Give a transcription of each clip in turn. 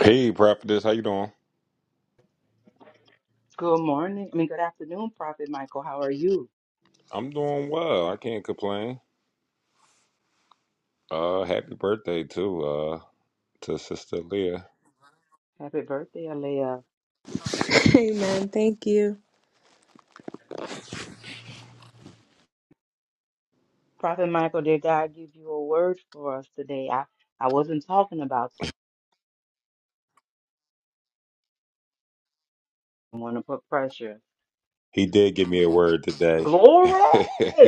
Hey, prophetess, how you doing? Good morning. I mean, good afternoon, Prophet Michael. How are you? I'm doing well. I can't complain. Uh, happy birthday too, uh, to Sister Leah. Happy birthday, Alea. Amen. Thank you. Prophet Michael, did God give you a word for us today? I, I wasn't talking about someone to put pressure. He did give me a word today. Glory!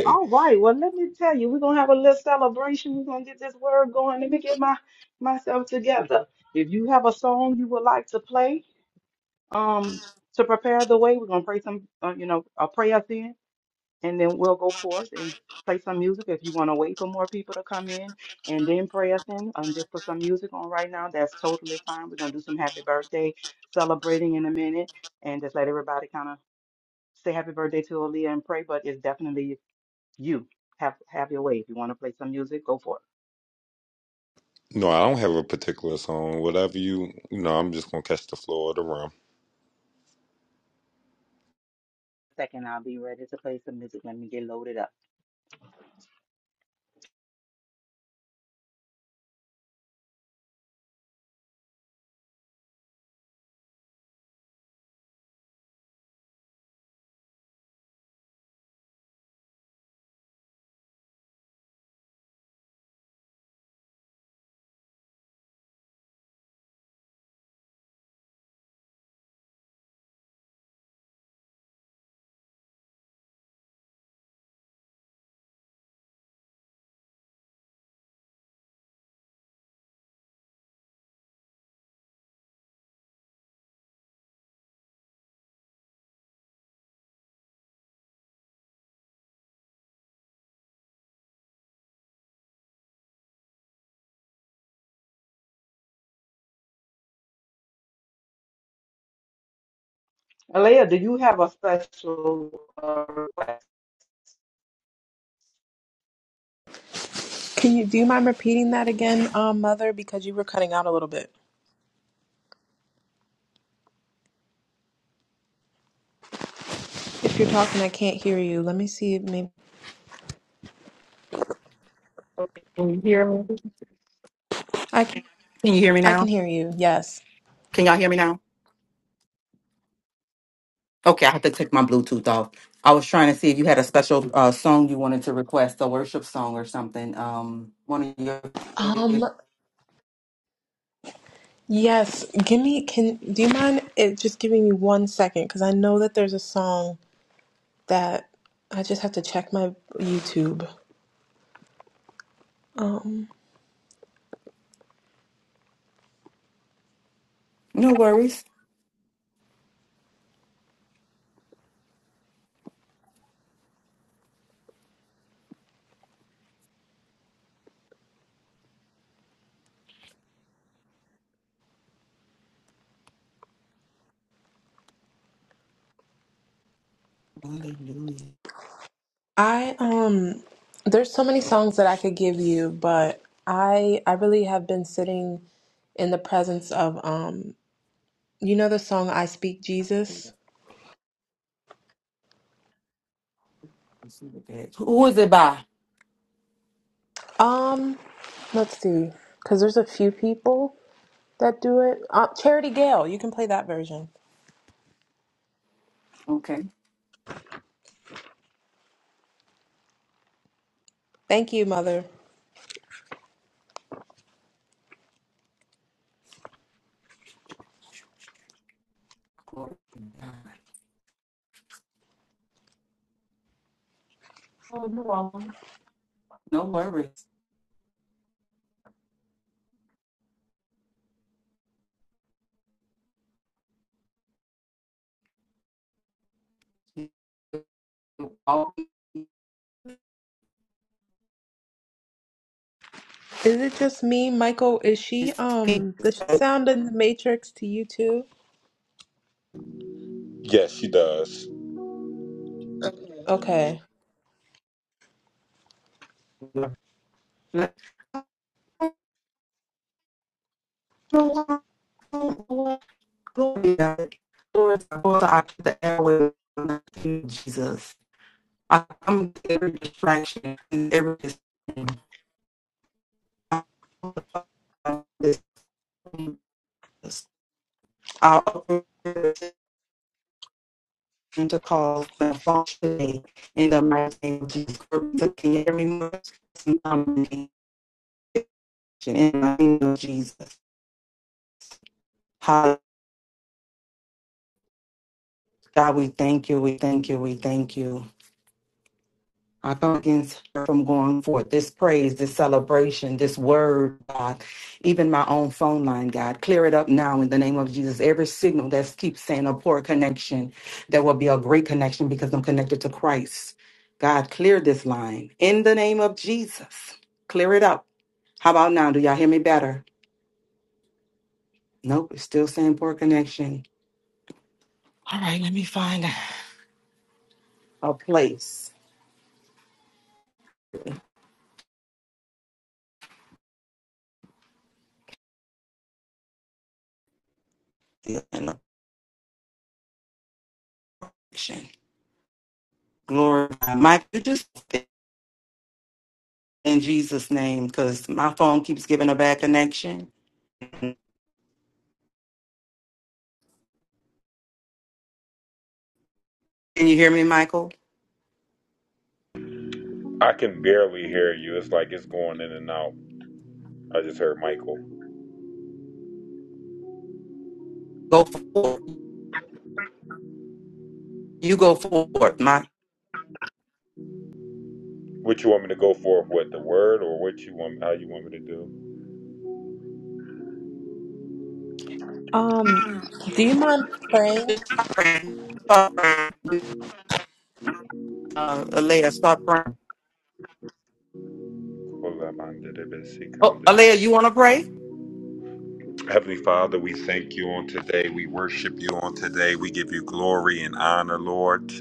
All right. Well, let me tell you, we're going to have a little celebration. We're going to get this word going. Let me get my myself together. If you have a song you would like to play um, to prepare the way, we're going to pray some, uh, you know, a prayer then. and then we'll go forth and play some music if you want to wait for more people to come in and then pray us in and just put some music on right now that's totally fine we're going to do some happy birthday celebrating in a minute and just let everybody kind of say happy birthday to Aaliyah and pray but it's definitely you have have your way if you want to play some music go for it. no, I don't have a particular song. Whatever you, you know, I'm just gonna catch the flow of the room. Second, I'll be ready to play some music. Let me get loaded up. Aaliyah do you have a special uh, request Can you do you mind repeating that again, um, Mother? Because you were cutting out a little bit. If you're talking, I can't hear you. Let me see. If maybe Can you hear me? I can, Can you hear me I now? can hear you. Yes. Can y'all hear me now? I was Um. Yes. Give me. Can do you mind it just giving me one second? Because I know that there's a song that I just have to check my YouTube. Um. no worries. I um. There's so many songs that I could give you, but I I really have been sitting in the presence of um You know the song I Speak Jesus? Who is it by? Um, let's see, because there's a few people that do it. Uh, Charity Gale, you can play that version. Okay. Thank you, Mother. Oh, no, no worries. You always Is it just me, Michael? Is she see um? Does she sound in the Matrix to you too? Yes, she does. Okay. you. Like, I don't know why I don't to Lord, I'm supposed to occupy the airway with Jesus. I come to every distraction and every distraction. I'll open this and to cause the functioning in the mighty name of Jesus. every moment, in the name of Jesus. Hallelujah. God, we thank you, we thank you, we thank you. I come against her from going forth this praise, this celebration, this word, God, even my own phone line, God. Clear it up now in the name of Jesus. Every signal that keeps saying a poor connection, there will be a great connection because I'm connected to Christ. God, clear this line in the name of Jesus. Clear it up. How about now? Do y'all hear me better? Nope, it's still saying poor connection. All right, let me find a place. Still in the connection. Glory. to Mike, you just in Jesus' name, because my phone keeps giving a bad connection. Can you hear me, Michael? I can barely hear you. It's like it's going in and out. I just heard Michael. Go forward. You go forward, Mike. What you want me to go for? What the word or what you want? How you want me to Um, do you mind praying? Stop praying. Stop praying. Uh, Alea, stop praying. Oh, do? Alea, you want to pray? Heavenly Father, we thank you on today. We worship you on today. We give you glory and honor, Lord.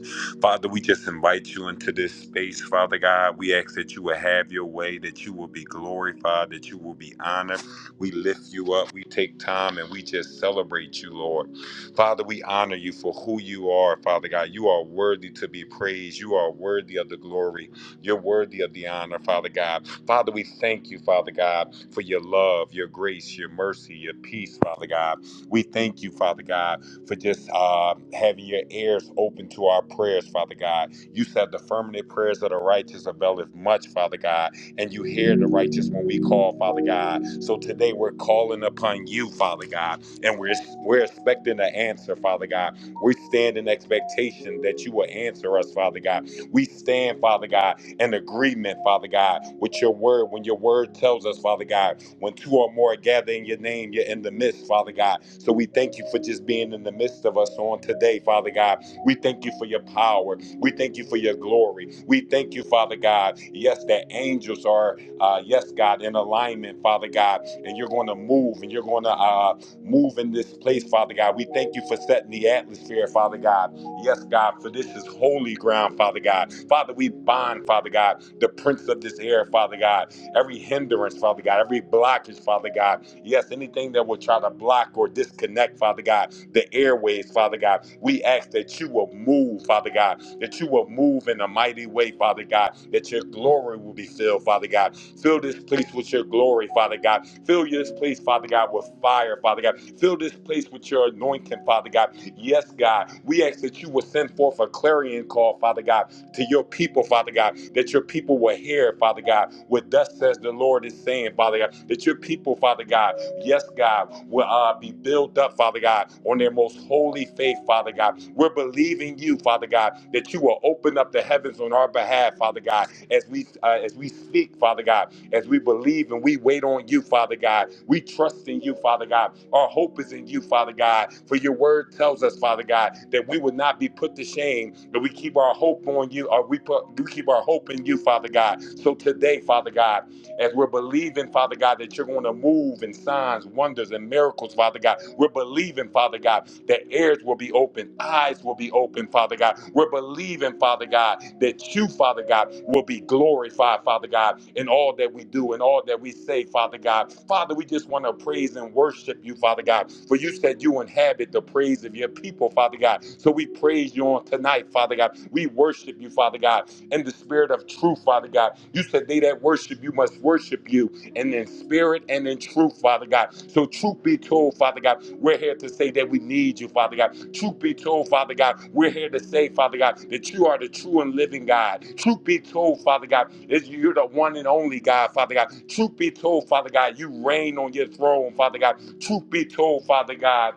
Father, we just invite you into this space, Father God. We ask that you will have your way, that you will be glorified, that you will be honored. We lift you up. We take time and we just celebrate you, Lord. Father, we honor you for who you are, Father God. You are worthy to be praised. You are worthy of the glory. You're worthy of the honor, Father God. Father, we thank you, Father God, for your love, your grace, your mercy, your peace, Father God. We thank you, Father God, for just uh, having your ears open to our prayers, Father God. You said the firmament prayers of the righteous availeth much, Father God, and you hear the righteous when we call, Father God. So today we're calling upon you, Father God, and we're we're expecting an answer, Father God. We stand in expectation that you will answer us, Father God. We stand, Father God in agreement, Father God, with your word. When your word tells us, Father God, when two or more gather in your name, you're in the midst, Father God. So we thank you for just being in the midst of us on today, Father God. We thank you for your power. We thank you for your glory. We thank you, Father God. Yes, that angels are, uh, yes, God, in alignment, Father God. And you're going to move and you're going to uh, move in this place, Father God. We thank you for setting the atmosphere, Father God. Yes, God, for this is holy ground, Father God. Father, we bind, Father God, the prince of this air, Father God. Every hindrance, Father God, every blockage, Father God. Yes, anything that will try to block or disconnect, Father God, the airways, Father God. We ask that you will move, Father God, that you will move in a mighty way, Father God, that your glory will be filled, Father God. Fill this place with your glory, Father God. Fill this place, Father God, with fire, Father God. Fill this place with your anointing, Father God. Yes, God. We ask that you will send forth a clarion call, Father God, to your people, Father God, that your people will hear, Father God, what thus says the Lord is saying, Father God, that your people, Father God, yes, God, will uh, be built up, Father God, on their most holy faith, Father God. We're believing you, Father God, that you will open up the heavens on our behalf, Father God, as we uh, as we speak, Father God as we believe and we wait on you, Father God. We trust in you, Father God. Our hope is in you, Father God. For your word tells us, Father God, that we would not be put to shame, That we keep our hope on you, or we put we keep our hope in you, Father God. So today, Father God, as we're believing, Father God, that you're going to move in signs, wonders, and miracles, Father God. We're believing, Father God, that ears will be open, eyes will be open, Father God. We're believing, Father God, that you, Father God, will be glorified, Father God, in all that we do and all that we say, Father God. Father, we just want to praise and worship you, Father God, for you said you inhabit the praise of your people, Father God. So we praise you on tonight, Father God. We worship you, Father God, in the spirit of truth, Father God. You said they that worship you must worship you and in spirit and in truth, Father God. So, truth be told, Father God, we're here to say that we need you, Father God. Truth be told, Father God, we're here to say, Father God, that you are the true and living God. Truth be told, Father God, is you're the one and only God, Father God. Truth be told, Father God, you reign on your throne, Father God. Truth be told, Father God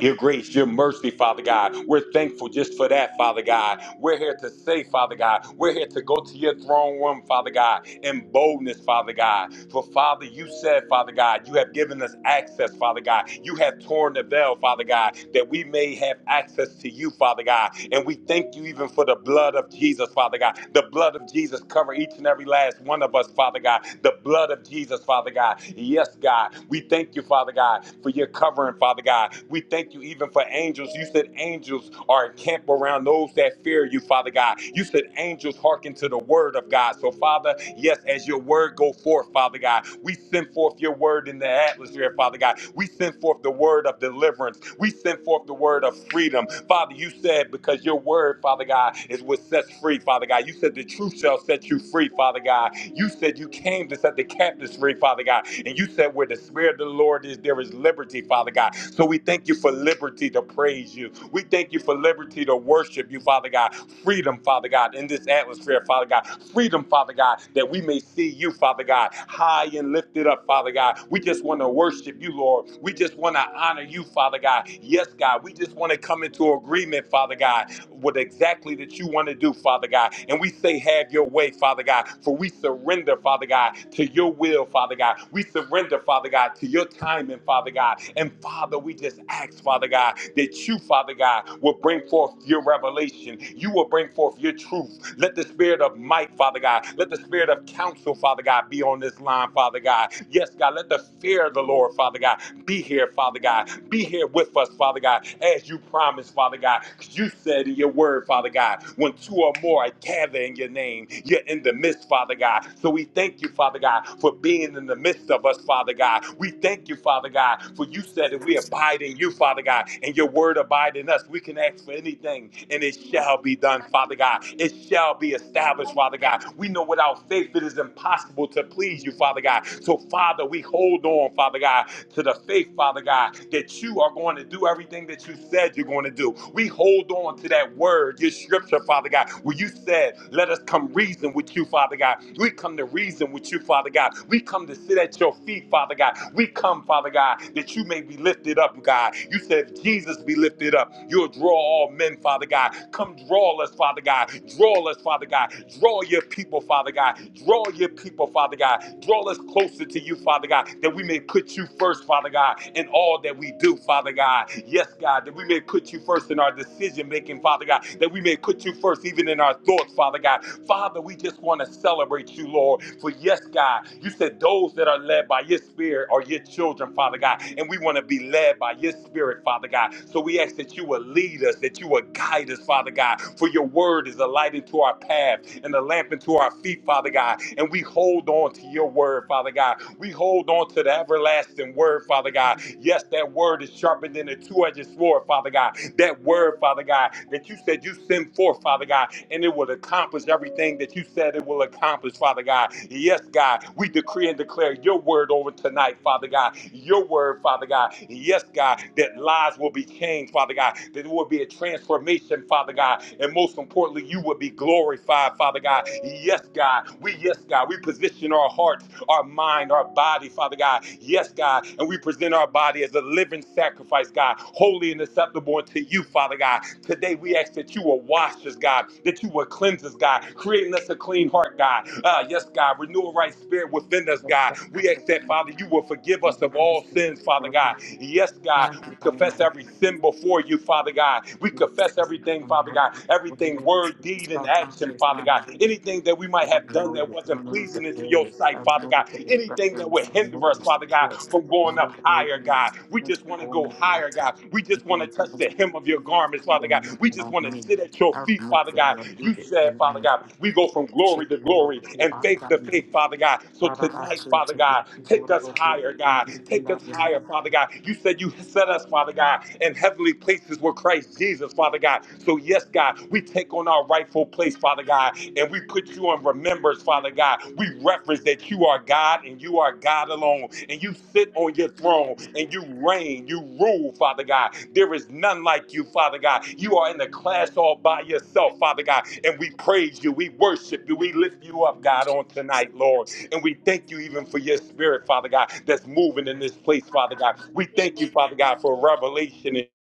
your grace, your mercy, Father God. We're thankful just for that, Father God. We're here to say, Father God, we're here to go to your throne room, Father God, in boldness, Father God. For Father, you said, Father God, you have given us access, Father God. You have torn the veil, Father God, that we may have access to you, Father God. And we thank you even for the blood of Jesus, Father God. The blood of Jesus cover each and every last one of us, Father God. The blood of Jesus, Father God. Yes, God. We thank you, Father God, for your covering, Father God. We thank you even for angels. You said angels are encamped around those that fear you, Father God. You said angels hearken to the word of God. So, Father, yes, as your word go forth, Father God, we send forth your word in the atmosphere, Father God. We send forth the word of deliverance. We send forth the word of freedom. Father, you said because your word, Father God, is what sets free, Father God. You said the truth shall set you set you free, Father God. You said you came to set the captives free, Father God. And you said where the Spirit of the Lord is, there is liberty, Father God. So we thank you for liberty to praise you. We thank you for liberty to worship you, Father God. Freedom, Father God, in this atmosphere, Father God. Freedom, Father God, that we may see you, Father God, high and lifted up, Father God. We just want to worship you, Lord. We just want to honor you, Father God. Yes, God. We just want to come into agreement, Father God what exactly that you want to do, Father God. And we say, have your way, Father God, for we surrender, Father God, to your will, Father God. We surrender, Father God, to your timing, Father God. And Father, we just ask, Father God, that you, Father God, will bring forth your revelation. You will bring forth your truth. Let the spirit of might, Father God, let the spirit of counsel, Father God, be on this line, Father God. Yes, God, let the fear of the Lord, Father God, be here, Father God. Be here with us, Father God, as you promised, Father God, 'cause you said in your word, Father God, when two or more are gathered in your name, you're in the midst, Father God. So we thank you, Father God, for being in the midst of us, Father God. We thank you, Father God, for you said that we abide in you, Father God, and your word abide in us. We can ask for anything, and it shall be done, Father God. It shall be established, Father God. We know without faith it is impossible to please you, Father God. So, Father, we hold on, Father God, to the faith, Father God, that you are going to do everything that you said you're going to do. We hold on to that word, your scripture, Father God, where you said, Let us come reason with you, Father God. We come to reason with you, Father God. We come to sit at your feet, Father God. We come, Father God, that you may be lifted up, God. You said, if Jesus be lifted up. You'll draw all men, Father God. Come draw us, Father God. Draw us, Father God. Draw your people, Father God. Draw your people, Father God. Draw us closer to you, Father God, that we may may put you first, Father God, in all that we do, Father God. Yes, God, that we may put you first in our decision making, Father God, that we may put you first even in our thoughts, Father God. Father, we just want to celebrate you, Lord. For yes, God, you said those that are led by your spirit are your children, Father God. And we want to be led by your spirit, Father God. So we ask that you will lead us, that you will guide us, Father God. For your word is a light into our path and a lamp into our feet, Father God. And we hold on to your word, Father God. We hold on to the everlasting word, Father God. Yes, that word is sharper than a two edged sword, Father God. That word, Father God, that you said you send forth, Father God, and it will accomplish everything that you said it will accomplish, Father God. Yes, God, we decree and declare your word over tonight, Father God. Your word, Father God. Yes, God, that lives will be changed, Father God. That there will be a transformation, Father God. And most importantly, you will be glorified, Father God. Yes, God. We, yes, God, we position our hearts our mind, our body, Father God. Yes, God. And we present our body as a living sacrifice, God, holy and acceptable unto you, Father God. Today we ask that you will wash us, God, that you will cleanse us, God, creating us a clean heart, God. Uh, yes, God, renew a right spirit within us, God. We ask that, Father, you will forgive us of all sins, Father God. Yes, God, we confess every sin before you, Father God. We confess everything, Father God, everything worthy word, deed, and action, Father God. Anything that we I might have done know that that wasn't pleasing into your sight, Father God. Anything that would hinder us, Father God, from going up higher, God. We just want to go higher, God. We just want to touch the hem of your garments, Father God. We just on want to me. sit at your I feet, remove Father the God. Lord, do You said, Then I'm Father like, God, we they go from shake glory to me glory and I'm faith to down faith, Father God. So Baba tonight, Bachi Father to be God, people take of us the little higher, bit. God. Take us higher, Father God. You said you set us, Father God, in heavenly places with Christ Jesus, Father God. So, yes, God, we take on our rightful place, Father God, and we put you on remembrance, Father God. We reference that you are God and you are God alone, and you sit on your throne and you reign, you rule, Father God. There is none like you, Father God. You are in the class all by yourself, Father God, and we praise you, we worship you, we lift you up, God, on tonight, Lord. And we thank you even for your spirit, Father God, that's moving in this place, Father God. We thank you, Father God, for revelation and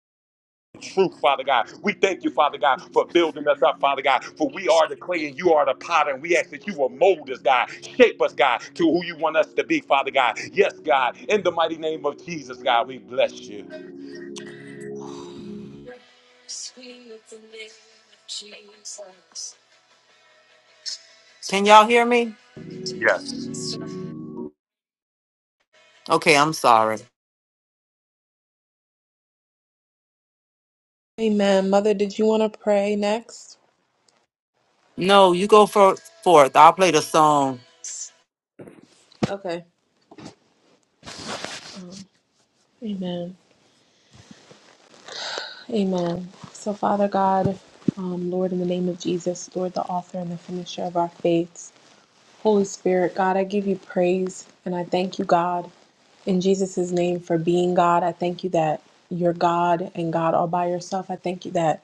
truth, Father God. We thank you, Father God, for building us up, Father God. For we are the clay and you are the potter. And we ask that you will mold us, God. Shape us, God, to who you want us to be, Father God. Yes, God. In the mighty name of Jesus, God, we bless you. Can y'all hear me? Yes. Okay, I'm sorry. Amen. Mother, did you want to pray next? No, you go for forth. I'll play the song. Okay. Amen. Amen. So, Father God, um, Lord, in the name of Jesus, Lord, the author and the finisher of our faith. Holy Spirit, God, I give you praise and I thank you, God, in Jesus' name for being God. I thank you that you're God and God all by yourself. I thank you that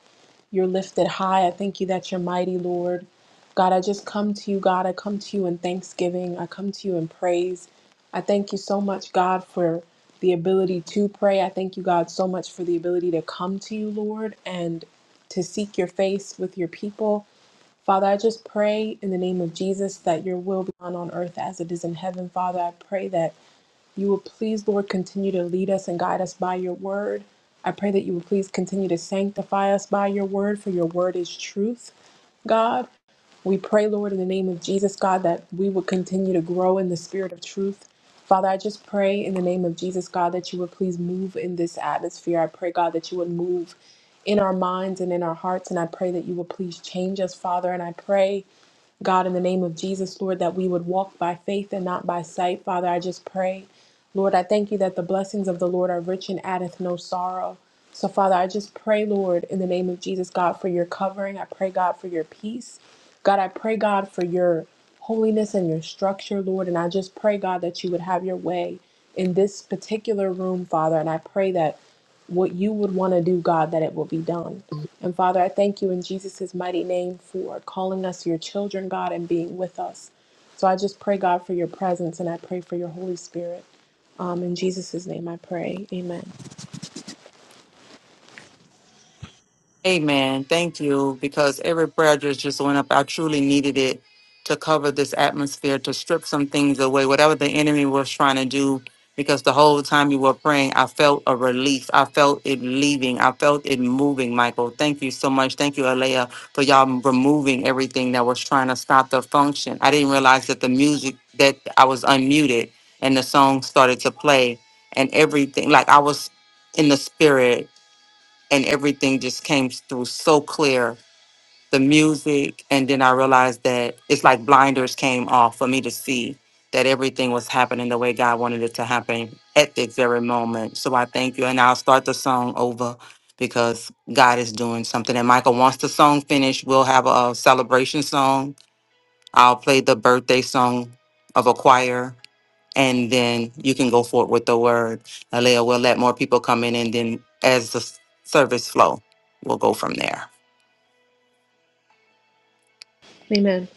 you're lifted high. I thank you that you're mighty, Lord. God, I just come to you, God. I come to you in thanksgiving. I come to you in praise. I thank you so much, God, for the ability to pray. I thank you, God, so much for the ability to come to you, Lord, and to seek your face with your people. Father, I just pray in the name of Jesus that your will be done on earth as it is in heaven. Father, I pray that you will please, Lord, continue to lead us and guide us by your word. I pray that you will please continue to sanctify us by your word, for your word is truth, God. We pray, Lord, in the name of Jesus, God, that we will continue to grow in the spirit of truth. Father, I just pray in the name of Jesus, God, that you would please move in this atmosphere. I pray, God, that you would move in our minds and in our hearts. And I pray that you will please change us, Father. And I pray God, in the name of Jesus, Lord, that we would walk by faith and not by sight. Father, I just pray. Lord, I thank you that the blessings of the Lord are rich and addeth no sorrow. So, Father, I just pray, Lord, in the name of Jesus, God, for your covering. I pray, God, for your peace. God, I pray, God, for your holiness and your structure, Lord. And I just pray, God, that you would have your way in this particular room, Father. And I pray that what you would want to do, God, that it will be done. And Father, I thank you in Jesus' mighty name for calling us your children, God, and being with us. So I just pray, God, for your presence and I pray for your Holy Spirit. Um, in Jesus' name I pray. Amen. Amen. Thank you, because every prayer just just went up. I truly needed it to cover this atmosphere, to strip some things away, whatever the enemy was trying to do. Because the whole time you were praying, I felt a relief. I felt it leaving. I felt it moving, Michael. Thank you so much. Thank you, Alea, for y'all removing everything that was trying to stop the function. I didn't realize that the music, that I was unmuted and the song started to play and everything. Like I was in the spirit and everything just came through so clear. The music, and then I realized that it's like blinders came off for me to see that everything was happening the way God wanted it to happen at this very moment. So I thank you, and I'll start the song over because God is doing something. And Michael, once the song finished, we'll have a celebration song. I'll play the birthday song of a choir and then you can go forward with the word. Alea, we'll let more people come in, and then as the s- service flow, we'll go from there. Amen.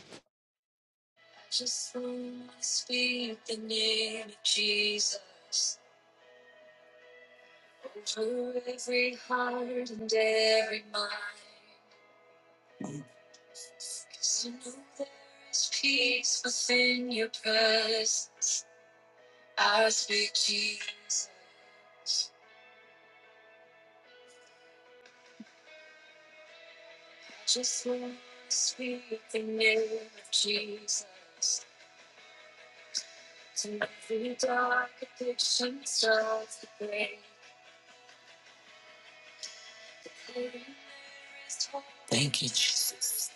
Thank you, Jesus.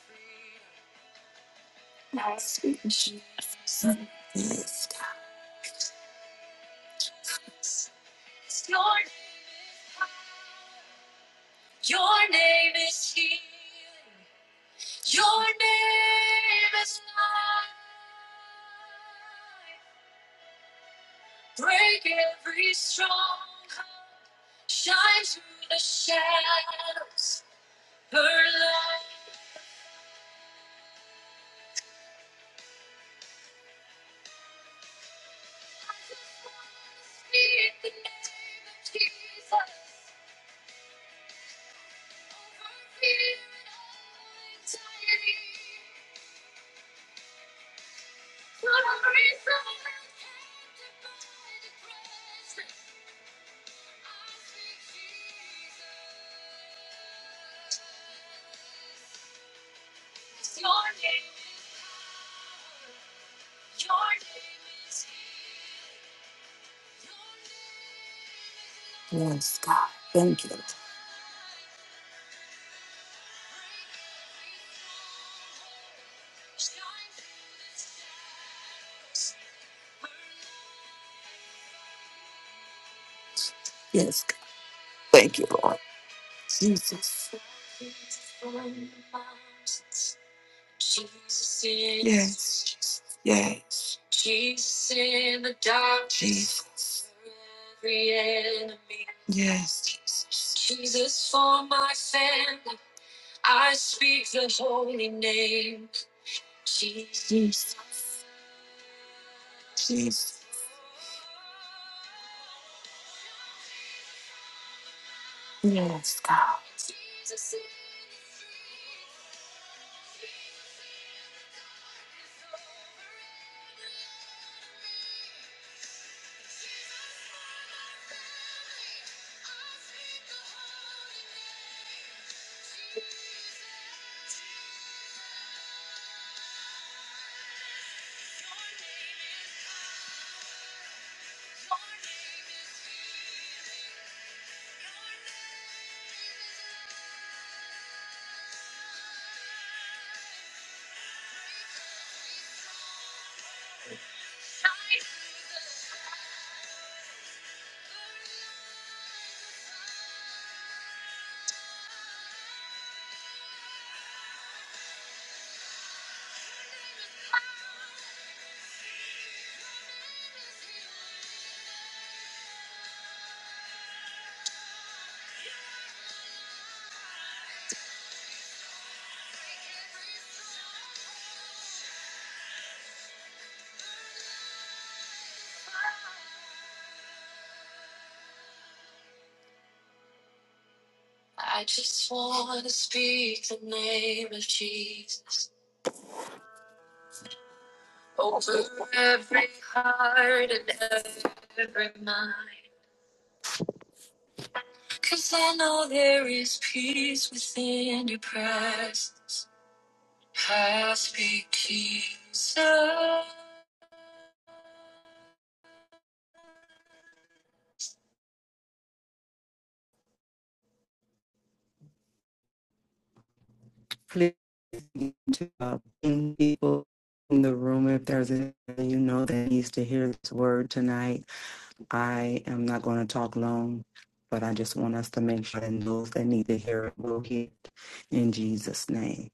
Yes, God. thank you, Lord. Jesus. Yes, yes. Jesus. Yes, Jesus. please to uh, bring people in the room if there's anyone you know that needs to hear this word tonight. I am not going to talk long, but I just want us to make sure that those that need to hear it will hear it in Jesus' name.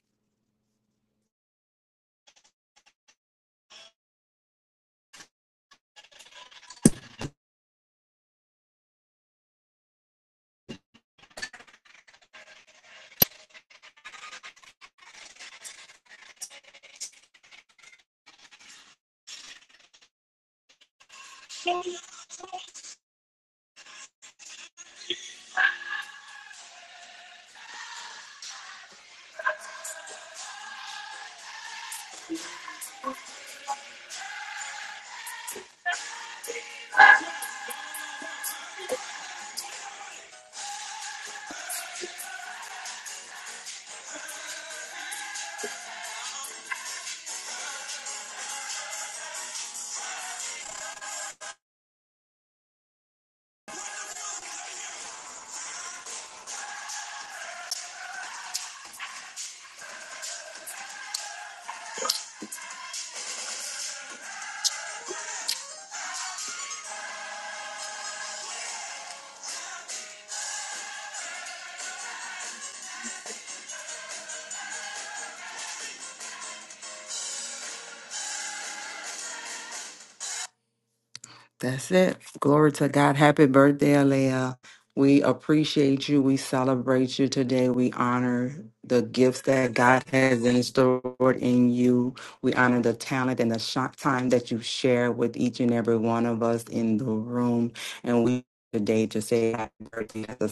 That's it. Glory to God. Happy birthday, Alea. We appreciate you. We celebrate you today. We honor the gifts that God has installed in you. We honor the talent and the sh- time that you share with each and every one of us in the room. And we today to say happy birthday as a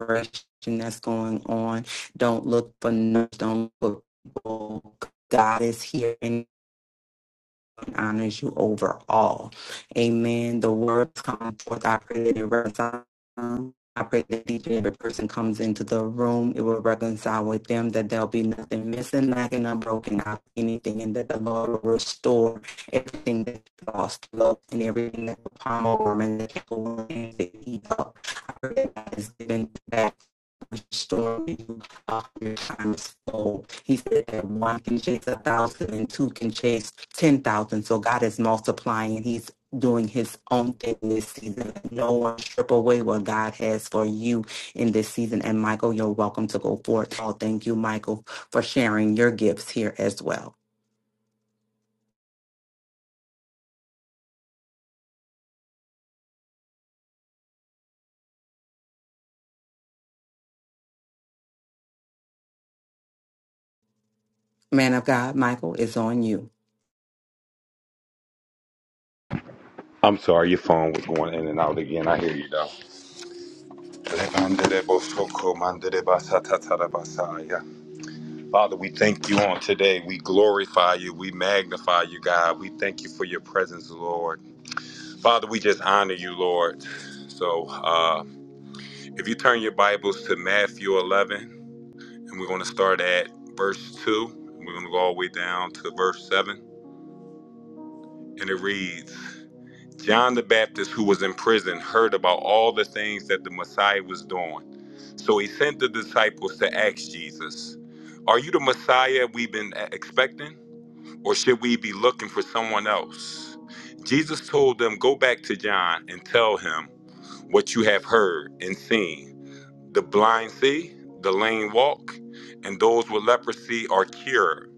celebration that's going on. Don't look for numbers. Don't look for people. God is here honors you over all. Amen. The words come forth. I pray that it resonates. I pray that each and every person comes into the room. It will reconcile with them, that there'll be nothing missing, lacking, unbroken, out anything, and that the Lord will restore everything that's lost, love, and everything that the palm worm and the canker and the eat up. I pray that God is giving back, restoring you a hundred times fold. He said that one can chase a thousand and two can chase 10,000. So God is multiplying. He's doing his own thing this season. No one strip away what God has for you in this season. And Michael, you're welcome to go forth. Oh, thank you, Michael, for sharing your gifts here as well. Man of God, Michael is on you. I'm sorry, your phone was going in and out again. I hear you though. Father, we thank you on today. We glorify you. We magnify you, God. We thank you for your presence, Lord. Father, we just honor you, Lord. So uh, if you turn your Bibles to Matthew 11, and we're going to start at verse 2, and we're going to go all the way down to verse 7. And it reads John the Baptist, who was in prison, heard about all the things that the Messiah was doing. So he sent the disciples to ask Jesus, Are you the Messiah we've been e-, expecting? or should we be looking for someone else? Jesus told them, Go back to John and tell him what you have heard and seen. The blind see, the lame walk, and those with leprosy are cured.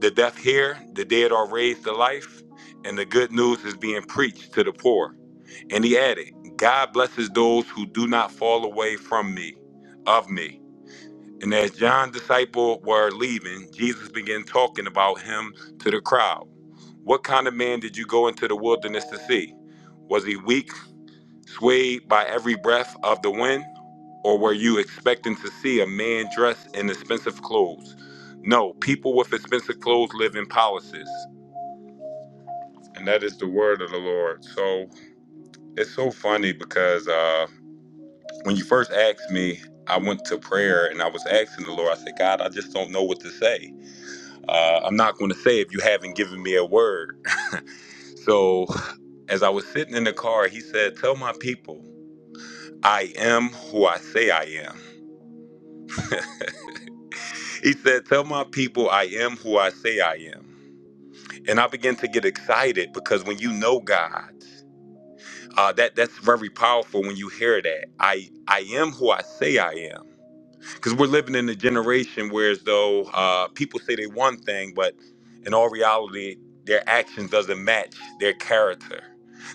The deaf hear, the dead are raised to life, and the good news is being preached to the poor. And he added, God blesses those who do not fall away from me, of me. And as John's disciples were leaving, Jesus began talking about him to the crowd. What kind of man did you go into the wilderness to see? Was he weak, swayed by every breath of the wind? Or were you expecting to see a man dressed in expensive clothes? No, people with expensive clothes live in palaces. And that is the word of the Lord. So it's so funny because uh, when you first asked me, I went to prayer and I was asking the Lord, I said, God, I just don't know what to say. Uh, I'm not going to say if you haven't given me a word. So As I was sitting in the car, he said, Tell my people, I am who I say I am. He said, Tell my people, I am who I say I am. And I began to get excited because when you know God, uh, that that's very powerful when you hear that. I I am who I say I am. Because we're living in a generation where as though uh, people say they one thing, but in all reality, their actions doesn't match their character.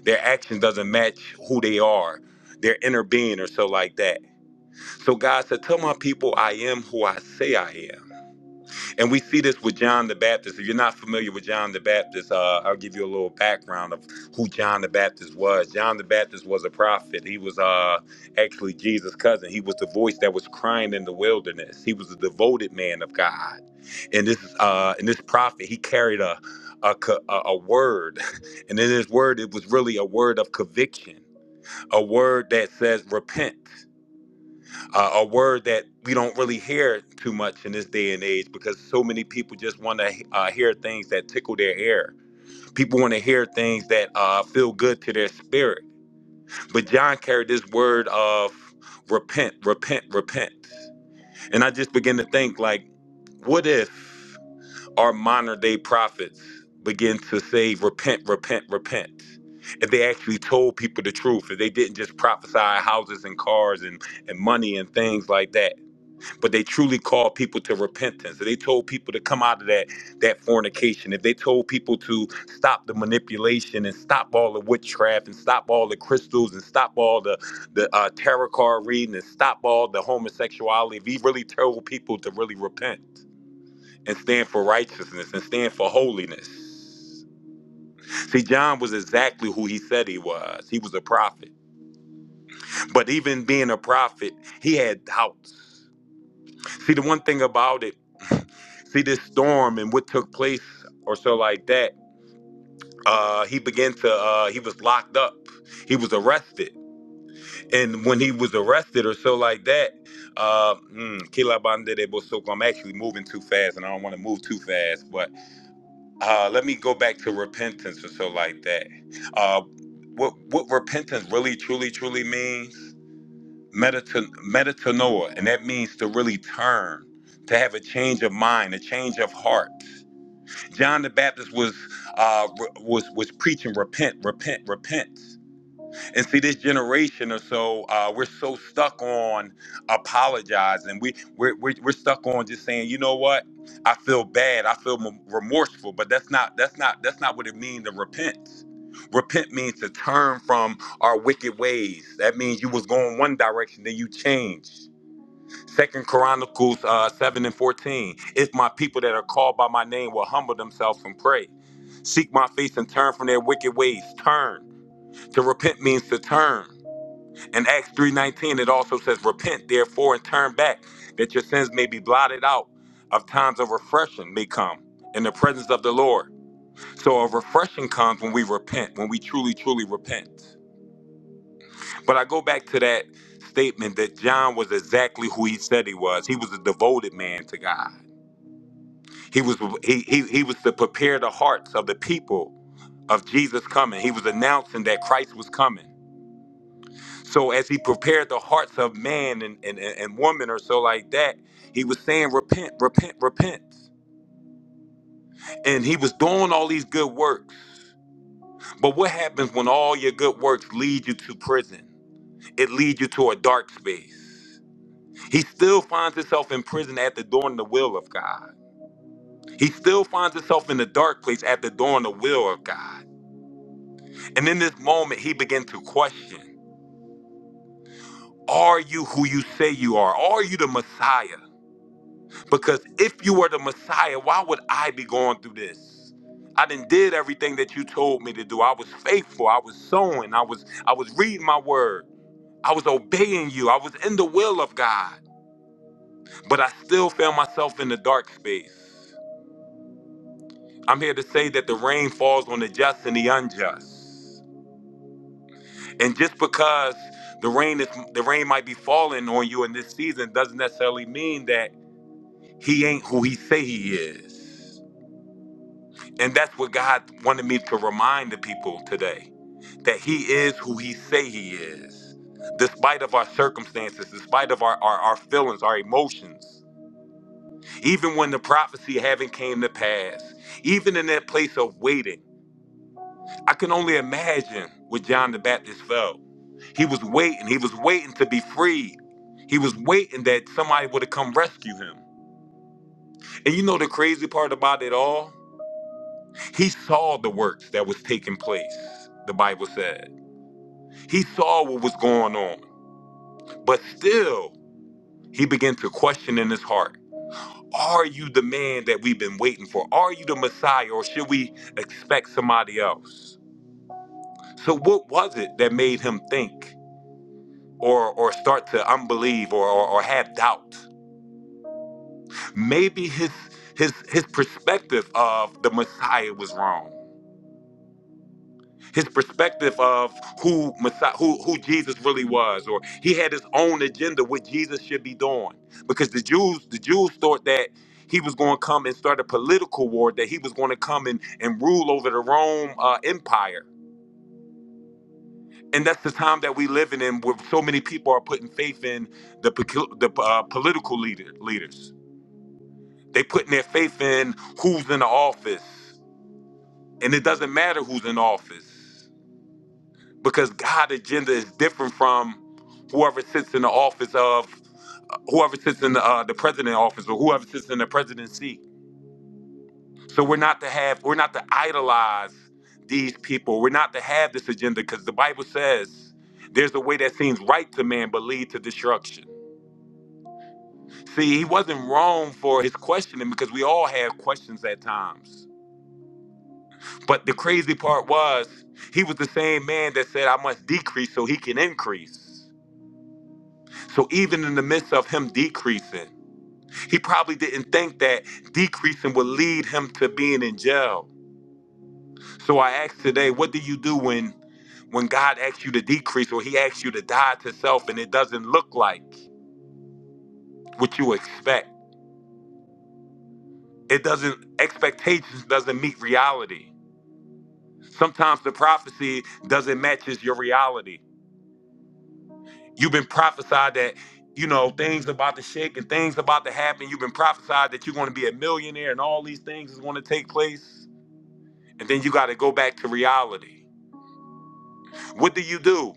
Their action doesn't match who they are, their inner being or so like that So God said, Tell my people I am who I say I am. And we see this with John the Baptist. If you're not familiar with John the Baptist, uh, I'll give you a little background of who John the Baptist was. John the Baptist was a prophet. He was uh, actually Jesus' cousin. He was the voice that was crying in the wilderness. He was a devoted man of God. And this uh, and this prophet, he carried a a, co- a a word, and in his word, it was really a word of conviction, a word that says repent uh, a word that we don't really hear too much in this day and age because so many people just want to uh, hear things that tickle their ear. People want to hear things that uh, feel good to their spirit. But John carried this word of repent, repent, repent. And I just begin to think, like, what if our modern day prophets begin to say, repent, repent, repent? If they actually told people the truth, if they didn't just prophesy houses and cars and, and money and things like that but they truly called people to repentance. They told people to come out of that that fornication. If they told people to stop the manipulation and stop all the witchcraft and stop all the crystals and stop all the the uh, tarot card reading and stop all the homosexuality. If he really told people to really repent and stand for righteousness and stand for holiness. See, John was exactly who he said he was. He was a prophet. But even being a prophet, he had doubts. See, the one thing about it see this storm and what took place or so like that uh he began to uh he was locked up he was arrested and when he was arrested or so like that uh mm, Kila Bande de Bosoko, i'm actually moving too fast and i don't want to move too fast but uh let me go back to repentance or so like that uh what what repentance really truly truly means Meta- metatanoa and that means to really turn to have a change of mind a change of heart John the Baptist was uh, was was preaching repent, repent, repent. And see, this generation or so, uh, we're so stuck on apologizing. We we're, we're we're stuck on just saying, you know what? I feel bad. I feel m- remorseful. But that's not that's not that's not what it means to repent. Repent means to turn from our wicked ways. That means you was going one direction, then you changed. Second Chronicles uh, seven and fourteen. If my people that are called by my name will humble themselves and pray Seek my face and turn from their wicked ways. Turn. To repent means to turn. In Acts 3:19 it also says repent therefore and turn back that your sins may be blotted out of times of refreshing may come in the presence of the Lord. So a refreshing comes when we repent, when we truly truly repent. But I go back to that statement that John was exactly who he said he was. He was a devoted man to God. He was he he, he was to prepare the hearts of the people of Jesus coming. He was announcing that Christ was coming. So as he prepared the hearts of man and, and, and woman or so like that, he was saying, repent, repent, repent. And he was doing all these good works. But what happens when all your good works lead you to prison? It leads you to a dark space. He still finds himself in prison after doing the will of God. He still finds himself in the dark place after doing the will of God. And in this moment, he began to question, are you who you say you are? Are you the Messiah? Because if you were the Messiah, why would I be going through this? I did did everything that you told me to do. I was faithful. I was sowing. I was I was reading my word. I was obeying you. I was in the will of God. But I still found myself in the dark space. I'm here to say that the rain falls on the just and the unjust. And just because the rain is the rain might be falling on you in this season doesn't necessarily mean that he ain't who he say he is. And that's what God wanted me to remind the people today that He is who He say He is, despite of our circumstances, despite of our, our, our feelings, our emotions. Even when the prophecy haven't came to pass, even in that place of waiting, I can only imagine what John the Baptist felt. He was waiting. He was waiting to be freed. He was waiting that somebody would have come rescue him. And you know the crazy part about it all? He saw the works that was taking place. The Bible says. He saw what was going on, but still, he began to question in his heart Are you the man that we've been waiting for? Are you the Messiah, or should we expect somebody else? So, what was it that made him think or, or start to unbelieve or, or, or have doubt? Maybe his, his, his perspective of the Messiah was wrong. his perspective of who Messiah, who who Jesus really was, or he had his own agenda what Jesus should be doing, because the Jews the Jews thought that he was going to come and start a political war, that he was going to come and and rule over the Rome uh, Empire, and that's the time that we live in, where so many people are putting faith in the pecu- the uh, political leader leaders. They putting their faith in who's in the office, and it doesn't matter who's in office because God agenda is different from whoever sits in the office of whoever sits in the, uh, the president office or whoever sits in the presidency. So we're not to have we're not to idolize these people. We're not to have this agenda because the Bible says there's a way that seems right to man but lead to destruction. See, he wasn't wrong for his questioning because we all have questions at times. But the crazy part was he was the same man that said I must decrease so he can increase. So even in the midst of him decreasing, He probably didn't think that decreasing would lead him to being in jail. So I asked today, what do you do when when God asks you to decrease or he asks you to die to self and it doesn't look like what you expect? It doesn't expectations doesn't meet reality. Sometimes the prophecy doesn't matches your reality. You've been prophesied that you know things about to shake and things about to happen. You've been prophesied that you're going to be a millionaire and all these things is going to take place, and then you got to go back to reality What do you do?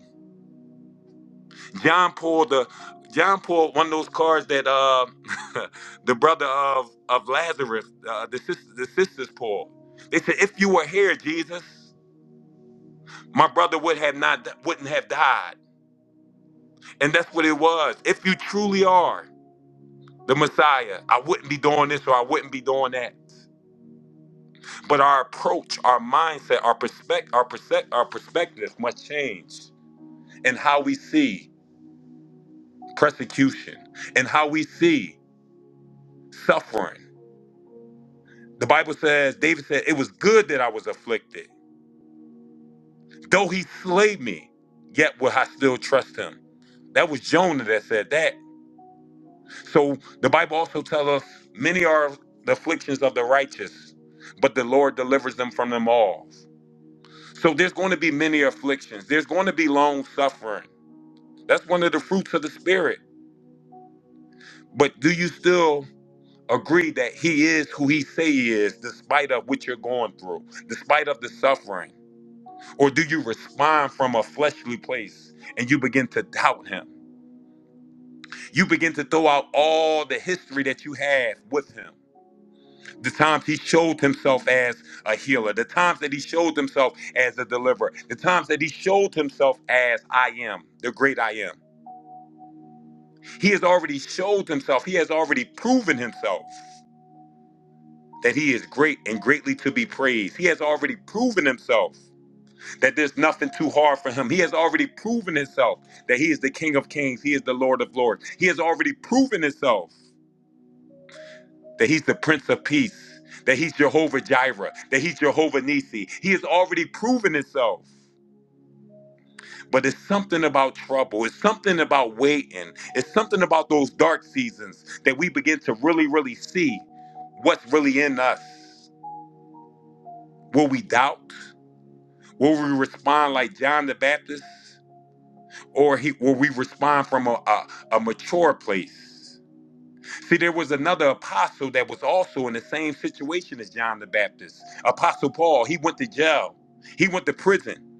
John pulled the John pulled one of those cards that uh, the brother of of Lazarus, uh, the sister, the sisters pulled. They said, "If you were here, Jesus, my brother would have not wouldn't have died." And that's what it was. If you truly are the Messiah, I wouldn't be doing this or I wouldn't be doing that. But our approach, our mindset, our perspective, our perspective, our perspective must change, and how we see persecution, and how we see suffering The Bible says, David said, It was good that I was afflicted. Though he slay me, yet will I still trust him. That was Jonah that said that. So the Bible also tells us many are the afflictions of the righteous, but the Lord delivers them from them all. So there's going to be many afflictions. There's going to be long suffering. That's one of the fruits of the spirit. But do you still agree that he is who he say he is, despite of what you're going through, despite of the suffering? Or do you respond from a fleshly place and you begin to doubt him? You begin to throw out all the history that you have with him. The times he showed himself as a healer, the times that he showed himself as a deliverer, the times that he showed himself as I am, the great I am. He has already showed himself, he has already proven himself that he is great and greatly to be praised. He has already proven himself that there's nothing too hard for him. He has already proven himself that he is the King of Kings, he is the Lord of Lords. He has already proven himself that he's the Prince of Peace, that he's Jehovah Jireh, that he's Jehovah Nisi. He has already proven himself. But it's something about trouble. It's something about waiting. It's something about those dark seasons that we begin to really, really see what's really in us. Will we doubt? Will we respond like John the Baptist? or he or we respond from a, a, a mature place. See, there was another apostle that was also in the same situation as John the Baptist. Apostle Paul, he went to jail. He went to prison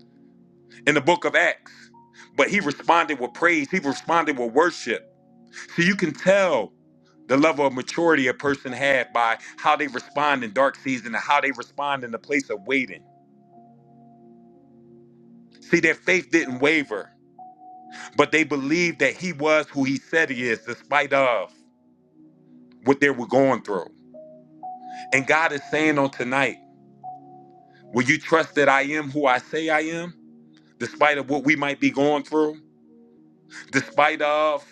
in the book of Acts. But he responded with praise. He responded with worship. So you can tell the level of maturity a person had by how they respond in dark season and how they respond in the place of waiting. See, their faith didn't waver, but they believed that he was who he said he is, despite of. what they were going through. And God is saying on tonight, will you trust that I am who I say I am, despite of what we might be going through, despite of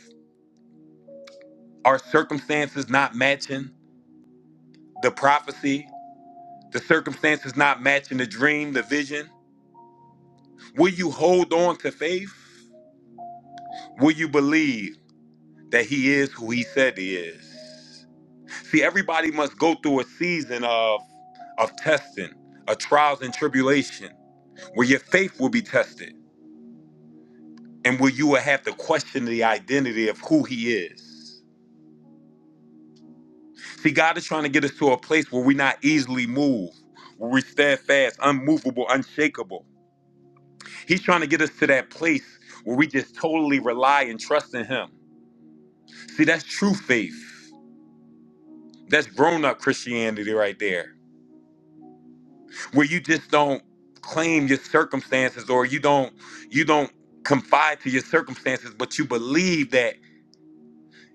our circumstances not matching the prophecy, the circumstances not matching the dream, the vision? Will you hold on to faith? Will you believe that he is who he said he is? See, everybody must go through a season of of testing, of trials and tribulation, where your faith will be tested and where you will have to question the identity of who he is. See, God is trying to get us to a place where we're not easily moved, where we're steadfast, unmovable, unshakable. He's trying to get us to that place where we just totally rely and trust in him. See, that's true faith. That's grown up Christianity right there, where you just don't claim your circumstances or you don't you don't confide to your circumstances, but you believe that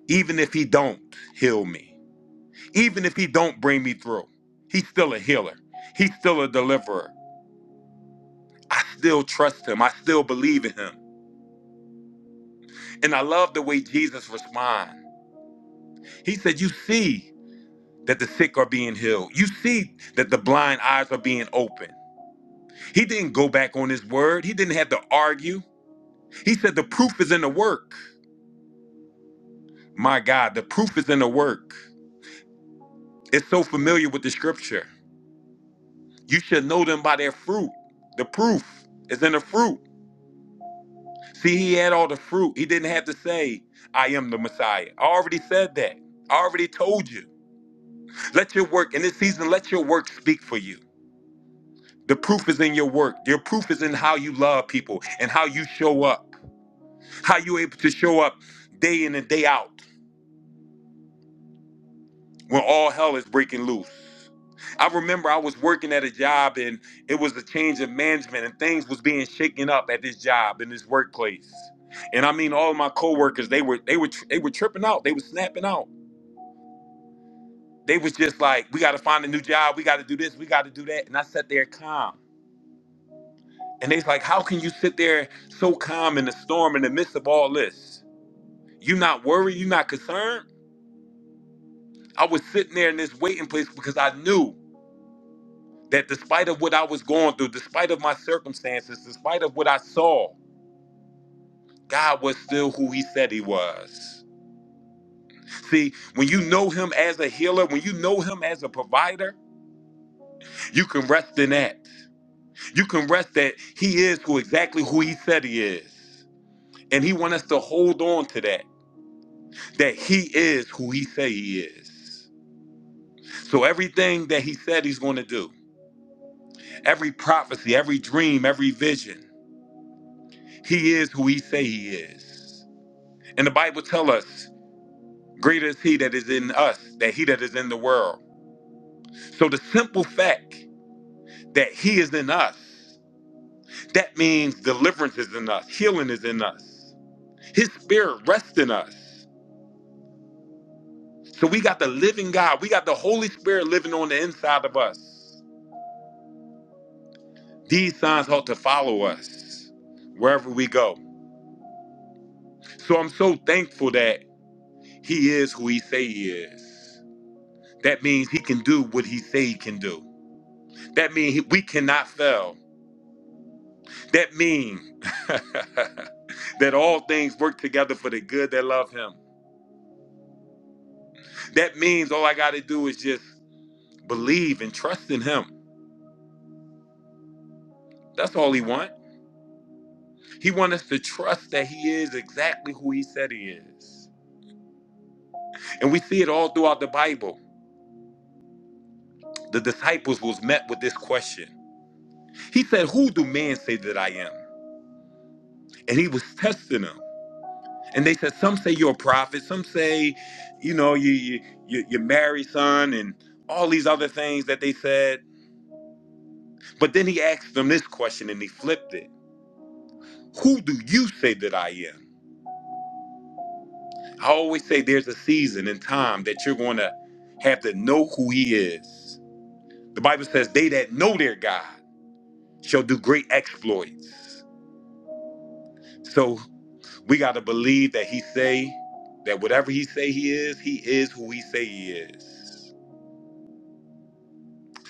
even if he don't heal me, even if he don't bring me through he's still a healer he's still a deliverer i still trust him i still believe in him and i love the way jesus responds he said you see that the sick are being healed you see that the blind eyes are being opened he didn't go back on his word he didn't have to argue he said the proof is in the work my god the proof is in the work it's so familiar with the scripture you should know them by their fruit the proof is in the fruit See, he had all the fruit. He didn't have to say, I am the Messiah. I already said that. I already told you. Let your work, in this season, let your work speak for you. The proof is in your work. Your proof is in how you love people and how you show up, how you're able to show up day in and day out when all hell is breaking loose. I remember I was working at a job and it was a change of management and things was being shaken up at this job in this workplace. And I mean all of my coworkers, they were they were they were tripping out. They were snapping out. They was just like, we got to find a new job. We got to do this. We got to do that. And I sat there calm. And they's like, how can you sit there so calm in the storm in the midst of all this? You not worried? You not concerned? I was sitting there in this waiting place because I knew that despite of what I was going through, despite of my circumstances, despite of what I saw, God was still who he said he was. See, when you know him as a healer, when you know him as a provider, you can rest in that. You can rest that he is who exactly who he said he is. And he wants us to hold on to that, that he is who he say he is. So everything that he said he's going to do, every prophecy, every dream, every vision, he is who he say he is. And the Bible tell us, greater is he that is in us, than he that is in the world. So the simple fact that he is in us, that means deliverance is in us, healing is in us. His spirit rests in us. So we got the living God. We got the Holy Spirit living on the inside of us. These signs ought to follow us wherever we go. So I'm so thankful that He is who He say He is. That means He can do what He say He can do. That means he- we cannot fail. That means that all things work together for the good that love Him. That means all I got to do is just believe and trust in Him. That's all He want. He want us to trust that He is exactly who He said He is. And we see it all throughout the Bible. The disciples was met with this question. He said, Who do men say that I am? And he was testing them. And they said, Some say you're a prophet, some say, you know, you you you you marry son, and all these other things that they said. But then he asked them this question and he flipped it. Who do you say that I am? I always say there's a season and time that you're gonna have to know who he is. The Bible says, They that know their God shall do great exploits. So We got to believe that he say that whatever he say he is, he is who he say he is.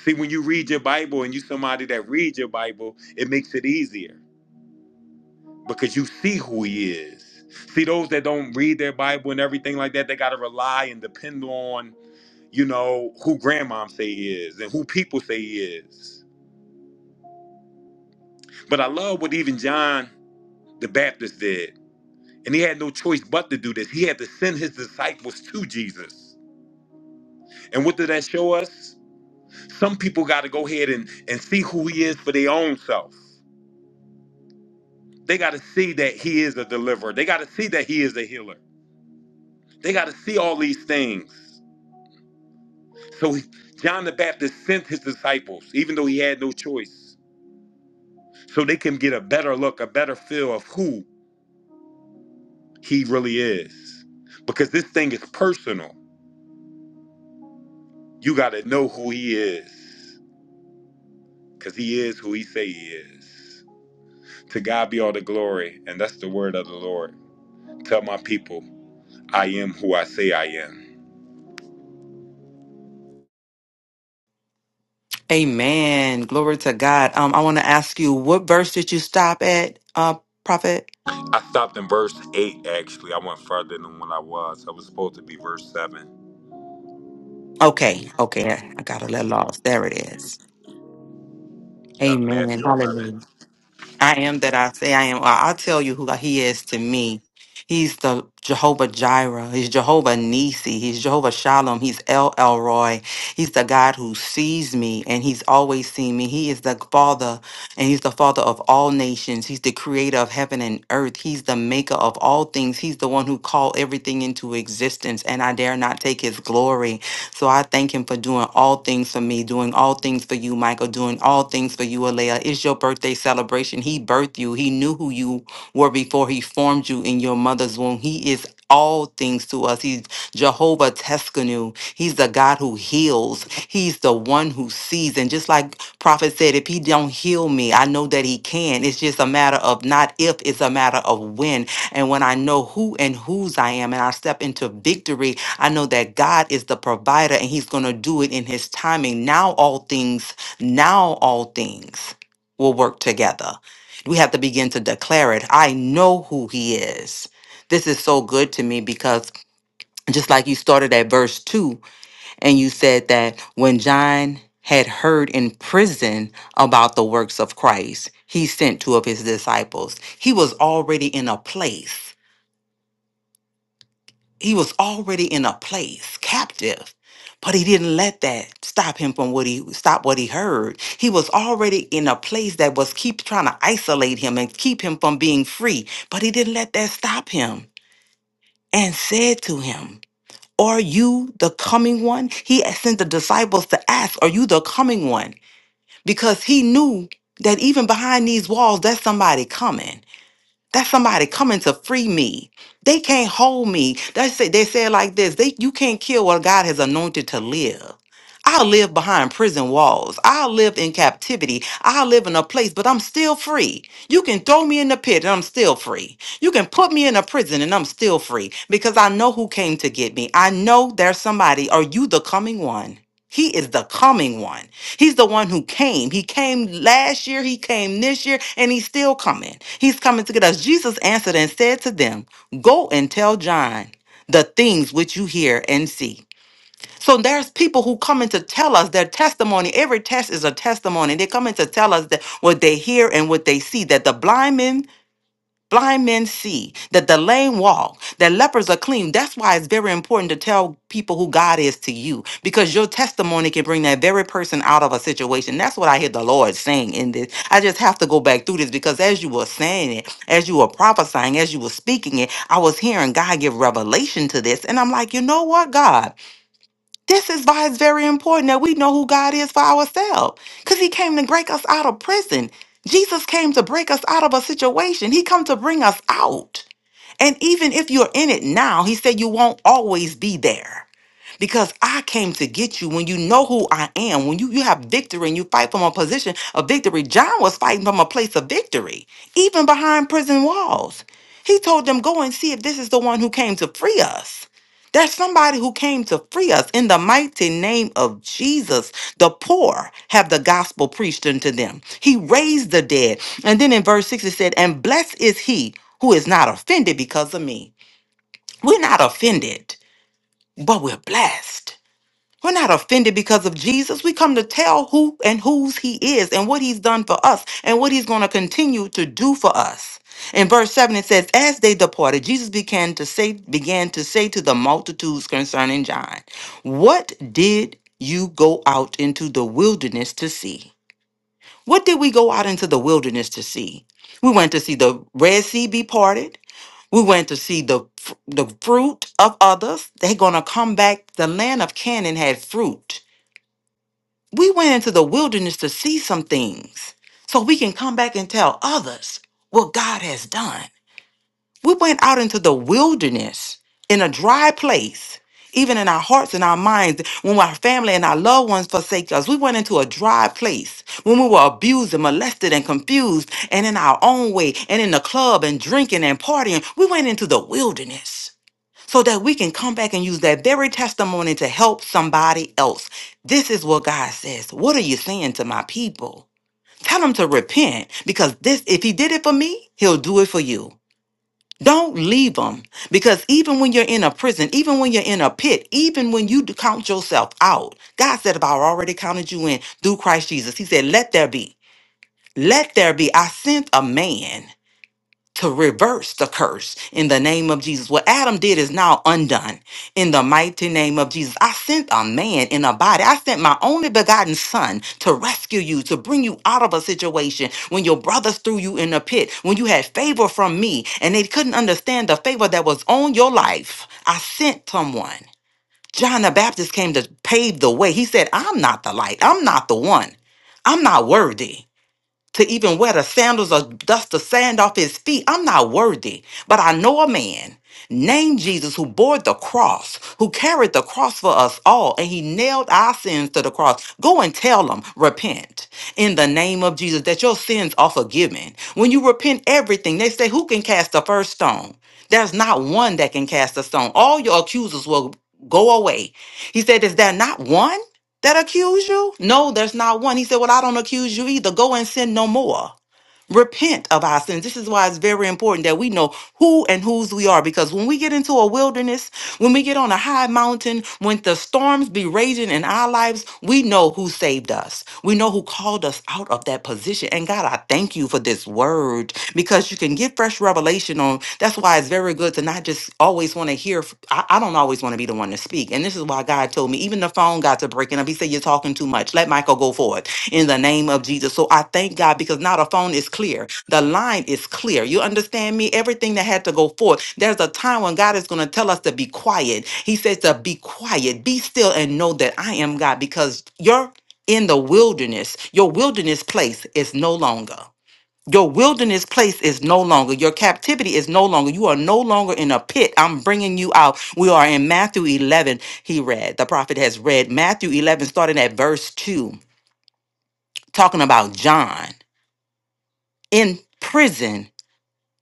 See, when you read your Bible and you somebody that reads your Bible, it makes it easier because you see who he is. See, those that don't read their Bible and everything like that, they got to rely and depend on, you know, who grandmom say he is and who people say he is. But I love what even John the Baptist did. And he had no choice but to do this. He had to send his disciples to Jesus. And what did that show us? Some people got to go ahead and, and see who he is for their own self. They got to see that he is a deliverer. They got to see that he is a healer. They got to see all these things. So he- John the Baptist sent his disciples, even though he had no choice, so they can get a better look, a better feel of who he really is. Because this thing is personal. You got to know who he is, because he is who he say he is. To God be all the glory, and that's the word of the Lord. Tell my people. I am who I say I am. Amen. Glory to God. Um, I want to ask you, what verse did you stop at, uh, prophet? I stopped in verse 8, actually. I went further than what I was. I was supposed to be verse 7. Okay, okay, I got a little lost. There it is. Yeah, Amen. Matthew 11. Hallelujah. I am that I say I am. I- I'll tell you who like, he is to me. He's the Jehovah Jireh. He's Jehovah Nisi. He's Jehovah Shalom. He's El Elroy. He's the God who sees me and he's always seen me. He is the Father and he's the Father of all nations. He's the creator of heaven and earth. He's the maker of all things. He's the one who called everything into existence and I dare not take his glory. So I thank him for doing all things for me, doing all things for you, Michael, doing all things for you, Alea. It's your birthday celebration. He birthed you. He knew who you were before he formed you in your mother's womb. He is all things to us. He's Jehovah Teskanu. He's the God who heals. He's the one who sees. And just like prophet said, if he don't heal me, I know that he can. It's just a matter of not if, it's a matter of when. And when I know who and whose I am and I step into victory, I know that God is the provider and he's going to do it in his timing. Now all things, now all things will work together. We have to begin to declare it. I know who he is. This is so good to me because just like you started at verse 2 and you said that when John had heard in prison about the works of Christ, he sent two of his disciples. He was already in a place He was already in a place, captive, but he didn't let that stop him from what he stop what he heard. He was already in a place that was keep trying to isolate him and keep him from being free, but he didn't let that stop him and said to him, Are you the coming one? He sent the disciples to ask, Are you the coming one? Because he knew that even behind these walls, there's somebody coming. That's somebody coming to free me. They can't hold me. They say they say it like this. They you can't kill what God has anointed to live. I live behind prison walls. I live in captivity. I live in a place, but I'm still free. You can throw me in the pit and I'm still free. You can put me in a prison and I'm still free because I know who came to get me. I know there's somebody. Are you the coming one? He is the coming one. He's the one who came. He came last year, he came this year, and he's still coming. He's coming to get us. Jesus answered and said to them, Go and tell John the things which you hear and see. So there's people who come in to tell us their testimony. Every test is a testimony. They come in to tell us that what they hear and what they see, that the blind men Blind men see that the lame walk, that lepers are clean. That's why it's very important to tell people who God is to you, because your testimony can bring that very person out of a situation. That's what I hear the Lord saying in this. I just have to go back through this because as you were saying it, as you were prophesying, as you were speaking it, I was hearing God give revelation to this. And I'm like, you know what, God? This is why it's very important that we know who God is for ourselves. Because he came to break us out of prison. Jesus came to break us out of a situation. He come to bring us out. And even if you're in it now, he said you won't always be there. Because I came to get you when you know who I am, when you, you have victory and you fight from a position of victory. John was fighting from a place of victory, even behind prison walls. He told them, Go and see if this is the one who came to free us. That's somebody who came to free us in the mighty name of Jesus. The poor have the gospel preached unto them. He raised the dead. And then in verse 6 it said, And blessed is he who is not offended because of me. We're not offended, but we're blessed. We're not offended because of Jesus. We come to tell who and whose he is and what he's done for us and what he's going to continue to do for us. In verse 7 it says, As they departed, Jesus began to say, began to say to the multitudes concerning John, What did you go out into the wilderness to see? What did we go out into the wilderness to see? We went to see the Red Sea be parted. We went to see the fr- the fruit of others. They're gonna come back. The land of Canaan had fruit. We went into the wilderness to see some things, so we can come back and tell others what God has done. We went out into the wilderness in a dry place, even in our hearts and our minds, when our family and our loved ones forsake us. We went into a dry place when we were abused and molested and confused and in our own way and in the club and drinking and partying. We went into the wilderness so that we can come back and use that very testimony to help somebody else. This is what God says. What are you saying to my people? Tell them to repent because this, if he did it for me, he'll do it for you. Don't leave them because even when you're in a prison, even when you're in a pit, even when you d- count yourself out, God said, If I already counted you in through Christ Jesus, He said, Let there be, let there be. I sent a man to reverse the curse in the name of Jesus. What Adam did is now undone in the mighty name of Jesus. I sent a man in a body. I sent my only begotten son to rescue you, to bring you out of a situation when your brothers threw you in a pit, when you had favor from me and they couldn't understand the favor that was on your life. I sent someone. John the Baptist came to pave the way. He said, I'm not the light. I'm not the one. I'm not worthy to even wear the sandals or dust the sand off his feet. I'm not worthy, but I know a man named Jesus who bore the cross, who carried the cross for us all, and he nailed our sins to the cross. Go and tell them, repent in the name of Jesus that your sins are forgiven. When you repent everything, they say, Who can cast the first stone? There's not one that can cast a stone. All your accusers will go away. He said, Is there not one? that accuse you? No, there's not one. He said, Well, I don't accuse you either. Go and sin no more repent of our sins. This is why it's very important that we know who and whose we are because when we get into a wilderness, when we get on a high mountain, when the storms be raging in our lives, we know who saved us. We know who called us out of that position. And God, I thank you for this word because you can get fresh revelation on. That's why it's very good to not just always want to hear. I I, I don't always want to be the one to speak. And this is why God told me, even the phone got to breaking up. He said, You're talking too much. Let Michael go forward in the name of Jesus. So I thank God because now the phone is clear. The line is clear. You understand me? Everything that had to go forth. There's a time when God is going to tell us to be quiet. He says to be quiet, be still, and know that I am God because you're in the wilderness. Your wilderness place is no longer. Your wilderness place is no longer. Your captivity is no longer. You are no longer in a pit. I'm bringing you out. We are in Matthew 11. He read, the prophet has read Matthew 11, starting at verse 2 talking about John in prison,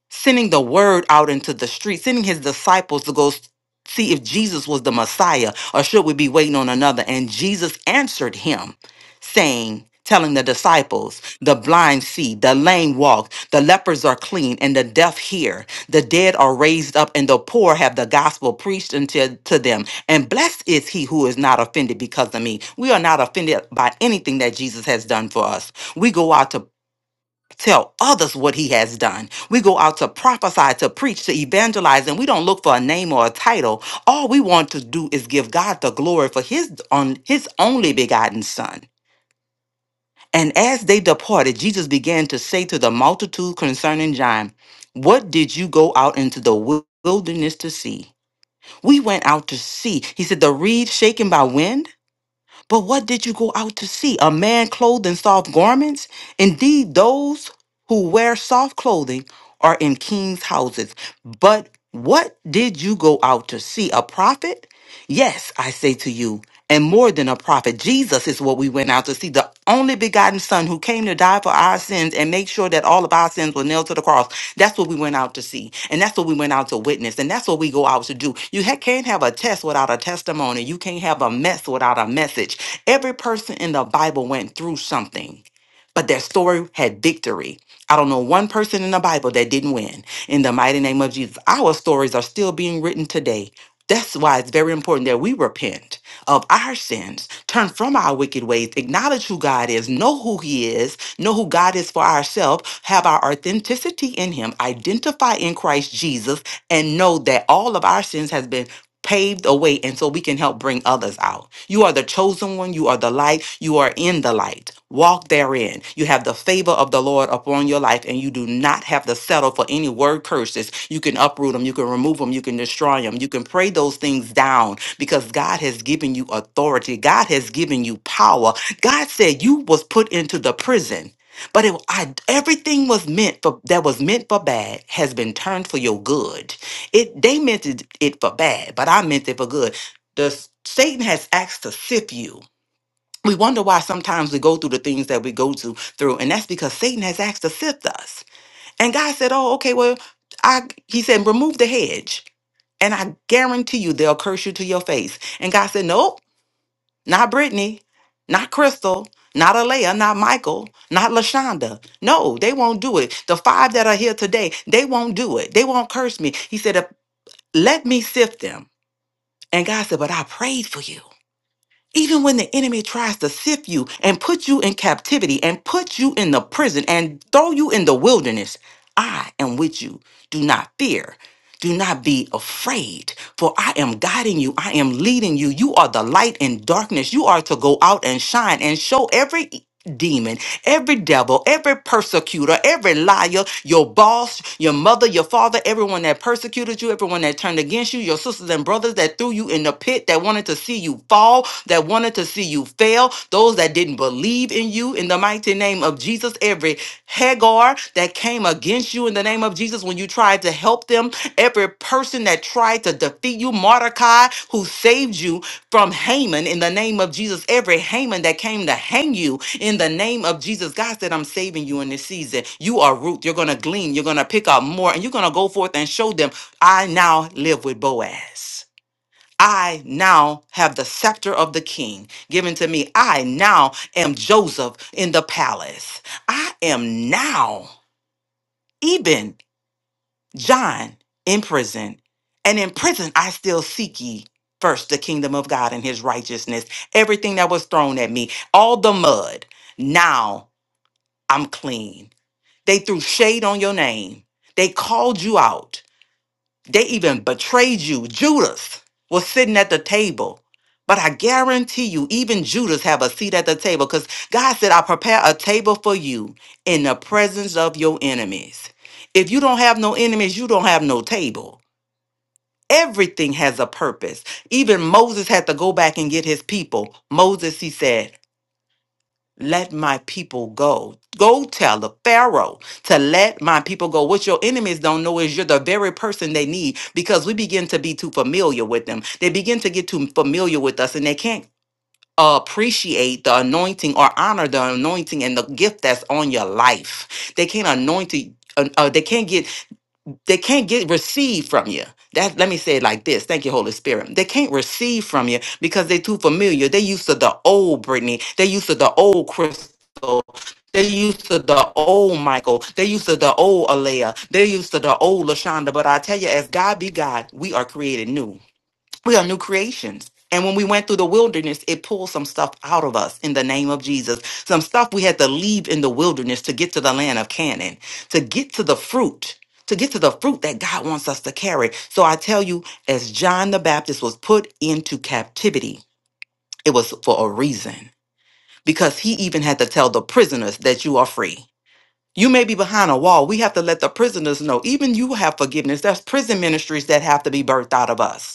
sending the word out into the street, sending his disciples to go s- see if Jesus was the Messiah or should we be waiting on another? And Jesus answered him, saying, Telling the disciples, the blind see, the lame walk, the lepers are clean, and the deaf hear. The dead are raised up, and the poor have the gospel preached unto to them. And blessed is he who is not offended because of me. We are not offended by anything that Jesus has done for us. We go out to tell others what he has done. We go out to prophesy, to preach, to evangelize, and we don't look for a name or a title. All we want to do is give God the glory for his on his only begotten son. And as they departed, Jesus began to say to the multitude concerning John, What did you go out into the wil- wilderness to see? We went out to see. He said, The reed shaken by wind? But what did you go out to see? A man clothed in soft garments? Indeed, those who wear soft clothing are in king's houses. But what did you go out to see? A prophet? Yes, I say to you, and more than a prophet. Jesus is what we went out to see, the only begotten Son who came to die for our sins and make sure that all of our sins were nailed to the cross. That's what we went out to see. And that's what we went out to witness. And that's what we go out to do. You ha- can't have a test without a testimony. You can't have a mess without a message. Every person in the Bible went through something, but their story had victory. I don't know one person in the Bible that didn't win. In the mighty name of Jesus, our stories are still being written today. That's why it's very important that we repent of our sins, turn from our wicked ways, acknowledge who God is, know who He is, know who God is for ourselves, have our authenticity in Him, identify in Christ Jesus, and know that all of our sins has been paved a way and so we can help bring others out. You are the chosen one, you are the light, you are in the light. Walk therein. You have the favor of the Lord upon your life and you do not have to settle for any word curses. You can uproot them, you can remove them, you can destroy them. You can pray those things down because God has given you authority. God has given you power. God said you was put into the prison but it, I, everything was meant for that was meant for bad has been turned for your good it they meant it, it for bad, but I meant it for good. The s- Satan has asked to sift you. We wonder why sometimes we go through the things that we go to through, and that's because Satan has asked to sift us. And God said, "Oh, okay, well, I." He said, "Remove the hedge, and I guarantee you they'll curse you to your face." And God said, "Nope, not Brittany, not Crystal." Not Alea, not Michael, not Lashonda. No, they won't do it. The five that are here today, they won't do it. They won't curse me. He said, "If let me sift them. And God said, But I prayed for you. Even when the enemy tries to sift you and put you in captivity and put you in the prison and throw you in the wilderness, I am with you. Do not fear. Do not be afraid, for I am guiding you. I am leading you. You are the light in darkness. You are to go out and shine and show every demon Every devil, every persecutor, every liar, your boss, your mother, your father, everyone that persecuted you, everyone that turned against you, your sisters and brothers that threw you in the pit, that wanted to see you fall, that wanted to see you fail, those that didn't believe in you, in the mighty name of Jesus, every Hagar that came against you in the name of Jesus when you tried to help them, every person that tried to defeat you, Mordecai, who saved you from Haman in the name of Jesus. Every Haman that came to hang you in the name of Jesus. God said, I'm saving you in this season. You are root. You're going to glean. You're going to pick up more and you're going to go forth and show them, I now live with Boaz. I now have the scepter of the king given to me. I now am Joseph in the palace. I am now. Eben. John in prison, and in prison I still seek ye first the kingdom of God and his righteousness. Everything that was thrown at me, all the mud, now I'm clean. They threw shade on your name, they called you out, they even betrayed you. Judas was sitting at the table. But I guarantee you, even Judas have a seat at the table because God said, I prepare a table for you in the presence of your enemies. If you don't have no enemies, you don't have no table. Everything has a purpose. Even Moses had to go back and get his people. Moses, he said, let my people go. Go tell the Pharaoh to let my people go. What your enemies don't know is you're the very person they need because we begin to be too familiar with them. They begin to get too familiar with us and they can't appreciate the anointing or honor the anointing and the gift that's on your life. They can't anoint it. Uh, uh, they can't get they can't get receive from you. That let me say it like this. Thank you, Holy Spirit. They can't receive from you because they're too familiar. They used to the old Britney. They used to the old Crystal. They used to the old Michael. They used to the old Alea. They used to the old Lashonda. But I tell you, as God be God, we are created new. We are new creations. And when we went through the wilderness, it pulled some stuff out of us in the name of Jesus. Some stuff we had to leave in the wilderness to get to the land of Canaan, to get to the fruit, to get to the fruit that God wants us to carry. So I tell you, as John the Baptist was put into captivity, it was for a reason because he even had to tell the prisoners that you are free. You may be behind a wall. We have to let the prisoners know, even you have forgiveness. There's prison ministries that have to be birthed out of us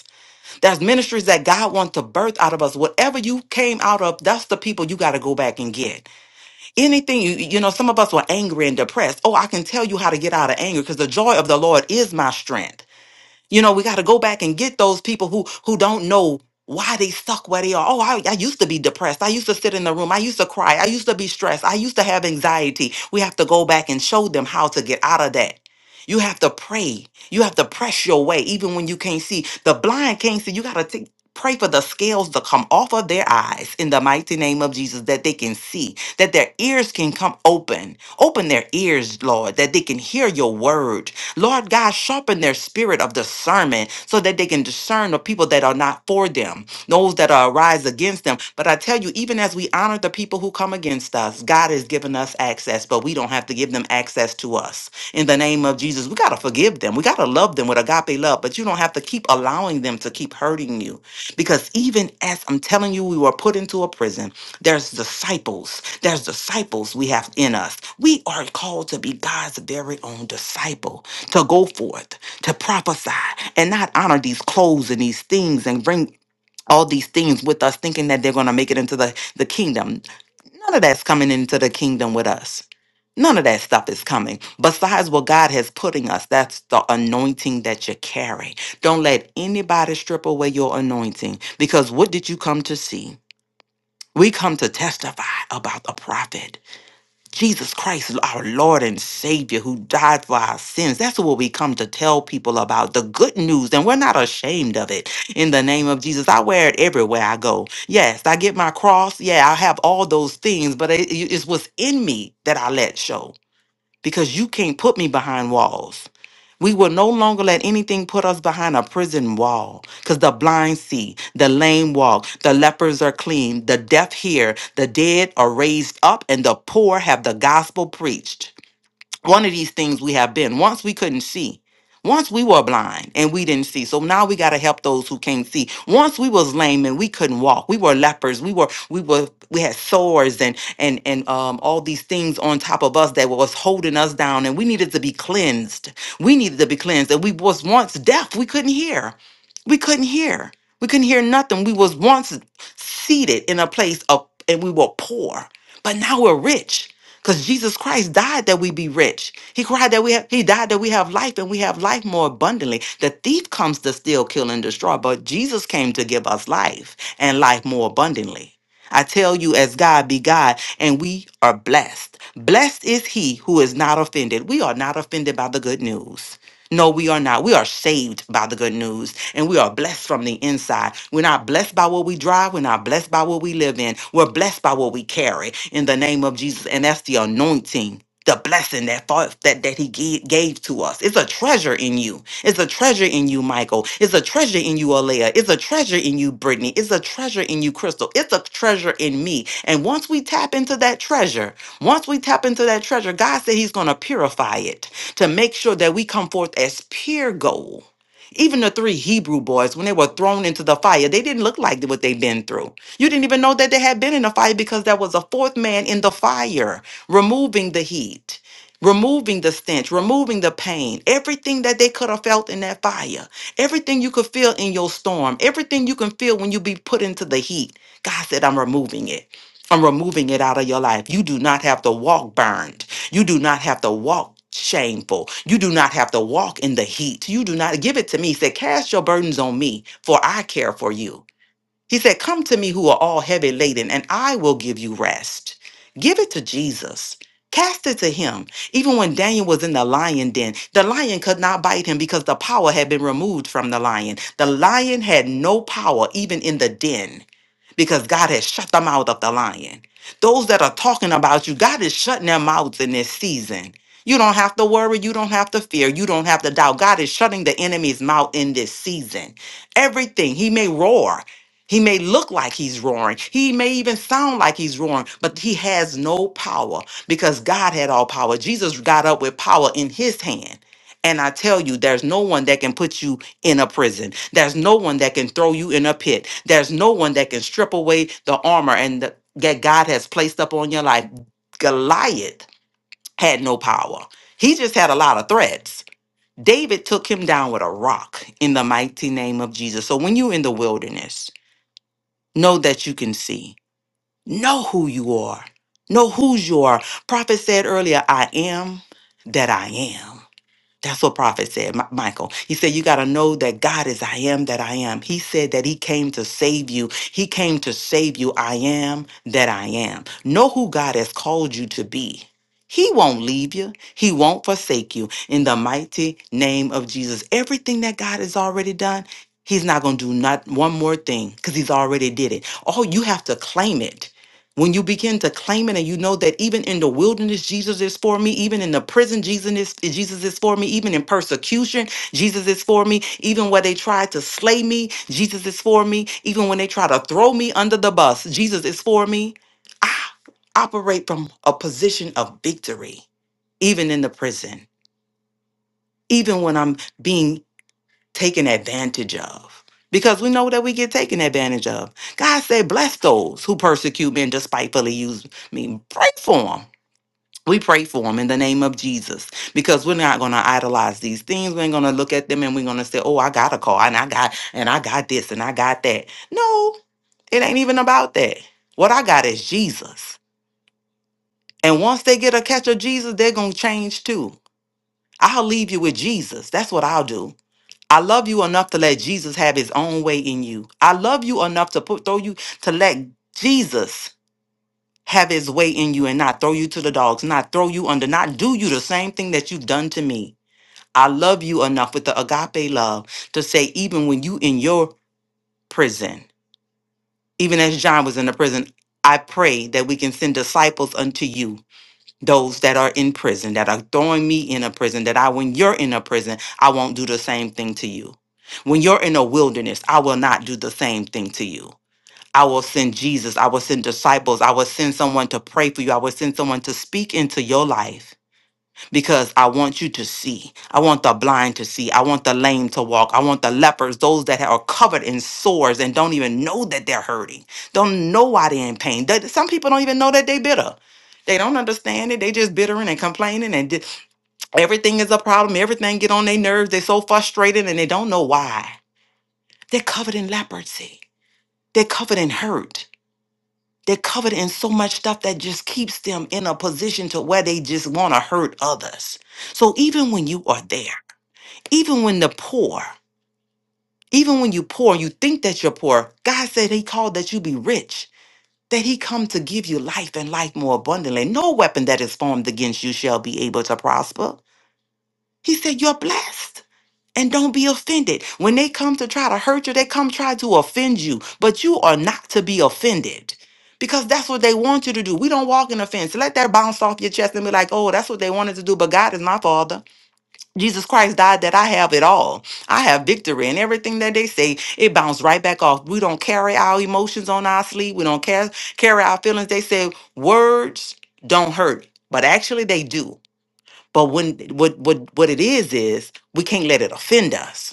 there's ministries that God wants to birth out of us. Whatever you came out of, that's the people you got to go back and get. Anything you, you know, some of us were angry and depressed. Oh, I can tell you how to get out of anger because the joy of the Lord is my strength. You know, we got to go back and get those people who who don't know why they suck where they are. Oh, I, I used to be depressed. I used to sit in the room. I used to cry. I used to be stressed. I used to have anxiety. We have to go back and show them how to get out of that. You have to pray. You have to press your way, even when you can't see. The blind can't see. You got to Pray for the scales to come off of their eyes in the mighty name of Jesus, that they can see, that their ears can come open. Open their ears, Lord, that they can hear your word Lord God, sharpen their spirit of discernment so that they can discern the people that are not for them, those that are arise against them. But I tell you, even as we honor the people who come against us, God has given us access, but we don't have to give them access to us. In the name of Jesus, we got to forgive them. We got to love them with agape love, but you don't have to keep allowing them to keep hurting you. Because even as I'm telling you, we were put into a prison, there's disciples. There's disciples we have in us. We are called to be God's very own disciple to go forth, to prophesy, and not honor these clothes and these things and bring all these things with us, thinking that they're going to make it into the, the kingdom. None of that's coming into the kingdom with us. None of that stuff is coming. Besides what God has putting us, that's the anointing that you carry. Don't let anybody strip away your anointing because what did you come to see? We come to testify about the prophet. Jesus Christ, our Lord and Savior, who died for our sins. That's what we come to tell people about the good news, and we're not ashamed of it. In the name of Jesus, I wear it everywhere I go. Yes, I get my cross. Yeah, I have all those things, but it, it's what's in me that I let show because you can't put me behind walls. We will no longer let anything put us behind a prison wall because the blind see, the lame walk, the lepers are clean, the deaf hear, the dead are raised up, and the poor have the gospel preached one of these things we have been. Once we couldn't see. Once we were blind and we didn't see. So now we got to help those who can't see. Once we was lame and we couldn't walk. We were lepers. We were we were we had sores and and and um all these things on top of us that was holding us down and we needed to be cleansed. We needed to be cleansed. And we was once deaf. We couldn't hear. We couldn't hear. We couldn't hear nothing. We was once seated in a place of and we were poor. But now we're rich. Because Jesus Christ died that we be rich. He cried that we have he died that we have life and we have life more abundantly. The thief comes to steal, kill, and destroy, but Jesus came to give us life and life more abundantly. I tell you, as God be God, and we are blessed. Blessed is he who is not offended. We are not offended by the good news. No, we are not. We are saved by the good news and we are blessed from the inside. We're not blessed by what we drive, we're not blessed by what we live in, we're blessed by what we carry in the name of Jesus, and that's the anointing. The blessing that fa- that that he gave, gave to us. It's a treasure in you. It's a treasure in you, Michael. It's a treasure in you, Alea. It's a treasure in you, Brittany. It's a treasure in you, Crystal. It's a treasure in me. And once we tap into that treasure, once we tap into that treasure, God said He's going to purify it to make sure that we come forth as pure gold even the three Hebrew boys, when they were thrown into the fire, they didn't look like what they'd been through. You didn't even know that they had been in a fire because there was a fourth man in the fire, removing the heat, removing the stench, removing the pain, everything that they could have felt in that fire, everything you could feel in your storm, everything you can feel when you be put into the heat. God said, I'm removing it. I'm removing it out of your life. You do not have to walk burned. You do not have to walk shameful. You do not have to walk in the heat. You do not give it to me. He said, Cast your burdens on me, for I care for you. He said, Come to me who are all heavy laden, and I will give you rest. Give it to Jesus. Cast it to him. Even when Daniel was in the lion den, the lion could not bite him because the power had been removed from the lion. The lion had no power even in the den because God has shut the mouth of the lion. Those that are talking about you, God is shutting their mouths in this season. You don't have to worry. You don't have to fear. You don't have to doubt. God is shutting the enemy's mouth in this season. Everything, he may roar. He may look like he's roaring. He may even sound like he's roaring, but he has no power because God had all power. Jesus got up with power in his hand. And I tell you, there's no one that can put you in a prison. There's no one that can throw you in a pit. There's no one that can strip away the armor and the, that God has placed up on your life. Goliath had no power. He just had a lot of threats. David took him down with a rock in the mighty name of Jesus. So when you're in the wilderness, know that you can see. Know who you are. Know whose you are. Prophet said earlier, I am that I am. That's what prophet said, Mi- Michael. He said, You got to know that God is I am that I am. He said that He came to save you. He came to save you. I am that I am. Know who God has called you to be. He won't leave you, He won't forsake you. In the mighty name of Jesus, everything that God has already done, He's not going to do not one more thing because He's already did it. All you have to claim it. When you begin to claim it and you know that even in the wilderness, Jesus is for me, even in the prison, Jesus is, Jesus is for me, even in persecution, Jesus is for me, even where they try to slay me, Jesus is for me, even when they try to throw me under the bus, Jesus is for me. I operate from a position of victory, even in the prison, even when I'm being taken advantage of because we know that we get taken advantage of. God said, Bless those who persecute me and despitefully use me. Pray for them. We pray for them in the name of Jesus because we're not going to idolize these things. We're going to look at them and we're going to say, "Oh, I got a car and I got and I got this and I got that." No, it ain't even about that. What I got is Jesus. And once they get a catch of Jesus, they're going to change too. I'll leave you with Jesus. That's what I'll do. I love you enough to let Jesus have his own way in you. I love you enough to put throw you to let Jesus have his way in you and not throw you to the dogs, not throw you under, not do you the same thing that you've done to me. I love you enough with the agape love to say, even when you in your prison, even as John was in the prison, I pray that we can send disciples unto you those that are in prison, that are throwing me in a prison, that I, when you're in a prison, I won't do the same thing to you. When you're in a wilderness, I will not do the same thing to you. I will send Jesus. I will send disciples. I will send someone to pray for you. I will send someone to speak into your life because I want you to see. I want the blind to see. I want the lame to walk. I want the lepers, those that are covered in sores and don't even know that they're hurting, don't know why they're in pain. That- Some people don't even know that they're bitter. They don't understand it. They just bittering and complaining, and di- everything is a problem. Everything get on their nerves. They're so frustrated, and they don't know why. They're covered in leprosy. They're covered in hurt. They're covered in so much stuff that just keeps them in a position to where they just want to hurt others. So even when you are there, even when the poor, even when you poor, you think that you're poor. God said He called that you be rich, that He come to give you life and life more abundantly. No weapon that is formed against you shall be able to prosper. He said you're blessed. And don't be offended. When they come to try to hurt you, they come try to offend you, but you are not to be offended because that's what they want you to do. We don't walk in offense. Let that bounce off your chest and be like, oh, that's what they wanted to do, but God is my Father. Jesus Christ died that I have it all. I have victory, and everything that they say, it bounced right back off. We don't carry our emotions on our sleeve, we don't care, carry our feelings. They say words don't hurt, but actually they do. But when what what what it is is we can't let it offend us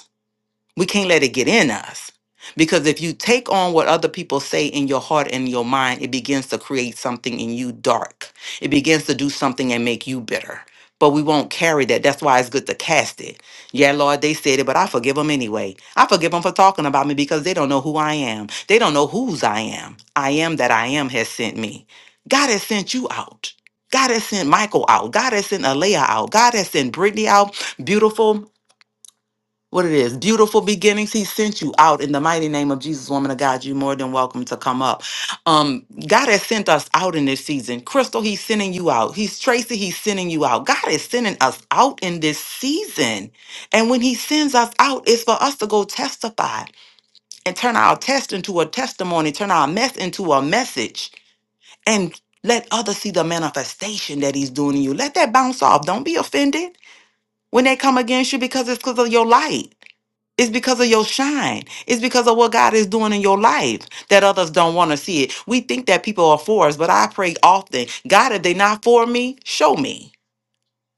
we can't let it get in us. Because if you take on what other people say in your heart and your mind, it begins to create something in you dark. It begins to do something and make you bitter. But we won't carry that. That's why it's good to cast it. Yeah, Lord, they said it, but I forgive them anyway. I forgive them for talking about me because they don't know who I am. They don't know whose I am. I am that I am has sent me. God has sent you out. God has sent Michael out. God has sent Alea out. God has sent Brittany out. Beautiful what it is. Beautiful beginnings. He sent you out in the mighty name of Jesus, woman of God. You're more than welcome to come up. Um, God has sent us out in this season. Crystal, he's sending you out. He's Tracy, he's sending you out. God is sending us out in this season. And when he sends us out, it's for us to go testify and turn our test into a testimony, turn our mess into a message, and let others see the manifestation that he's doing in you. Let that bounce off. Don't be offended when they come against you because it's because of your light. It's because of your shine. It's because of what God is doing in your life that others don't want to see it. We think that people are for us, but I pray often, God, if they not for me, show me.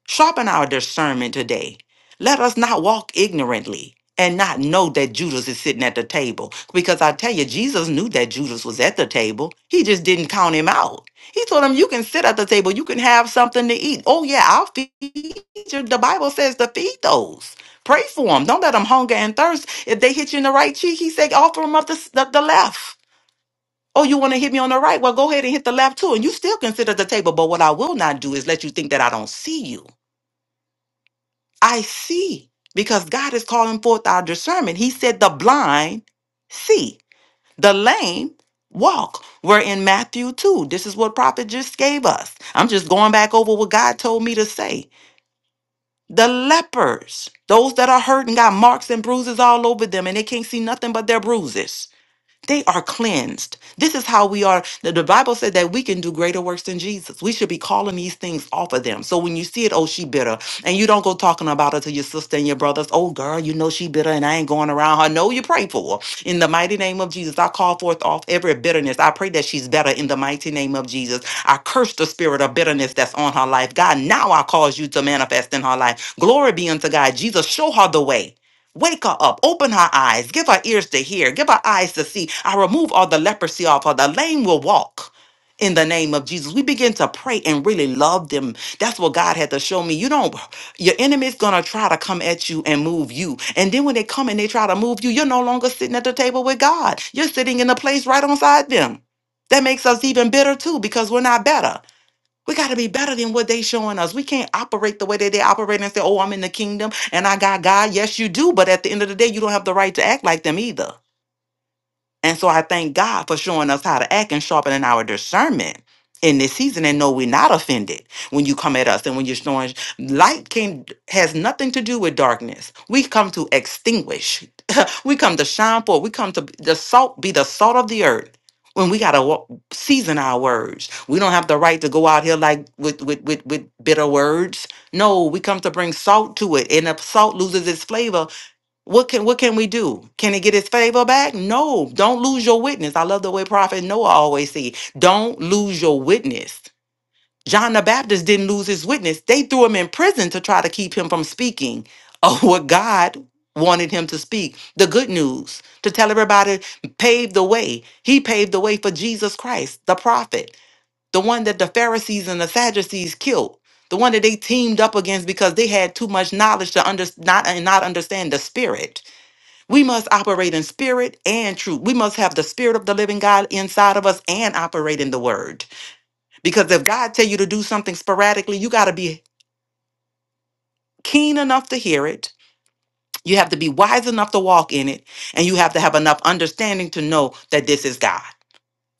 Sharpen our discernment today. Let us not walk ignorantly and not know that Judas is sitting at the table. Because I tell you, Jesus knew that Judas was at the table. He just didn't count him out. He told him, You can sit at the table, you can have something to eat. Oh, yeah, I'll feed you. The Bible says to feed those. Pray for them. Don't let them hunger and thirst. If they hit you in the right cheek, he said, Offer them up the, the, the left. Oh, you want to hit me on the right? Well, go ahead and hit the left too. And you still consider the table. But what I will not do is let you think that I don't see you. I see because God is calling forth our discernment. He said, The blind see, the lame walk. We're in Matthew 2. This is what prophet just gave us. I'm just going back over what God told me to say. The lepers, those that are hurt and got marks and bruises all over them, and they can't see nothing but their bruises they are cleansed. This is how we are. The, the Bible said that we can do greater works than Jesus. We should be calling these things off of them. So when you see it, oh, she bitter, and you don't go talking about her to your sister and your brothers, oh, girl, you know she bitter and I ain't going around her. No, you pray for her. In the mighty name of Jesus, I call forth off every bitterness. I pray that she's better in the mighty name of Jesus. I curse the spirit of bitterness that's on her life. God, now I cause you to manifest in her life. Glory be unto God. Jesus, show her the way. Wake her up, open her eyes, give her ears to hear, give her eyes to see. I remove all the leprosy off her. The lame will walk in the name of Jesus. We begin to pray and really love them. That's what God had to show me. You don't, your enemy's gonna try to come at you and move you. And then when they come and they try to move you, you're no longer sitting at the table with God. You're sitting in a place right on side them. That makes us even bitter too because we're not better. We got to be better than what they showing us. We can't operate the way that they operate and say, "Oh, I'm in the kingdom and I got God." Yes, you do, but at the end of the day, you don't have the right to act like them either. And so I thank God for showing us how to act and sharpening our discernment in this season and know we're not offended when you come at us and when you're showing light can has nothing to do with darkness. We come to extinguish. we come to shine forth. We come to be the salt, be the salt of the earth. When we gotta wa- season our words, we don't have the right to go out here like with with with, with bitter words. No, we come to bring salt to it, and if salt loses its flavor, what can what can we do? Can he get his favor back? No. Don't lose your witness. I love the way Prophet Noah always say, don't lose your witness. John the Baptist didn't lose his witness. They threw him in prison to try to keep him from speaking of what God wanted him to speak. The good news to tell everybody paved the way. He paved the way for Jesus Christ, the prophet, the one that the Pharisees and the Sadducees killed. The one that they teamed up against because they had too much knowledge to under, not, and not understand the spirit we must operate in spirit and truth. We must have the spirit of the living God inside of us and operate in the word. Because if God tell you to do something sporadically, you got to be keen enough to hear it. You have to be wise enough to walk in it, and you have to have enough understanding to know that this is God.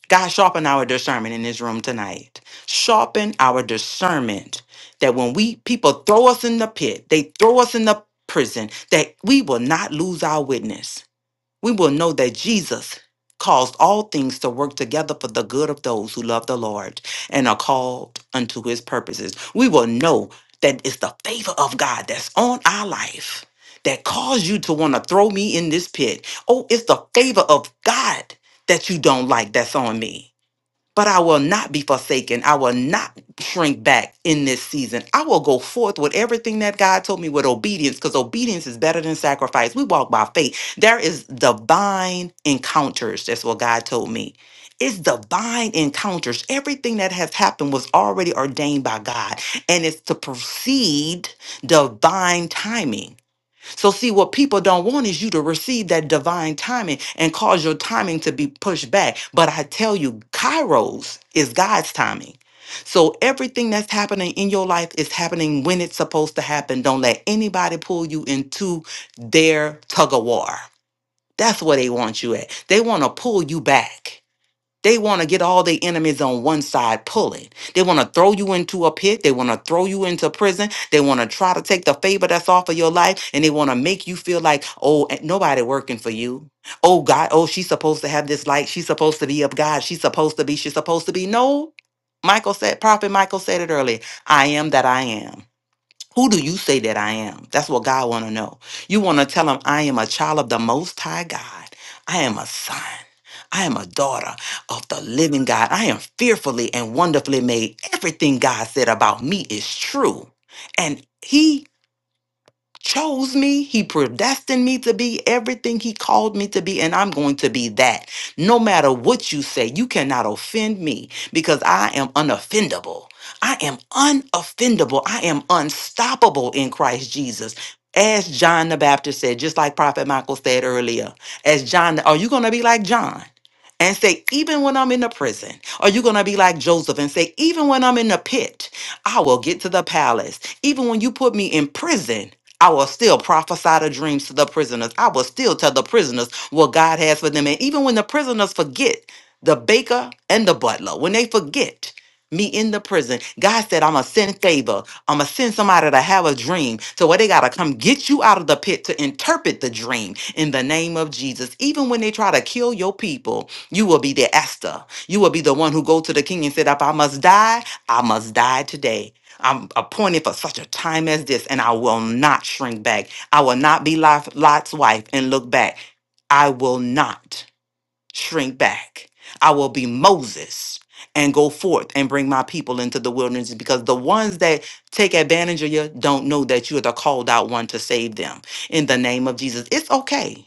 God sharpen our discernment in this room tonight. Sharpen our discernment that when we people throw us in the pit, they throw us in the prison, that we will not lose our witness we will know that Jesus caused all things to work together for the good of those who love the Lord and are called unto his purposes. We will know that it's the favor of God that's on our life that caused you to want to throw me in this pit. Oh, it's the favor of God that you don't like that's on me. But I will not be forsaken. I will not shrink back in this season. I will go forth with everything that God told me with obedience because obedience is better than sacrifice. We walk by faith. There is divine encounters. That's what God told me. It's divine encounters. Everything that has happened was already ordained by God, and it's to proceed divine timing. So, see, what people don't want is you to receive that divine timing and cause your timing to be pushed back. But I tell you, Kairos is God's timing. So, everything that's happening in your life is happening when it's supposed to happen. Don't let anybody pull you into their tug of war. That's where they want you at. They want to pull you back. They want to get all their enemies on one side pulling. They want to throw you into a pit. They want to throw you into prison. They want to try to take the favor that's off of your life and they want to make you feel like, oh, ain't nobody working for you. Oh, God, oh, she's supposed to have this light. She's supposed to be of God. She's supposed to be, she's supposed to be. No. Michael said, Prophet Michael said it earlier I am that I am. Who do you say that I am? That's what God want to know. You want to tell him, I am a child of the Most High God. I am a son. I am a daughter of the living God. I am fearfully and wonderfully made. Everything God said about me is true. And he chose me. He predestined me to be everything he called me to be, and I'm going to be that. No matter what you say, you cannot offend me because I am unoffendable. I am unoffendable. I am unstoppable in Christ Jesus. As John the Baptist said, just like Prophet Michael said earlier, as John, are you going to be like John? And say, even when I'm in the prison, are you going to be like Joseph and say, even when I'm in the pit, I will get to the palace. Even when you put me in prison, I will still prophesy the dreams to the prisoners. I will still tell the prisoners what God has for them. And even when the prisoners forget, the baker and the butler, when they forget me in the prison, God said, I'm going to send favor. I'm going to send somebody to have a dream. So where they got to come get you out of the pit to interpret the dream in the name of Jesus. Even when they try to kill your people, you will be the Esther. You will be the one who go to the king and said, if I must die, I must die today. I'm appointed for such a time as this, and I will not shrink back. I will not be Lot- Lot's wife and look back. I will not shrink back. I will be Moses and go forth and bring my people into the wilderness because the ones that take advantage of you don't know that you are the called out one to save them. In the name of Jesus, it's okay.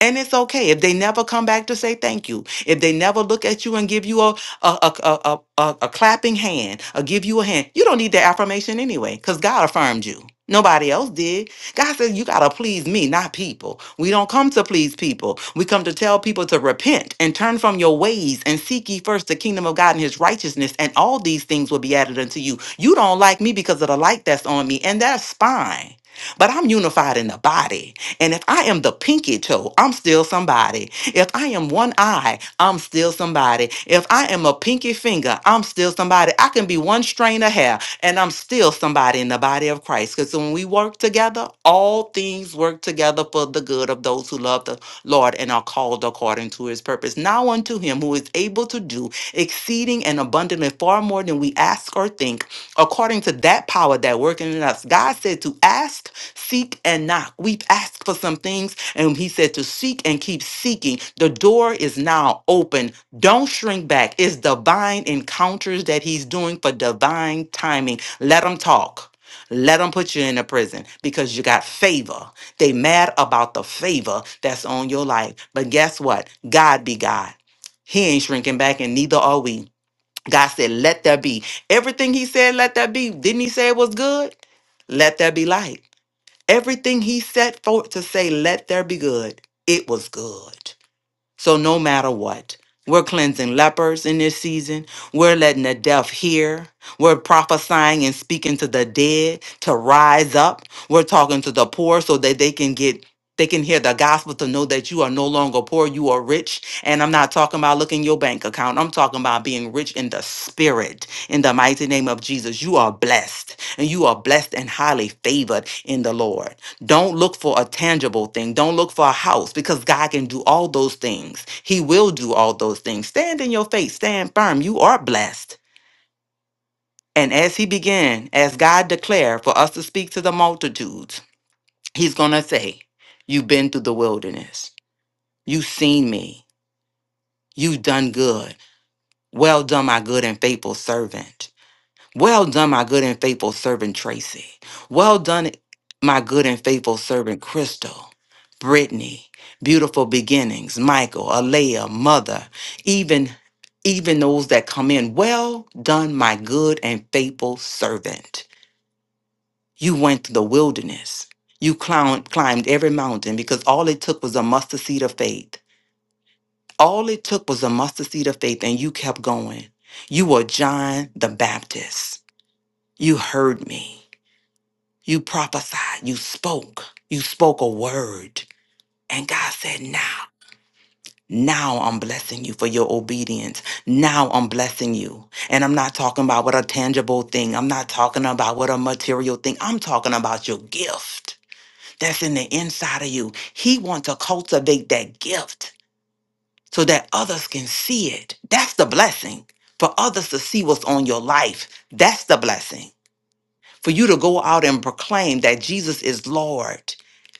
And it's okay if they never come back to say thank you, if they never look at you and give you a a, a, a, a, a a clapping hand or give you a hand. You don't need that affirmation anyway because God affirmed you. Nobody else did. God says you got to please me, not people. We don't come to please people. We come to tell people to repent and turn from your ways and seek ye first the kingdom of God and his righteousness, and all these things will be added unto you. You don't like me because of the light that's on me, and that's fine. But I'm unified in the body. And if I am the pinky toe, I'm still somebody. If I am one eye, I'm still somebody. If I am a pinky finger, I'm still somebody. I can be one strain of hair and I'm still somebody in the body of Christ. Because when we work together, all things work together for the good of those who love the Lord and are called according to his purpose. Now unto him who is able to do exceeding and abundantly far more than we ask or think, according to that power that working in us. God said to ask Seek and knock. We've asked for some things, and he said to seek and keep seeking. The door is now open. Don't shrink back. It's divine encounters that he's doing for divine timing. Let him talk. Let him put you in a prison because you got favor. They mad about the favor that's on your life. But guess what? God be God. He ain't shrinking back, and neither are we. God said, let there be. Everything he said, let there be. Didn't he say it was good? Let there be light. Everything he set forth to say, let there be good, it was good. So no matter what, we're cleansing lepers in this season. We're letting the deaf hear. We're prophesying and speaking to the dead to rise up. We're talking to the poor so that they can get they can hear the gospel to know that you are no longer poor, you are rich. And I'm not talking about looking your bank account. I'm talking about being rich in the spirit. In the mighty name of Jesus, you are blessed and you are blessed and highly favored in the Lord. Don't look for a tangible thing. Don't look for a house because God can do all those things. He will do all those things. Stand in your faith, stand firm. You are blessed. And as he began, as God declared for us to speak to the multitudes, he's going to say, You've been through the wilderness. You've seen me. You've done good. Well done, my good and faithful servant. Well done, my good and faithful servant Tracy. Well done, my good and faithful servant Crystal, Brittany, Beautiful Beginnings, Michael, Alea, Mother, even even those that come in. Well done, my good and faithful servant. You went through the wilderness. You climbed, climbed every mountain because all it took was a mustard seed of faith. All it took was a mustard seed of faith, and you kept going. You were John the Baptist. You heard me. You prophesied, you spoke, you spoke a word. And God said, Now, now I'm blessing you for your obedience. Now I'm blessing you. And I'm not talking about what a tangible thing, I'm not talking about what a material thing, I'm talking about your gift that's in the inside of you. He wants to cultivate that gift so that others can see it. That's the blessing. For others to see what's on your life, that's the blessing. for you to go out and proclaim that Jesus is Lord.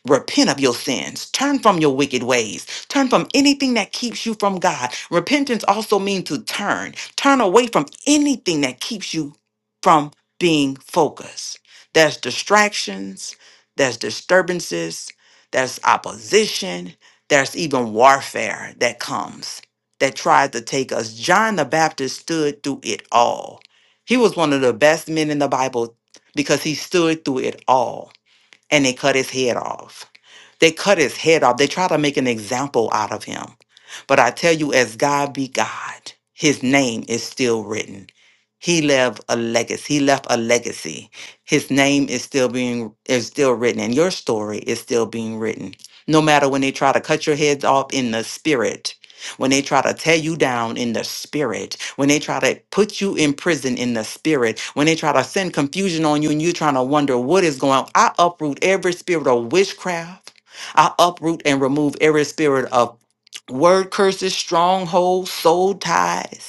Repent of your sins. Turn from your wicked ways. Turn from anything that keeps you from God. Repentance also means to turn. Turn away from anything that keeps you from being focused. There's distractions, there's disturbances, there's opposition, there's even warfare that comes that tries to take us. John the Baptist stood through it all. He was one of the best men in the Bible because he stood through it all and they cut his head off. They cut his head off. They try to make an example out of him. But I tell you, as God be God, his name is still written. He left a legacy. He left a legacy. His name is still being is still written, and your story is still being written. No matter when they try to cut your heads off in the spirit, when they try to tear you down in the spirit, when they try to put you in prison in the spirit, when they try to send confusion on you and you're trying to wonder what is going on, I uproot every spirit of witchcraft. I uproot and remove every spirit of word curses, strongholds, soul ties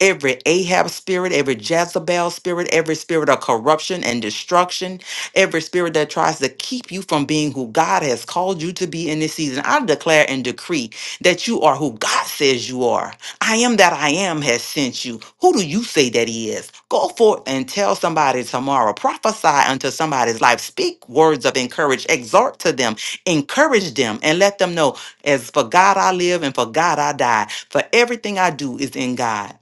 every Ahab spirit, every Jezebel spirit, every spirit of corruption and destruction, every spirit that tries to keep you from being who God has called you to be in this season. I declare and decree that you are who God says you are. I am that I am has sent you. Who do you say that He is? Go forth and tell somebody tomorrow. Prophesy unto somebody's life. Speak words of encourage. Exhort to them. Encourage them and let them know, as for God I live and for God I die. For everything I do is in God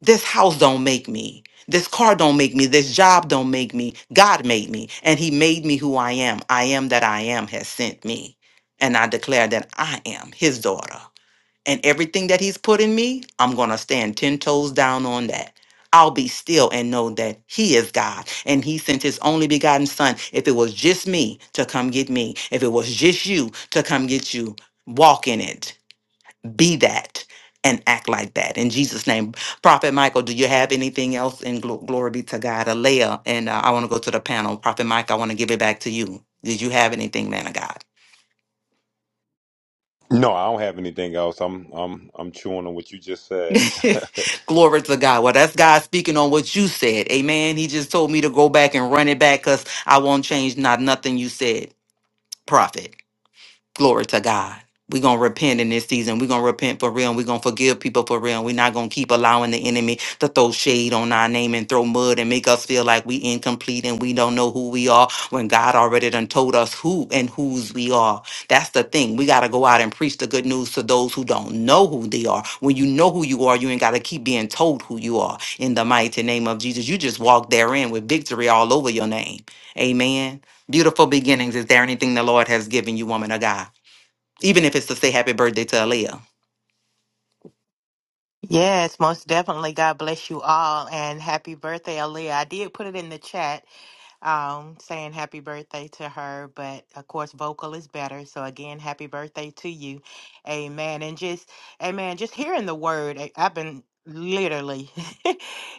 this house don't make me this car don't make me this job don't make me god made me and he made me who i am i am that i am has sent me and i declare that i am his daughter and everything that he's put in me i'm going to stand 10 toes down on that I'll be still and know that He is God and He sent His only begotten Son. If it was just me to come get me, if it was just you to come get you, walk in it be that and act like that in jesus name prophet michael do you have anything else in glo- glory be to god alea and uh, i want to go to the panel prophet mike i want to give it back to you did you have anything man of god No, I don't have anything else. I'm I'm I'm chewing on what you just said. glory to god well that's god speaking on what you said amen he just told me to go back and run it back because i won't change not nothing you said prophet Glory to God. We're going to repent in this season. We're going to repent for real. And we're going to forgive people for real. And we're not going to keep allowing the enemy to throw shade on our name and throw mud and make us feel like we incomplete and we don't know who we are when God already done told us who and whose we are. That's the thing. We got to go out and preach the good news to those who don't know who they are. When you know who you are, you ain't got to keep being told who you are. In the mighty name of Jesus, you just walk therein with victory all over your name. Amen. Beautiful beginnings. Is there anything the Lord has given you, woman of God? even if it's to say happy birthday to Aaliyah. Yes, most definitely. God bless you all and happy birthday, Aaliyah. I did put it in the chat um, saying happy birthday to her. But of course, vocal is better. So again, happy birthday to you. Amen. And just, amen, just hearing the word, I- I've been literally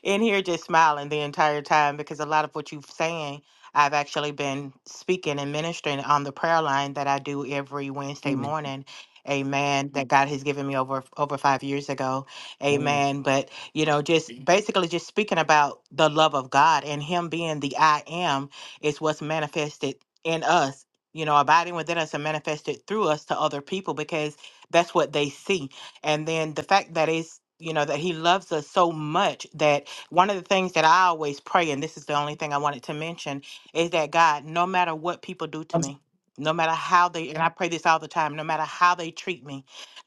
in here just smiling the entire time because a lot of what you're saying. I've actually been speaking and ministering on the prayer line that I do every Wednesday Amen. morning. Amen. That God has given me over over five years ago. Amen. Amen. But you know just Mhm. basically just speaking about the love of god and him being the i am is what's manifested in us you know abiding within us and manifested through us to other people because that's what they see and then the fact that is you know that he loves us so much that one of the things that i always pray and this is the only thing i wanted to mention is that god no matter what people do to me no matter how they and i pray this all the time no matter how they treat me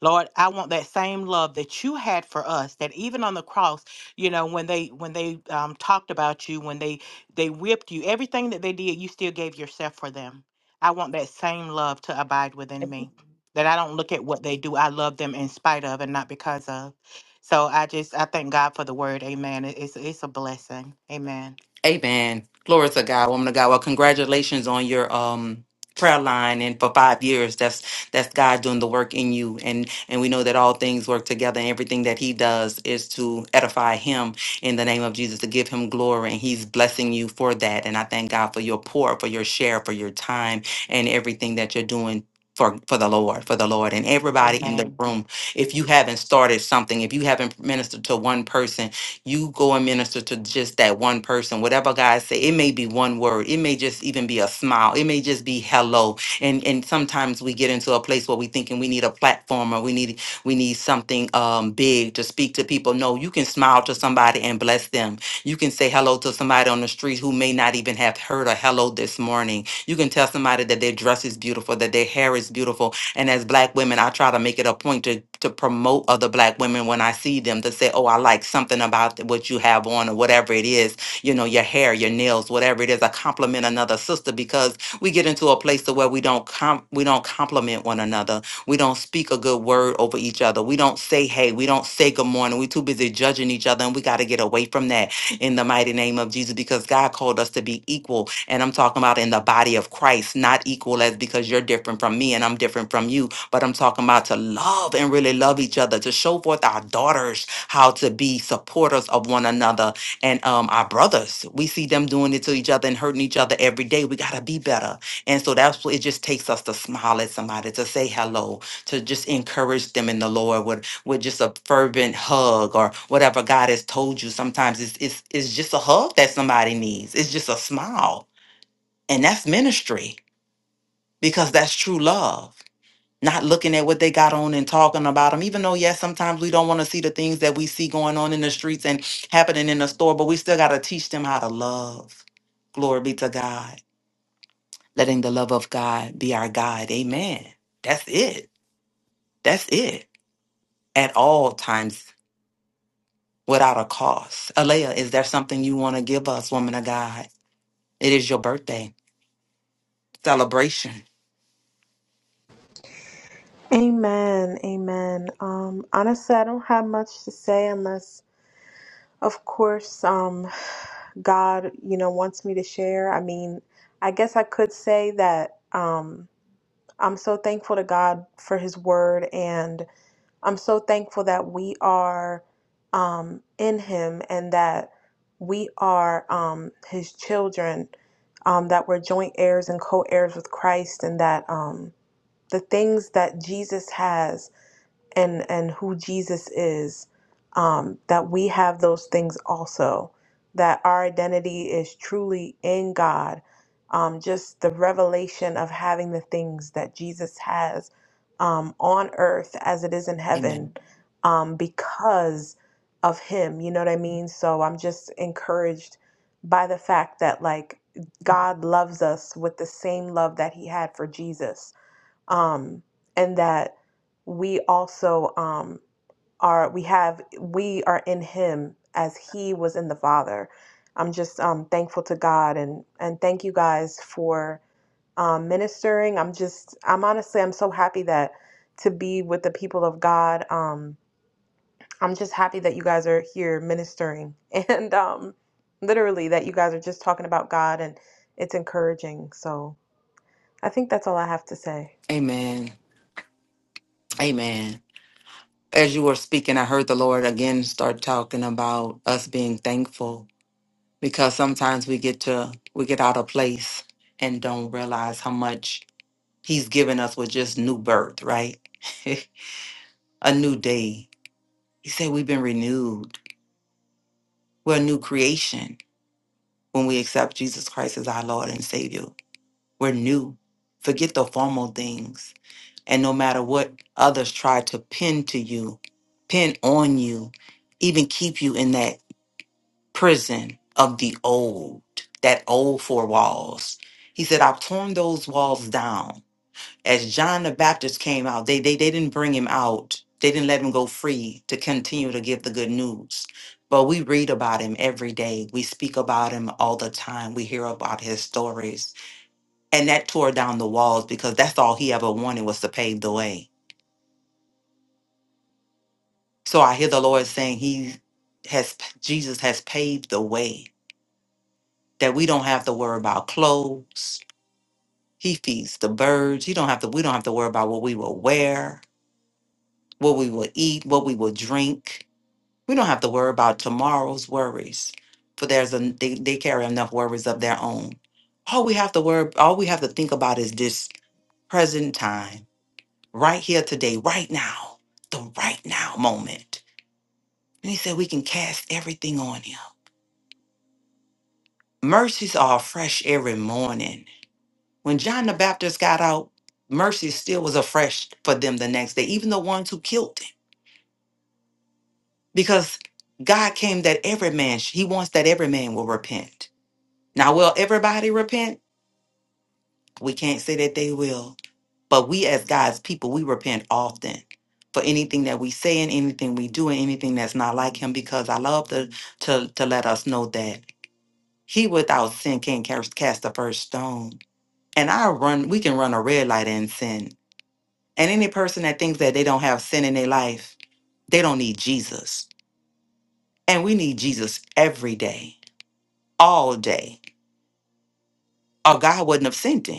Lord, I want that same love that you had for us. That even on the cross, you know, when they when they um, talked about you, when they they whipped you, everything that they did, you still gave yourself for them. I want that same love to abide within me. That I don't look at what they do. I love them in spite of and not because of. So I just I thank God for the word. Amen. It- It's it's a blessing. Amen. Amen. Glory to God, woman of God. Well, congratulations on your um prayer line and for five years. That's that's God doing the work in you. And and we know that all things work together and everything that he does is to edify him in the name of Jesus, to give him glory. And he's blessing you for that. And I thank God for your pour, for your share, for your time and everything that you're doing. For, for the Lord, for the Lord, and everybody in the Amen. room. If you haven't started something, if you haven't ministered to one person, you go and minister to just that one person. Whatever God say, it may be one word. It may just even be a smile. It may just be hello. And and sometimes we get into a place where we thinking we need a platform or we need we need something um big to speak to people. No, you can smile to somebody and bless them. You can say hello to somebody on the street who may not even have heard a hello this morning. You can tell somebody that their dress is beautiful, that their hair is beautiful, and as black women, I try to make it a point to to promote other black women when I see them to say, "Oh, I like something about what you have on or whatever it is, you know, your hair, your nails, whatever it is." I compliment another sister because we get into a place to where we don't com- we don't compliment one another. We don't speak a good word over each other. We don't say, "Hey," we don't say good morning. We're too busy judging each other, and we got to get away from that in the mighty name of Jesus because God called us to be equal. And I'm talking about in the body of Christ, not equal as because you're different from me and I'm different from you, but I'm talking about to love and really love each other, to show forth our daughters how to be supporters of one another and um, our brothers. We see them doing it to each other and hurting each other every day. We got to be better. And so that's what it just takes us to smile at somebody, to say hello, to just encourage them in the Lord with just a fervent hug or whatever God has told you. Sometimes it's it's it's just a hug that somebody needs. It's just a smile. And that's ministry because that's true love. Not looking at what they got on and talking about them, even though, yes, sometimes we don't want to see the things that we see going on in the streets and happening in the store, but we still got to teach them how to love. Glory be to God. Letting the love of God be our guide. Amen. That's it. That's it. At all times without a cost. Alea, is there something you want to give us, woman of God? It is your birthday celebration. Amen. Amen. Um, honestly, I don't have much to say unless, of course, um, God, you know, wants me to share. I mean, I guess I could say that. Um, I'm so thankful to God for His Word, and I'm so thankful that we are um, in Him and that we are um, His children, um, that we're joint heirs and co heirs with Christ, and that um, the things that Jesus has and, and who Jesus is, um, that we have those things also, that our identity is truly in God. Um, just the revelation of having the things that Jesus has um, on earth as it is in heaven Amen. um, because of him. You know what I mean? So I'm just encouraged by the fact that, like, God loves us with the same love that he had for Jesus. Um, and that we also um, are, we have, we are in him as he was in the Father. I'm just um, thankful to God and, and thank you guys for um, ministering. I'm just, I'm honestly, I'm so happy that to be with the people of God. Um, I'm just happy that you guys are here ministering and um, literally that you guys are just talking about God and it's encouraging. So I think that's all I have to say. Amen. Amen. As you were speaking, I heard the Lord again start talking about us being thankful because sometimes we get to we get out of place and don't realize how much He's given us with just new birth, right? a new day. He said we've been renewed. We're a new creation when we accept Jesus Christ as our Lord and Savior. We're new. Forget the formal things. And no matter what others try to pin to you, pin on you, even keep you in that prison of the old, that old four walls. He said, I've torn those walls down. As John the Baptist came out, they, they, they didn't bring him out. They didn't let him go free to continue to give the good news. But we read about him every day. We speak about him all the time. We hear about his stories and that tore down the walls because that's all he ever wanted was to pave the way. So I hear the Lord saying he has Jesus has paved the way that we don't have to worry about clothes. He feeds the birds. You don't have to we don't have to worry about what we will wear, what we will eat, what we will drink. We don't have to worry about tomorrow's worries. For there's a they, they carry enough worries of their own. All we have to worry all we have to think about is this present time right here today, right now, the right now moment. And he said, We can cast everything on him. Mercies are fresh every morning. When John the Baptist got out, mercy still was afresh for them the next day, even the ones who killed him. Because God came that every man, he wants that every man will repent. Now, will everybody repent? We can't say that they will. But we, as God's people, we repent often for anything that we say and anything we do and anything that's not like Him because I love to, to, to let us know that He without sin can't cast, cast the first stone. And I run, we can run a red light and sin. And any person that thinks that they don't have sin in their life, they don't need Jesus. And we need Jesus every day, all day, or God wouldn't have sent Him.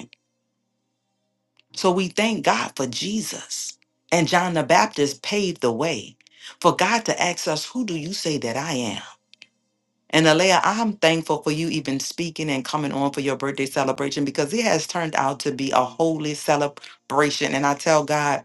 So we thank God for Jesus. And John the Baptist paved the way for God to ask us, Who do you say that I am? And Alea, I'm thankful for you even speaking and coming on for your birthday celebration because it has turned out to be a holy celebration. And I tell God,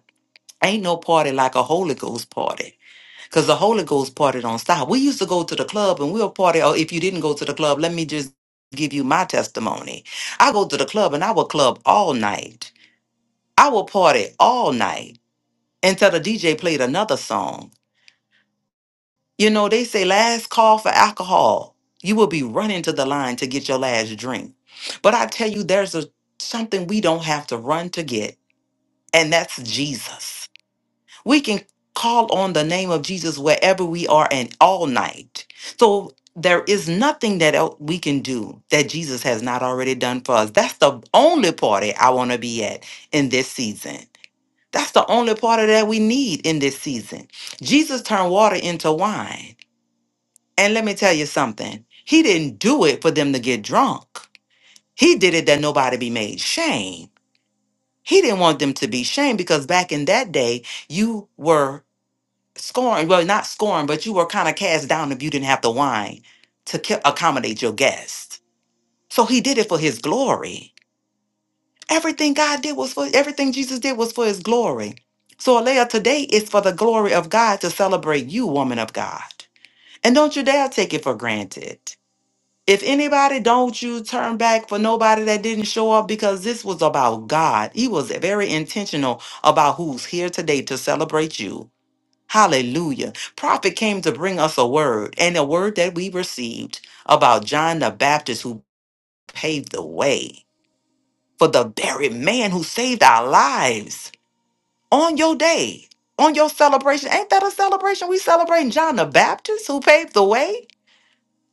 ain't no party like a Holy Ghost party because the Holy Ghost party don't stop. We used to go to the club and we'll party. Or if you didn't go to the club, let me just give you my testimony. I go to the club and I will club all night. I will party all night until the DJ played another song. You know, they say last call for alcohol. You will be running to the line to get your last drink. But I tell you, there's a something we don't have to run to get, and that's Jesus. We can call on the name of Jesus wherever we are and all night. So there is nothing that el- we can do that Jesus has not already done for us. That's the only party I want to be at in this season. That's the only part of that we need in this season. Jesus turned water into wine. And let me tell you something, he didn't do it for them to get drunk. He did it that nobody be made shame. He didn't want them to be shamed because back in that day, you were scorned. Well, not scorned, but you were kind of cast down if you didn't have the wine to ca- accommodate your guests. So he did it for his glory. Everything God did was for everything Jesus did was for his glory. So Alea, today is for the glory of God to celebrate you, woman of God. And don't you dare take it for granted. If anybody, don't you turn back for nobody that didn't show up because this was about God. He was very intentional about who's here today to celebrate you. Hallelujah. Prophet came to bring us a word and a word that we received about John the Baptist who paved the way for the very man who saved our lives on your day, on your celebration. Ain't that a celebration? We celebrating John the Baptist who paved the way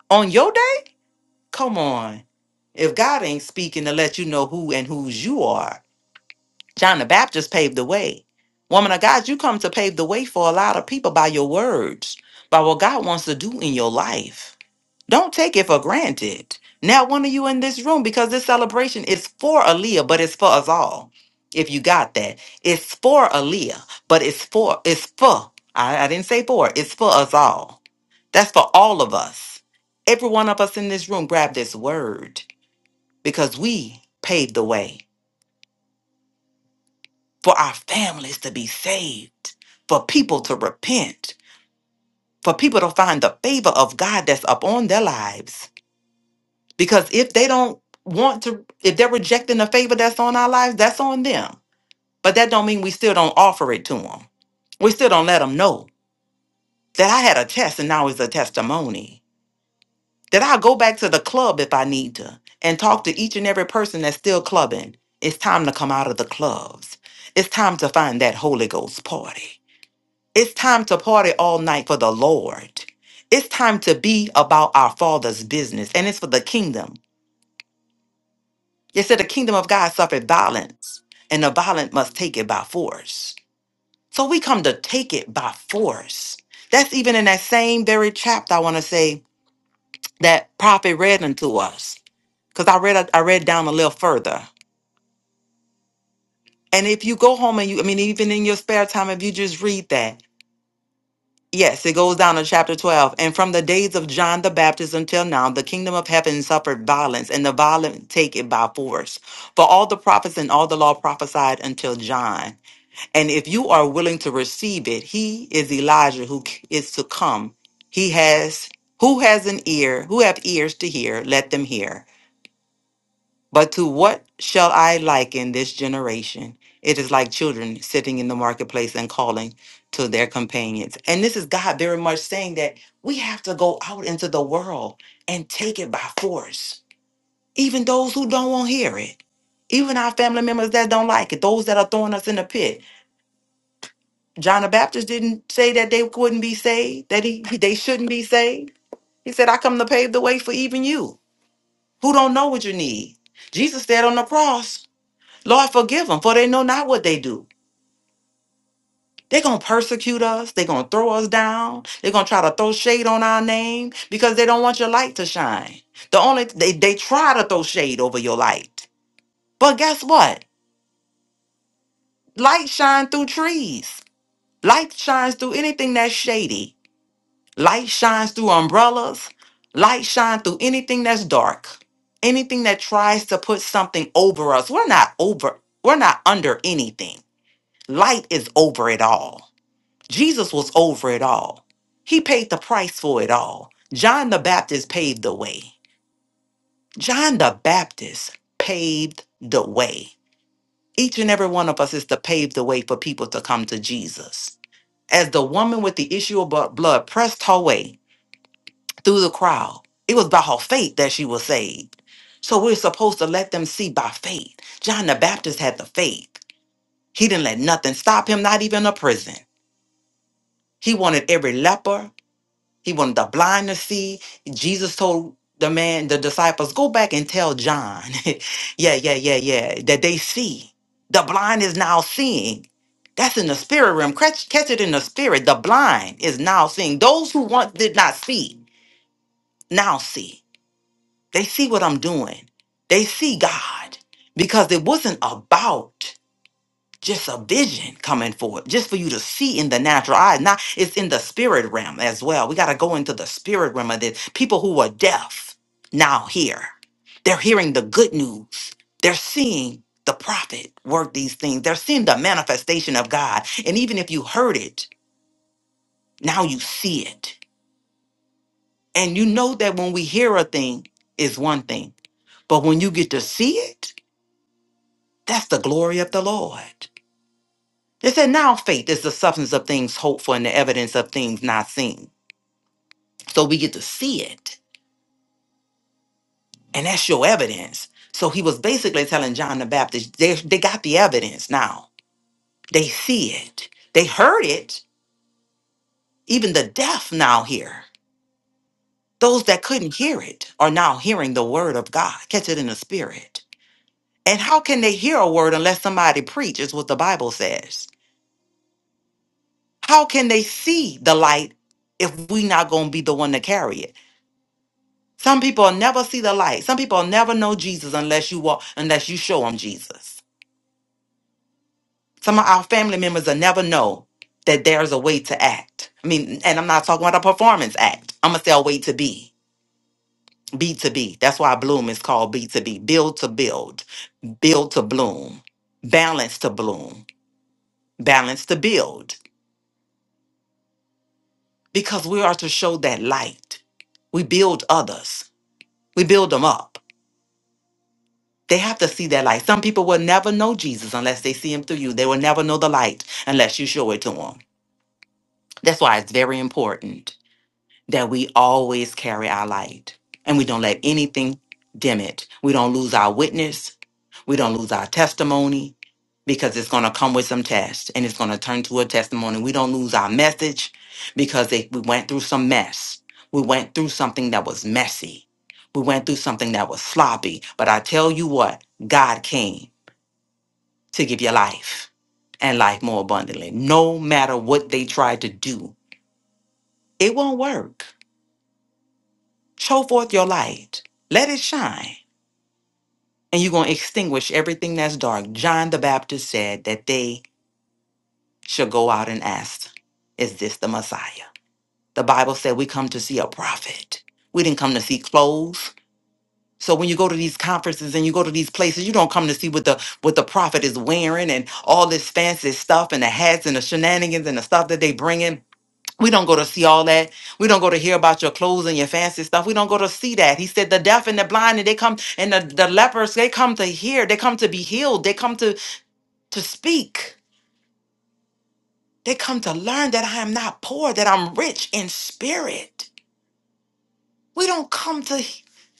on your day? Come on. If God ain't speaking to let you know who and whose you are, John the Baptist paved the way. Woman of God, you come to pave the way for a lot of people by your words, by what God wants to do in your life. Don't take it for granted. Now, one of you in this room, because this celebration is for Aaliyah, but it's for us all. If you got that, it's for Aaliyah, but it's for it's for. I, I didn't say for. It's for us all. That's for all of us. Every one of us in this room, grab this word because we paved the way for our families to be saved, for people to repent, for people to find the favor of God that's upon their lives Because if they don't want to, if they're rejecting the favor that's on our lives, that's on them. But that don't mean we still don't offer it to them. We still don't let them know that I had a test and now it's a testimony. That I'll go back to the club if I need to and talk to each and every person that's still clubbing. It's time to come out of the clubs. It's time to find that Holy Ghost party. It's time to party all night for the Lord. It's time to be about our Father's business, and it's for the kingdom. It said the kingdom of God suffered violence, and the violent must take it by force. So we come to take it by force. That's even in that same very chapter I want to say that prophet read unto us. Because I read I read down a little further. And if you go home and you I mean even in your spare time, if you just read that, yes, it goes down to chapter 12. And from the days of John the Baptist until now, the kingdom of heaven suffered violence, and the violent take it by force. For all the prophets and all the law prophesied until John. And if you are willing to receive it, he is Elijah who c- is to come. He has who has an ear, who have ears to hear, let them hear. But to what shall I liken this generation? It is like children sitting in the marketplace and calling to their companions. And this is God very much saying that we have to go out into the world and take it by force. Even those who don't want to hear it, even our family members that don't like it, those that are throwing us in the pit, John the Baptist didn't say that they couldn't be saved, that he they shouldn't be saved. He said, I come to pave the way for even you who don't know what you need. Jesus said on the cross, Lord, forgive them, for they know not what they do. They're going to persecute us. They're going to throw us down. They're going to try to throw shade on our name because they don't want your light to shine. The only they, they try to throw shade over your light. But guess what? Light shine through trees. Light shines through anything that's shady. Light shines through umbrellas. Light shines through anything that's dark. Anything that tries to put something over us. We're not over, we're not under anything. Light is over it all. Jesus was over it all. He paid the price for it all. John the Baptist paved the way. John the Baptist paved the way. Each and every one of us is to pave the way for people to come to Jesus. As the woman with the issue of bu- blood pressed her way, through the crowd. It was by her faith that she was saved. So we're supposed to let them see by faith. John the Baptist had the faith. He didn't let nothing stop him, not even a prison. He wanted every leper, he wanted the blind to see. Jesus told the man, the disciples, go back and tell John, yeah, yeah, yeah, yeah, that they see. The blind is now seeing. That's in the spirit realm. Catch, catch it in the spirit. The blind is now seeing. Those who once did not see, now see. They see what I'm doing. They see God because it wasn't about just a vision coming forth, just for you to see in the natural eye. Now it's in the spirit realm as well. We got to go into the spirit realm of this. People who are deaf now hear. They're hearing the good news. They're seeing the prophet work these things. They're seeing the manifestation of God. And even if you heard it, now you see it. And you know that when we hear a thing, is one thing. But when you get to see it, That's the glory of the Lord. It said, now faith is the substance of things hoped for and the evidence of things not seen. So we get to see it, and that's your evidence. So he was basically telling John the Baptist, they, they got the evidence now. They see it, they heard it. Even the deaf now hear. Those that couldn't hear it are now hearing the word of God. Catch it in the spirit. And how can they hear a word unless somebody preaches what the Bible says? How can they see the light if we not gonna be the one to carry it? Some people will never see the light. Some people will never know Jesus unless you walk, unless you show them Jesus. Some of our family members will never know that there's a way to act. I mean, and I'm not talking about a performance act. I'm gonna say a way to be. be to be. That's why bloom is called be to be, Build to build. Build to bloom. Balance to bloom. Balance to build. Because we are to show that light. We build others. We build them up. They have to see that light. Some people will never know Jesus unless they see him through you. They will never know the light unless you show it to them. That's why it's very important that we always carry our light and we don't let anything dim it. We don't lose our witness. We don't lose our testimony because it's going to come with some test and it's going to turn to a testimony. We don't lose our message because they, we went through some mess. We went through something that was messy. We went through something that was sloppy. But I tell you what, God came to give you life and life more abundantly. No matter what they try to do, it won't work. Show forth your light, let it shine, and you're going to extinguish everything that's dark. John the Baptist said that they shall go out and ask, Is this the Messiah? The Bible said we come to see a prophet, we didn't come to see clothes. So when you go to these conferences and you go to these places, you don't come to see what the what the prophet is wearing and all this fancy stuff and the hats and the shenanigans and the stuff that they bring in We don't go to see all that. We don't go to hear about your clothes and your fancy stuff. We don't go to see that. He said the deaf and the blind and they come and the, the lepers, they come to hear. They come to be healed. They come to to speak. They come to learn that I am not poor, that I'm rich in spirit. We don't come to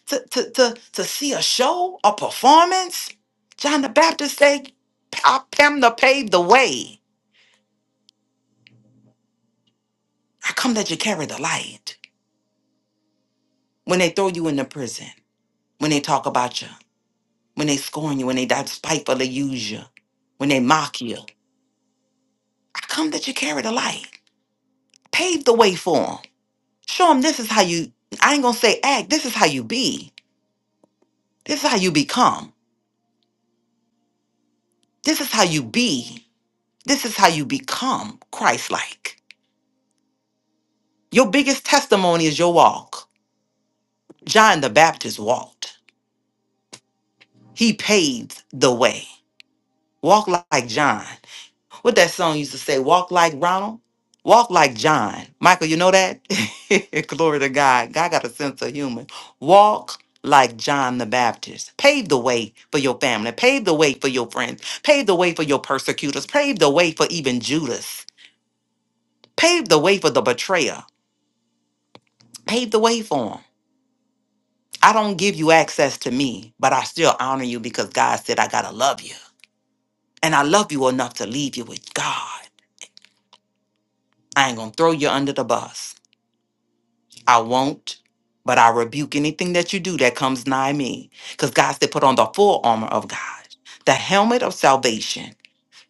to to to, to see a show, a performance. John the Baptist said, I am to pave the way. I come that you carry the light. When they throw you in the prison, when they talk about you, when they scorn you, when they despitefully use you, when they mock you. I come that you carry the light. Pave the way for them. Show them this is how you, I ain't gonna say act, this is how you be. This is how you become. This is how you be. This is how you become Christ like. Your biggest testimony is your walk. John the Baptist walked, he paved the way. Walk like John. What that song used to say, walk like Ronald, walk like John. Michael, you know that? Glory to God. God got a sense of humor. Walk like John the Baptist. Pave the way for your family. Pave the way for your friends. Pave the way for your persecutors. Pave the way for even Judas. Pave the way for the betrayer. Pave the way for him. I don't give you access to me, but I still honor you because God said I gotta love you. And I love you enough to leave you with God. I ain't gonna throw you under the bus. I won't, but I rebuke anything that you do that comes nigh me. Because God said, put on the full armor of God, the helmet of salvation,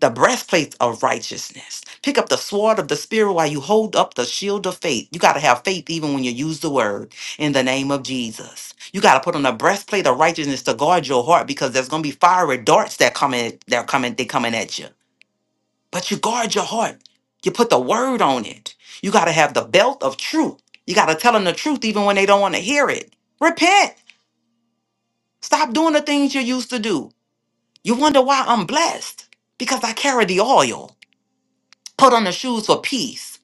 the breastplate of righteousness. Pick up the sword of the Spirit while you hold up the shield of faith. You got to have faith even when you use the word in the name of Jesus. You got to put on the breastplate of righteousness to guard your heart because there's going to be fiery darts that come in, they're coming, they coming at you. But you guard your heart. You put the word on it. You got to have the belt of truth. You got to tell them the truth even when they don't want to hear it. Repent. Stop doing the things you used to do. You wonder why I'm blessed because I carry the oil. Put on the shoes for peace.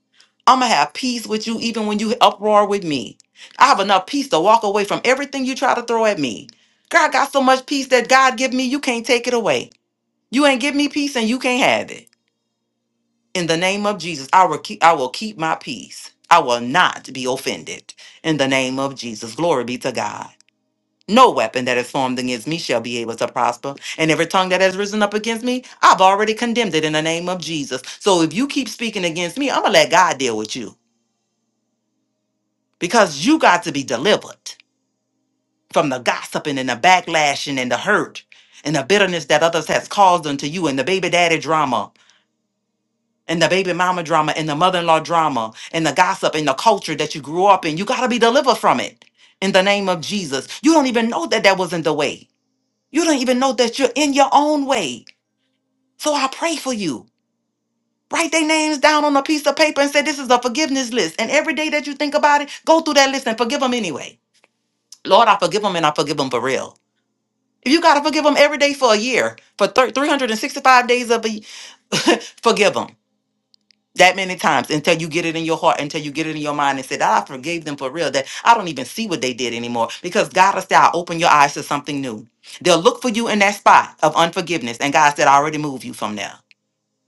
I'm going to have peace with you even when you uproar with me. I have enough peace to walk away from everything you try to throw at me. Girl, I got so much peace that God give me, you can't take it away. You ain't give me peace and you can't have it. In the name of Jesus, I will keep I will keep my peace. I will not be offended. In the name of Jesus, glory be to God. No weapon that is formed against me shall be able to prosper. And every tongue that has risen up against me, I've already condemned it in the name of Jesus. So if you keep speaking against me, I'm going to let God deal with you because you got to be delivered from the gossiping and the backlashing and the hurt and the bitterness that others has caused unto you and the baby daddy drama and the baby mama drama and the mother-in-law drama and the gossip and the culture that you grew up in you got to be delivered from it in the name of jesus you don't even know that that wasn't the way you don't even know that you're in your own way so i pray for you write their names down on a piece of paper and say this is a forgiveness list and every day that you think about it go through that list and forgive them anyway lord i forgive them and i forgive them for real if you got to forgive them every day for a year for thir- 365 days of a forgive them that many times until you get it in your heart, until you get it in your mind and say, "Ah, I forgave them for real, that I don't even see what they did anymore. Because God will say, I open your eyes to something new. They'll look for you in that spot of unforgiveness. And God said, I already moved you from there.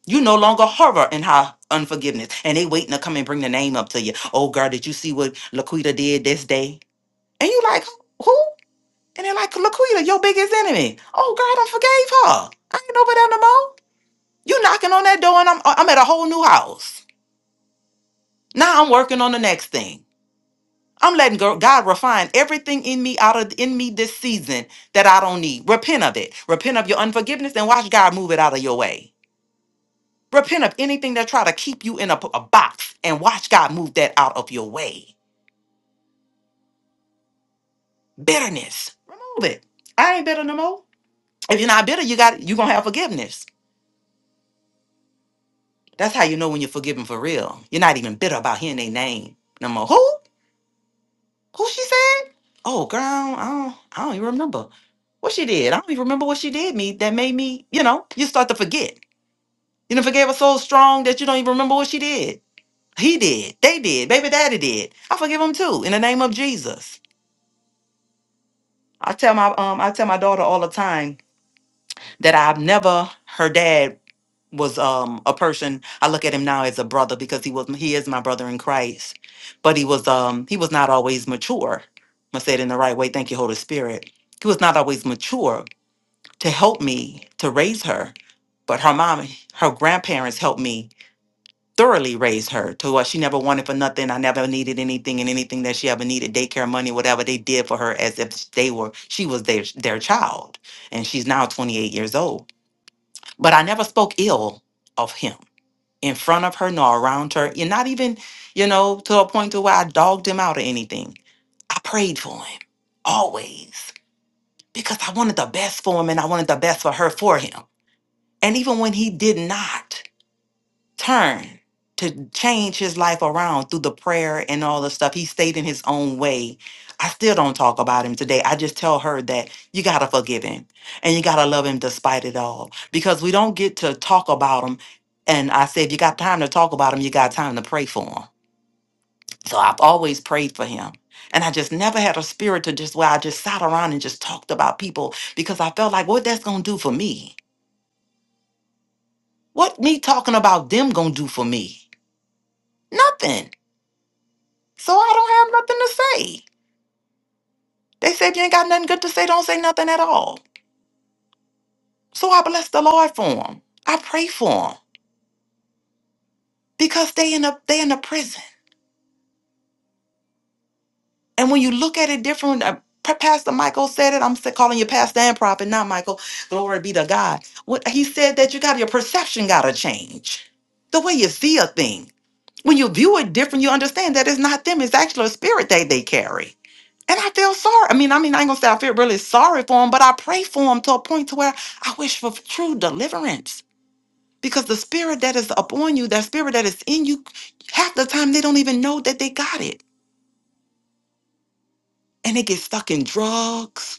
You no longer harbor in her unforgiveness. And they waiting to come and bring the name up to you. Oh, girl, did you see what Laquita did this day? And you like, who? And they're like, Laquita, your biggest enemy. Oh, girl, I done forgave her. I ain't over there no more. You knocking on that door and I'm, I'm at a whole new house. Now I'm working on the next thing. I'm letting go- God refine everything in me out of in me this season that I don't need. Repent of it. Repent of your unforgiveness and watch God move it out of your way. Repent of anything that try to keep you in a, a box and watch God move that out of your way. Bitterness, remove it. I ain't bitter no more. If you're not bitter, you got you gonna have forgiveness. That's how you know when you're forgiven for real. You're not even bitter about hearing their name no more. Who? Who she said? Oh, girl, I don't, I don't even remember what she did. I don't even remember what she did me that made me, you know, you start to forget. You know, forgave her so strong that you don't even remember what she did. He did. They did. Baby daddy did. I forgive him too in the name of Jesus. I tell my um I tell my daughter all the time that I've never her dad was um a person I look at him now as a brother because he was he is my brother in Christ, but he was um he was not always mature. I said in the right way. Thank you, Holy Spirit. He was not always mature to help me to raise her, but her mom, her grandparents helped me thoroughly raise her to what she never wanted for nothing. I never needed anything, and anything that she ever needed, daycare money, whatever they did for her, as if they were she was their their child, and she's now 28 years old. But I never spoke ill of him in front of her nor around her. And not even, you know, to a point to where I dogged him out or anything. I prayed for him always because I wanted the best for him and I wanted the best for her for him. And even when he did not, turn to change his life around through the prayer and all the stuff. He stayed in his own way. I still don't talk about him today. I just tell her that you got to forgive him and you got to love him despite it all because we don't get to talk about him. And I say, if you got time to talk about him, you got time to pray for him. So I've always prayed for him. And I just never had a spirit to just where I just sat around and just talked about people because I felt like what that's going to do for me. What me talking about them going to do for me? Nothing So I don't have nothing to say. They said you ain't got nothing good to say, don't say nothing at all. So I bless the Lord for them. I pray for them because they in a they in a prison. And when you look at it different, uh, Pa- Pastor Michael said it. I'm still calling you Pastor and Prophet, not Michael. Glory be to God. What he said that you got your perception got to change, the way you see a thing. When you view it different, you understand that it's not them. It's actually a spirit that they carry. And I feel sorry. I mean, I mean, I ain't gonna say I feel really sorry for him, but I pray for him to a point to where I wish for true deliverance. Because the spirit that is upon you, that spirit that is in you, half the time they don't even know that they got it. And they get stuck in drugs,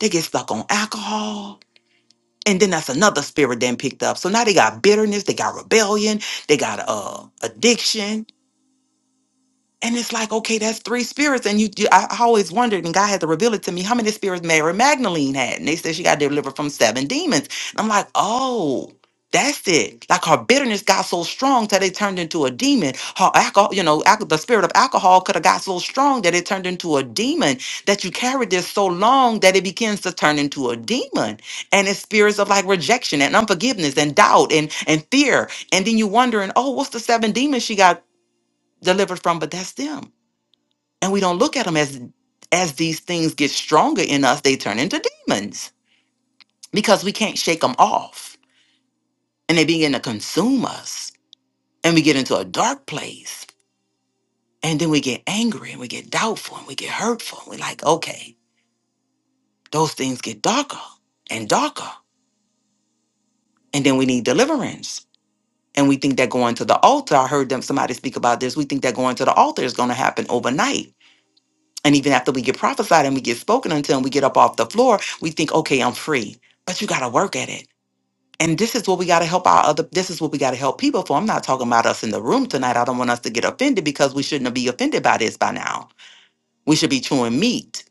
they get stuck on alcohol. And then that's another spirit then picked up. So now they got bitterness, they got rebellion, they got uh addiction And it's like, okay, that's three spirits. And you, you I, I always wondered, and God had to reveal it to me, how many spirits Mary Magdalene had. And they said she got delivered from seven demons. And I'm like, oh, that's it. Like her bitterness got so strong that it turned into a demon. Her alcohol, you know, alco- the spirit of alcohol could have got so strong that it turned into a demon. That you carried this so long that it begins to turn into a demon. And it's spirits of like rejection and unforgiveness and doubt and and fear. And then you wondering, oh, what's the seven demons she got delivered from? But that's them and we don't look at them as as these things get stronger in us they turn into demons because we can't shake them off and they begin to consume us and we get into a dark place and then we get angry and we get doubtful and we get hurtful we're like okay those things get darker and darker and then we need deliverance and we think that going to the altar i heard them somebody speak about this we think that going to the altar is going to happen overnight And even after we get prophesied and we get spoken unto and we get up off the floor, we think, okay, I'm free. But you got to work at it. And this is what we got to help our other, this is what we got to help people for. I'm not talking about us in the room tonight. I don't want us to get offended because we shouldn't be offended by this by now. We should be chewing meat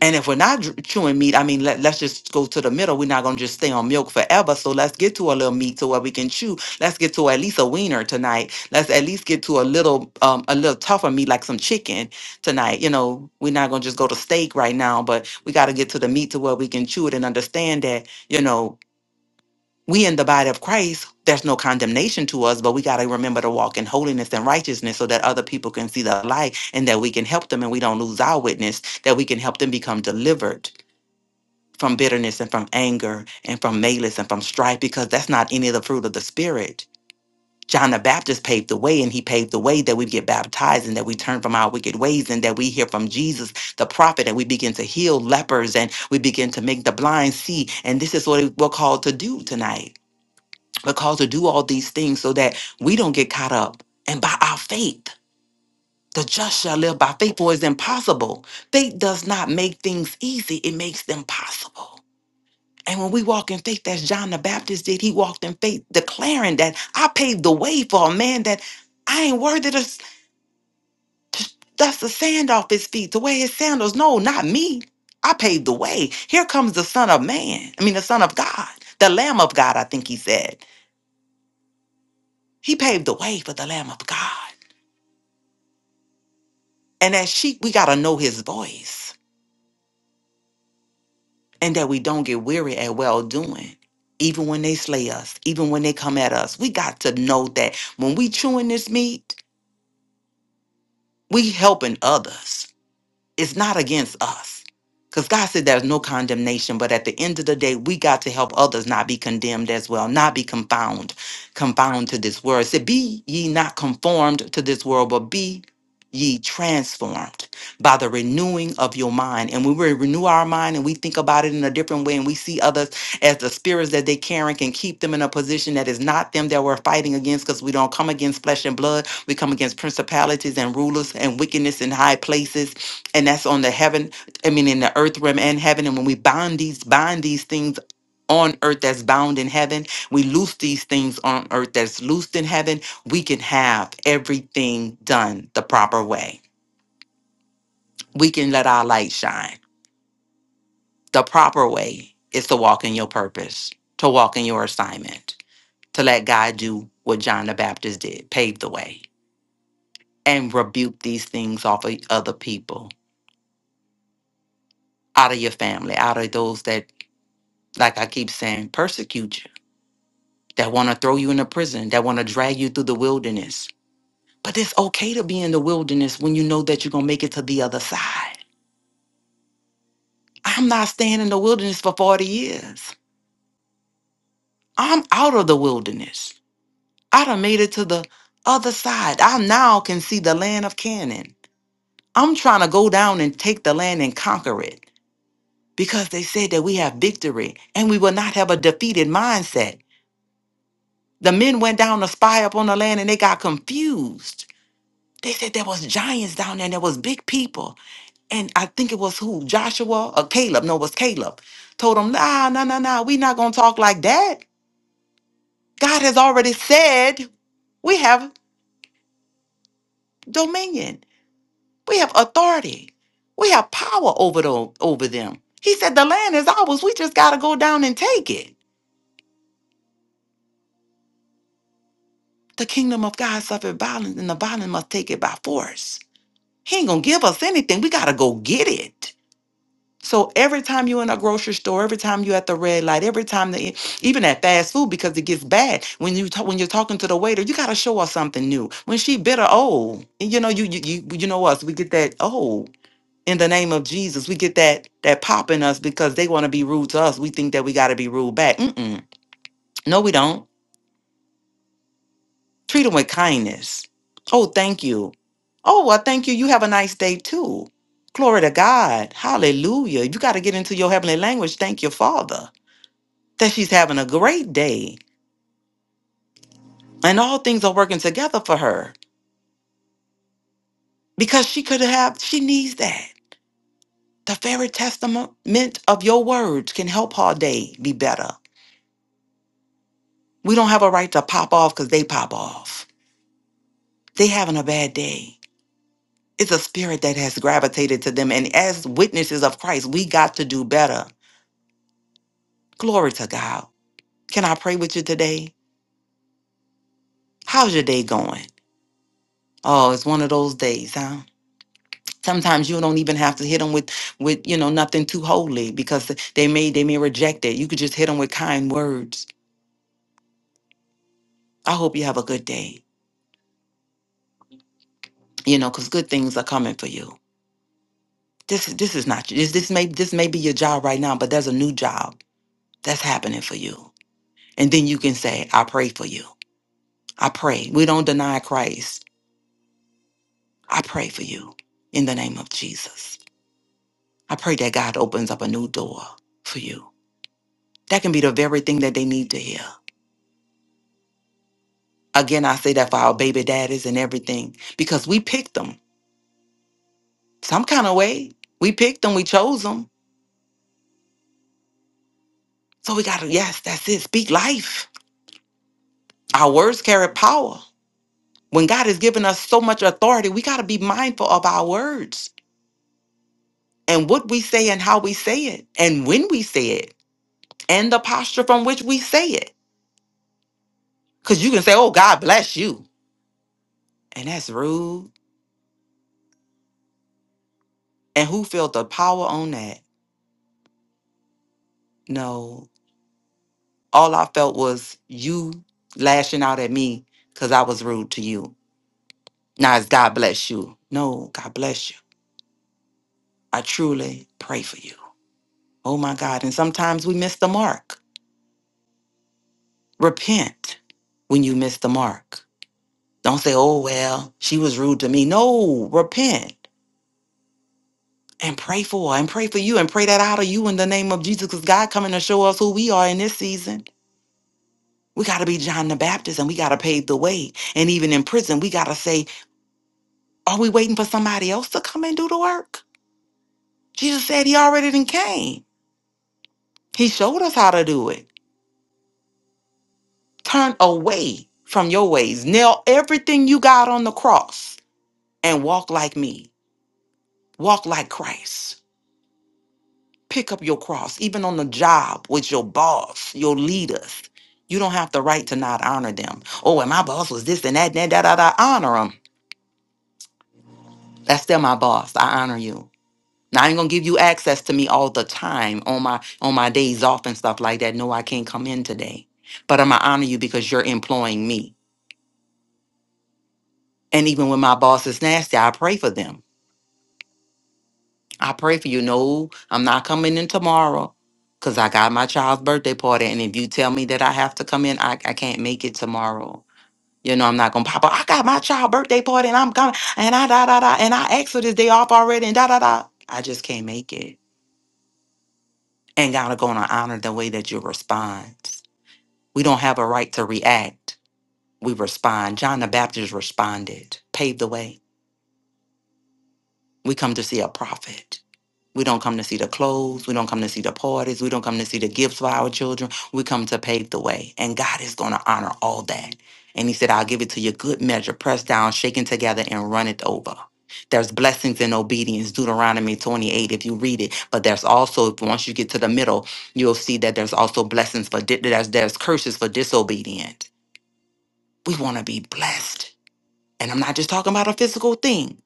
And if we're not dr- chewing meat, I mean, let, let's just go to the middle. We're not going to just stay on milk forever. So let's get to a little meat to where we can chew. Let's get to at least a wiener tonight. Let's at least get to a little, um, a little tougher meat like some chicken tonight. You know, we're not going to just go to steak right now, but we got to get to the meat to where we can chew it and understand that, you know, we in the body of Christ, there's no condemnation to us, but we got to remember to walk in holiness and righteousness so that other people can see the light and that we can help them and we don't lose our witness, that we can help them become delivered from bitterness and from anger and from malice and from strife because that's not any of the fruit of the spirit. John the Baptist paved the way and he paved the way that we get baptized and that we turn from our wicked ways and that we hear from Jesus the prophet and we begin to heal lepers and we begin to make the blind see and this is what we're called to do tonight. We're called to do all these things so that we don't get caught up and by our faith the just shall live by faith for it's impossible. Faith does not make things easy, it makes them possible. And when we walk in faith, as John the Baptist did, he walked in faith, declaring that I paved the way for a man that I ain't worthy to, s- to dust the sand off his feet, to wear his sandals. No, not me. I paved the way. Here comes the Son of Man. I mean, the Son of God, the Lamb of God, I think he said. He paved the way for the Lamb of God. And as sheep, we got to know his voice and that we don't get weary at well doing. Even when they slay us, even when they come at us, we got to know that when we chewing this meat, We helping others it's not against us. Because God said there's no condemnation, but at the end of the day, we got to help others not be condemned as well, not be confound, confound to this world. It said, Be ye not conformed to this world, but be ye transformed by the renewing of your mind. And when we renew our mind and we think about it in a different way and we see others as the spirits that they carry can keep them in a position that is not them that we're fighting against because we don't come against flesh and blood. We come against principalities and rulers and wickedness in high places and that's on the heaven i mean in the earth realm and heaven and when we bind these bind these things on earth that's bound in heaven we loose these things on earth that's loosed in heaven we can have everything done the proper way we can let our light shine the proper way is to walk in your purpose to walk in your assignment to let god do what john the baptist did pave the way and rebuke these things off of other people out of your family out of those that like i keep saying persecute you that want to throw you in a prison, that want to drag you through the wilderness. But it's okay to be in the wilderness when you know that you're going to make it to the other side. I'm not staying in the wilderness for 40 years. I'm out of the wilderness. I done made it to the other side. I now can see the land of Canaan. I'm trying to go down and take the land and conquer it because they said that we have victory and we will not have a defeated mindset. The men went down to spy up on the land and they got confused They said there was giants down there and there was big people. And I think it was who? Joshua or Caleb. No, it was Caleb. Told them, nah, nah, nah, nah. we not gonna talk like that. God has already said we have dominion. We have authority. We have power over the, over them. He said the land is ours. We just gotta go down and take it. The kingdom of God suffered violence, and the violence must take it by force. He ain't gonna give us anything. We gotta go get it. So every time you're in a grocery store, every time you're at the red light, every time the even at fast food because it gets bad when you talk, when you're talking to the waiter, you gotta show her something new. When she bitter, oh, and you know you you you, you know us, we get that oh in the name of Jesus, we get that that pop in us because they want to be rude to us. We think that we gotta be rude back. Mm-mm. No, we don't. Treat them with kindness. Oh, thank you. Oh, well, thank you. You have a nice day too. Glory to God. Hallelujah. You got to get into your heavenly language. Thank your Father. that she's having a great day and all things are working together for her because she could have, she needs that. The very testament of your words can help her day be better. We don't have a right to pop off because they pop off. They having a bad day. It's a spirit that has gravitated to them. And as witnesses of Christ, we got to do better. Glory to God. Can I pray with you today? How's your day going? Oh, it's one of those days, huh? sometimes you don't even have to hit them with with you know nothing too holy because th- they may they may reject it you could just hit them with kind words i hope you have a good day you know because good things are coming for you this is this is not this this may this may be your job right now but there's a new job that's happening for you and then you can say i pray for you i pray we don't deny christ i pray for you in the name of jesus i pray that god opens up a new door for you that can be the very thing that they need to hear Again, I say that for our baby daddies and everything because we picked them some kind of way. We picked them, we chose them. So we got to, yes, that's it. Speak life. Our words carry power. When God has given us so much authority, we got to be mindful of our words and what we say and how we say it and when we say it and the posture from which we say it. Because you can say, oh, God bless you. And that's rude. And who felt the power on that? No, all I felt was you lashing out at me because I was rude to you. Now it's God bless you. No, God bless you. I truly pray for you. Oh my God. And sometimes we miss the mark. Repent when you miss the mark. Don't say, oh, well, she was rude to me. No, repent and pray for her and pray for you and pray that out of you in the name of Jesus because God coming to show us who we are in this season. We got to be John the Baptist and we got to pave the way. And even in prison, we got to say, Are we waiting for somebody else to come and do the work? Jesus said he already done came. He showed us how to do it. Turn away from your ways. Nail everything you got on the cross and walk like me. Walk like Christ. Pick up your cross, even on the job with your boss, your leaders. You don't have the right to not honor them. Oh, and my boss was this and that, and that, da, da, da. Honor them. That's still my boss. I honor you. Now I ain't gonna give you access to me all the time on my on my days off and stuff like that. No, I can't come in today. But I'm gonna honor you because you're employing me. And even when my boss is nasty, I pray for them. I pray for you. No, I'm not coming in tomorrow because I got my child's birthday party. And if you tell me that I have to come in, I, I can't make it tomorrow. You know, I'm not gonna pop up. I got my child birthday party and I'm coming and I da da da and I asked for this day off already and da da da. I just can't make it. And gotta gonna honor the way that you respond. We don't have a right to react. We respond. John the Baptist responded, paved the way. We come to see a prophet. We don't come to see the clothes. We don't come to see the parties. We don't come to see the gifts for our children. We come to pave the way. And God is going to honor all that. And He said, I'll give it to you good measure, pressed down, shaken together, and run it over. There's blessings in obedience, Deuteronomy 28, if you read it. But there's also, if once you get to the middle, you'll see that there's also blessings for, di- there's, there's curses for disobedience. We want to be blessed. And I'm not just talking about a physical thing,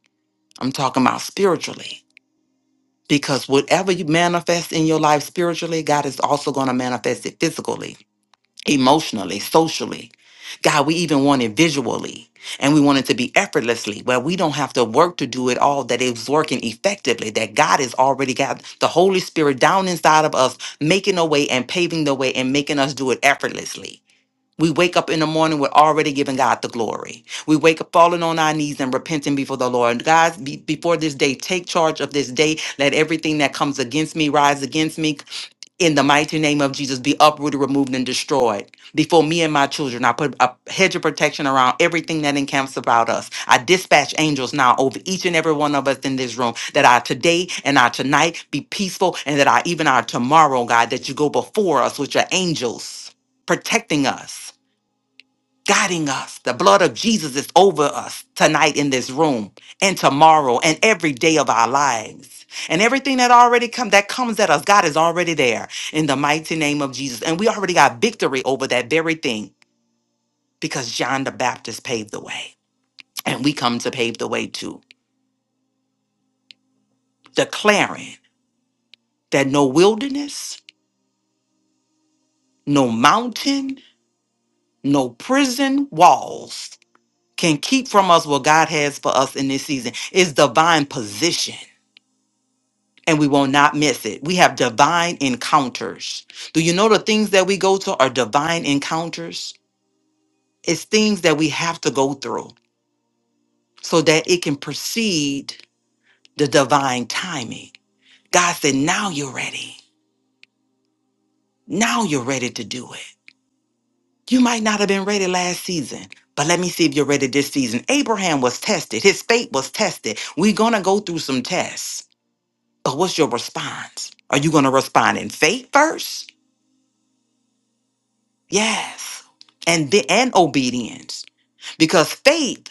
I'm talking about spiritually. Because whatever you manifest in your life spiritually, God is also going to manifest it physically, emotionally, socially. God, we even want it visually and we want it to be effortlessly, where we don't have to work to do it all, that it's working effectively, that God has already got the Holy Spirit down inside of us, making a way and paving the way and making us do it effortlessly. We wake up in the morning We're already giving God the glory. We wake up falling on our knees and repenting before the Lord. God, be, before this day, take charge of this day. Let everything that comes against me rise against me. In the mighty name of Jesus, be uprooted, removed, and destroyed. Before me and my children, I put a hedge of protection around everything that encamps about us. I dispatch angels now over each and every one of us in this room that our today and our tonight be peaceful and that our even our tomorrow, God, that you go before us with your angels protecting us guiding us. The blood of Jesus is over us tonight in this room and tomorrow and every day of our lives. And everything that already come that comes at us, God is already there in the mighty name of Jesus. And we already got victory over that very thing because John the Baptist paved the way. And we come to pave the way too, declaring that no wilderness, no mountain, no prison walls can keep from us what God has for us in this season. It's divine position and we will not miss it. We have divine encounters. Do you know the things that we go to are divine encounters? It's things that we have to go through so that it can precede the divine timing. God said, Now you're ready. Now you're ready to do it. You might not have been ready last season, but let me see if you're ready this season. Abraham was tested, his faith was tested. We're going to go through some tests, but what's your response? Are you going to respond in faith first? Yes. And the, and obedience. Because faith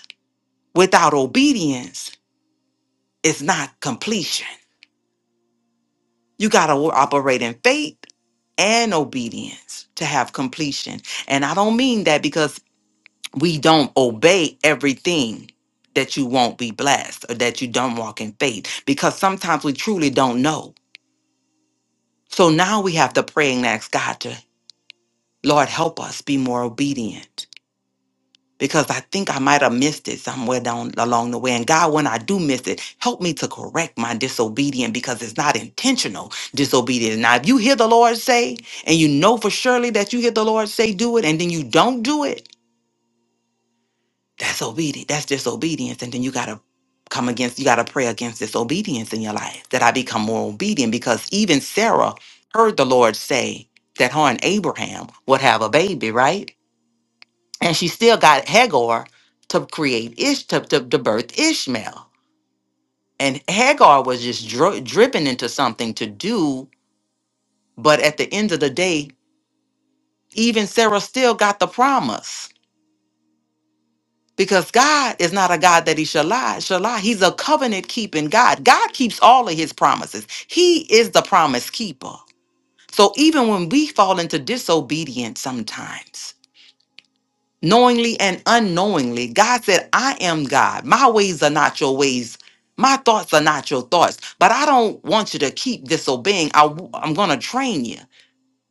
without obedience is not completion. You got to operate in faith and obedience to have completion. And I don't mean that because we don't obey everything that you won't be blessed or that you don't walk in faith, because sometimes we truly don't know. So now we have to pray and ask God to, Lord, help us be more obedient because I think I might have missed it somewhere down along the way. And God, when I do miss it, help me to correct my disobedience because it's not intentional disobedience. Now, if you hear the Lord say, and you know for surely that you hear the Lord say, do it, and then you don't do it, that's obedience. That's disobedience. And then you got to come against, you got to pray against disobedience in your life that I become more obedient because even Sarah heard the Lord say that her and Abraham would have a baby, right? and she still got Hagar to create Ish to, to, to birth Ishmael. And Hagar was just dri- dripping into something to do, but at the end of the day, even Sarah still got the promise because God is not a God that He shall lie. Shall lie. He's a covenant keeping God. God keeps all of His promises. He is the promise keeper. So even when we fall into disobedience sometimes. knowingly and unknowingly. God said, I am God. My ways are not your ways. My thoughts are not your thoughts. But I don't want you to keep disobeying. I, am going to train you.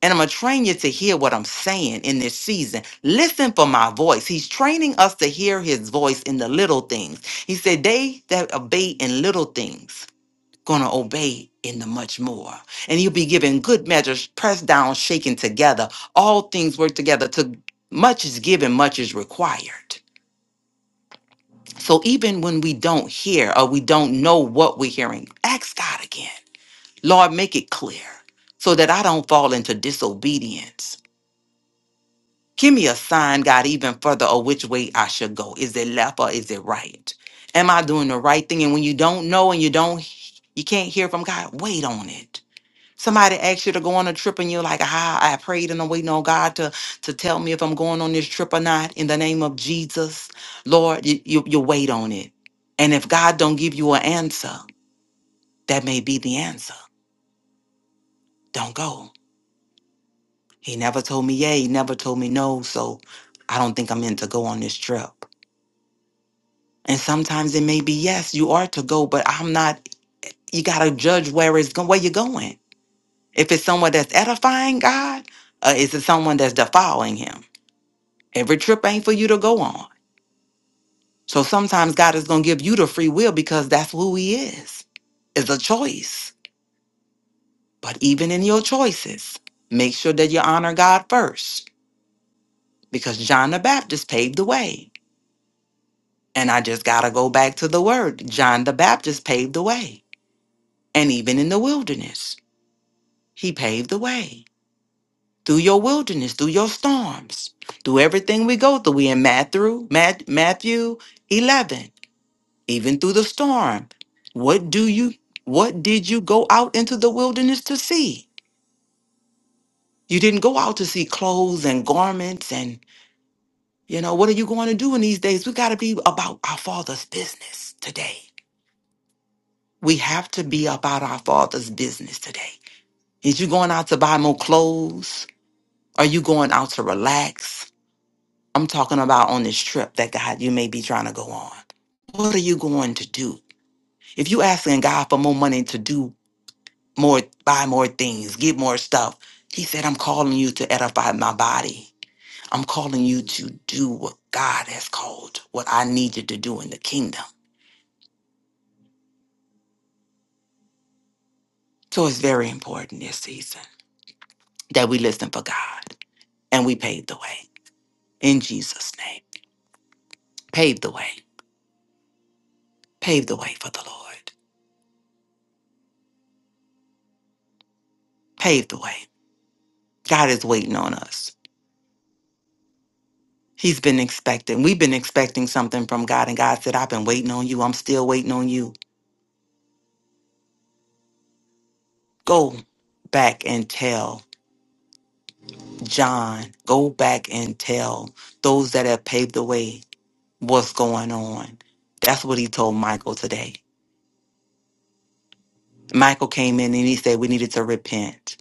And I'm going to train you to hear what I'm saying in this season. Listen for my voice. He's training us to hear his voice in the little things. He said, They that obey in little things going to obey in the much more. And you'll be given good measures, pressed down, shaken together. All things work together. To much is given, much is required. So even when we don't hear or we don't know what we're hearing, ask God again. Lord, make it clear so that I don't fall into disobedience. Give me a sign, God, even further of which way I should go. Is it left or is it right? Am I doing the right thing? And when you don't know and you don't, you can't hear from God, wait on it Somebody asks you to go on a trip and you're like, ah, I prayed and I'm waiting on God to, to tell me if I'm going on this trip or not. In the name of Jesus, Lord, you, you, you wait on it. And if God don't give you an answer, that may be the answer. Don't go. He never told me yeah, he never told me no, so I don't think I'm meant to go on this trip. And sometimes it may be yes, you are to go, but I'm not, you gotta judge where it's going, where you're going. If it's someone that's edifying God, uh, is it someone that's defiling him? Every trip ain't for you to go on. So sometimes God is going to give you the free will because that's who He is. It's a choice. But even in your choices, make sure that you honor God first because John the Baptist paved the way. And I just got to go back to the word John the Baptist paved the way. And even in the wilderness, He paved the way. Through your wilderness, through your storms, through everything we go through. We in Matthew, Mat- Matthew 11. even through the storm. What do you what did you go out into the wilderness to see? You didn't go out to see clothes and garments and you know, what are you going to do in these days? We got to be about our father's business today. We have to be about our father's business today. Is you going out to buy more clothes? Are you going out to relax? I'm talking about on this trip that God you may be trying to go on. What are you going to do? If you asking God for more money to do more, buy more things, get more stuff. He said, I'm calling you to edify my body. I'm calling you to do what God has called, what I need you to do in the kingdom. So it's very important this season that we listen for God and we pave the way in Jesus' name. Pave the way. Pave the way for the Lord. Pave the way. God is waiting on us. He's been expecting. We've been expecting something from God, and God said, I've been waiting on you. I'm still waiting on you. Go back and tell John, go back and tell those that have paved the way what's going on. That's what he told Michael today. Michael came in and he said, We needed to repent.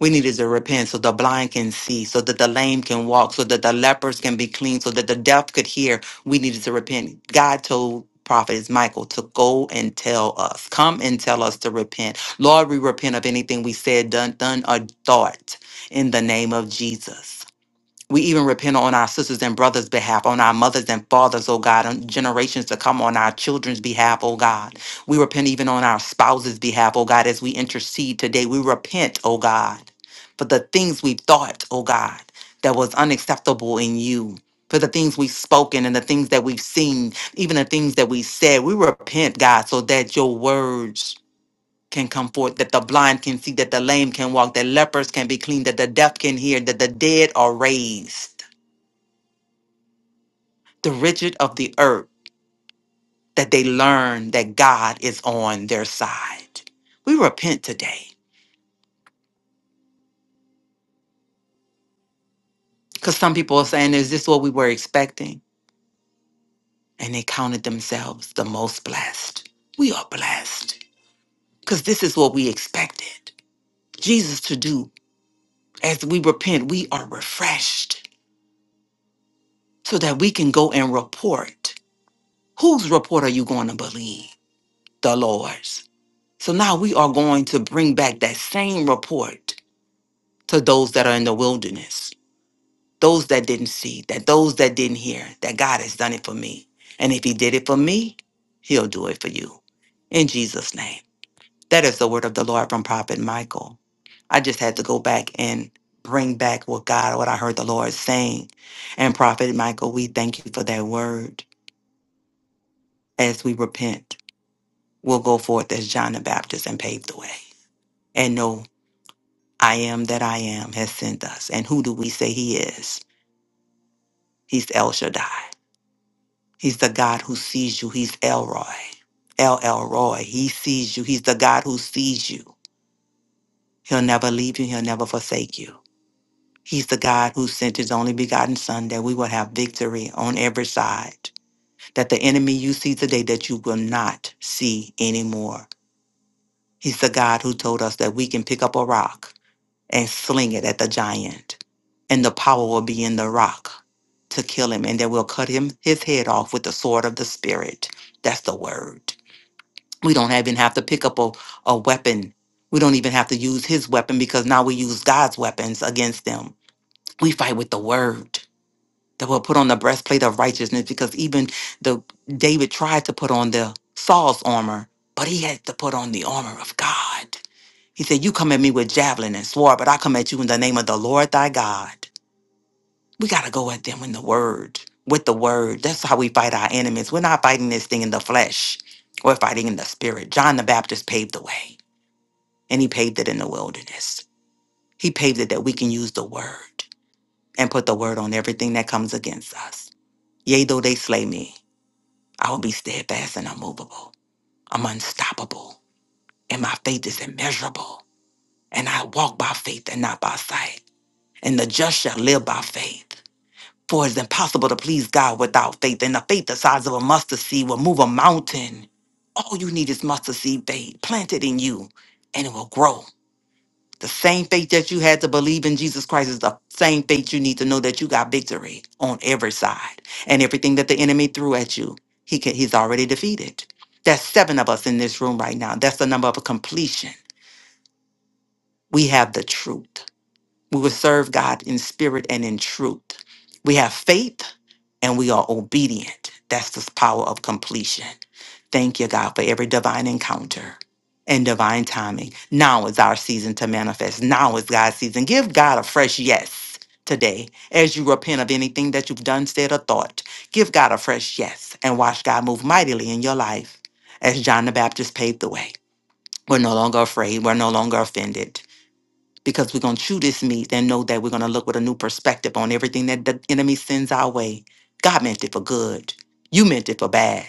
We needed to repent so the blind can see, so that the lame can walk, so that the lepers can be clean, so that the deaf could hear. We needed to repent. God told prophet Michael to go and tell us, come and tell us to repent. Lord, we repent of anything we said, done, done, or thought in the name of Jesus. We even repent on our sisters and brothers' behalf, on our mothers and fathers, oh God, on generations to come, on our children's behalf, oh God. We repent even on our spouses' behalf, oh God, as we intercede today. We repent, oh God, for the things we thought, oh God, that was unacceptable in you. For the things we've spoken and the things that we've seen, even the things that we said, we repent, God, so that your words can come forth, that the blind can see, that the lame can walk, that lepers can be clean, that the deaf can hear, that the dead are raised the rigid of the earth, that they learn that God is on their side. We repent today because some people are saying, Is this what we were expecting? And they counted themselves the most blessed. We are blessed because this is what we expected Jesus to do. As we repent, we are refreshed so that we can go and report. Whose report are you going to believe? The Lord's. So now we are going to bring back that same report to those that are in the wilderness those that didn't see, that those that didn't hear, that God has done it for me. And if He did it for me, He'll do it for you. In Jesus' name. That is the word of the Lord from Prophet Michael. I just had to go back and bring back what God, what I heard the Lord saying. And Prophet Michael, we thank you for that word. As we repent, we'll go forth as John the Baptist and pave the way. And know I am that I am has sent us. And who do we say he is? He's El Shaddai. He's the God who sees you. He's Elroy. El Elroy. He sees you. He's the God who sees you. He'll never leave you. He'll never forsake you. He's the God who sent his only begotten Son that we will have victory on every side. That the enemy you see today that you will not see anymore. He's the God who told us that we can pick up a rock and sling it at the giant. And the power will be in the rock to kill him. And that we'll cut him his head off with the sword of the spirit. That's the word. We don't even have to pick up a, a weapon. We don't even have to use his weapon because now we use God's weapons against them. We fight with the word that will put on the breastplate of righteousness because even the David tried to put on the Saul's armor, but he had to put on the armor of God. He said, You come at me with javelin and sword, but I come at you in the name of the Lord thy God. We gotta go at them in the word, with the word. That's how we fight our enemies. We're not fighting this thing in the flesh. We're fighting in the spirit. John the Baptist paved the way. And he paved it in the wilderness. He paved it that we can use the word and put the word on everything that comes against us. Yea, though they slay me, I will be steadfast and unmovable. I'm unstoppable, and my faith is immeasurable. And I walk by faith and not by sight. And the just shall live by faith. For it's impossible to please God without faith. And the faith the size of a mustard seed will move a mountain. All you need is mustard seed faith planted in you, and it will grow The same faith that you had to believe in Jesus Christ is the same faith you need to know that you got victory on every side. And everything that the enemy threw at you, he can, he's already defeated. There's seven of us in this room right now. That's the number of completion. We have the truth. We will serve God in spirit and in truth. We have faith and we are obedient. That's the power of completion. Thank you, God, for every divine encounter and divine timing. Now is our season to manifest. Now is God's season. Give God a fresh yes today as you repent of anything that you've done, said, or thought. Give God a fresh yes and watch God move mightily in your life as John the Baptist paved the way. We're no longer afraid. We're no longer offended because we're going to chew this meat and know that we're going to look with a new perspective on everything that the enemy sends our way. God meant it for good. You meant it for bad.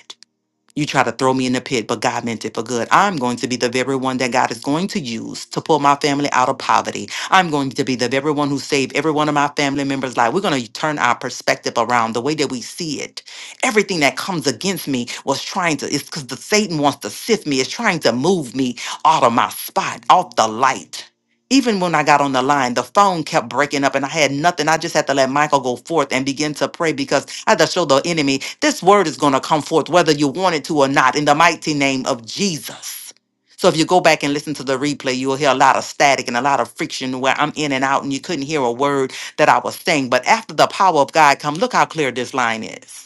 You try to throw me in the pit, but God meant it for good. I'm going to be the very one that God is going to use to pull my family out of poverty. I'm going to be the very one who saved every one of my family members' life. We're going to turn our perspective around the way that we see it. Everything that comes against me was trying to, it's because the Satan wants to sift me, it's trying to move me out of my spot, off the light even when I got on the line, the phone kept breaking up and I had nothing. I just had to let Michael go forth and begin to pray because I had to show the enemy this word is going to come forth, whether you want it to or not, in the mighty name of Jesus. So if you go back and listen to the replay, you'll hear a lot of static and a lot of friction where I'm in and out and you couldn't hear a word that I was saying. But after the power of God come, look how clear this line is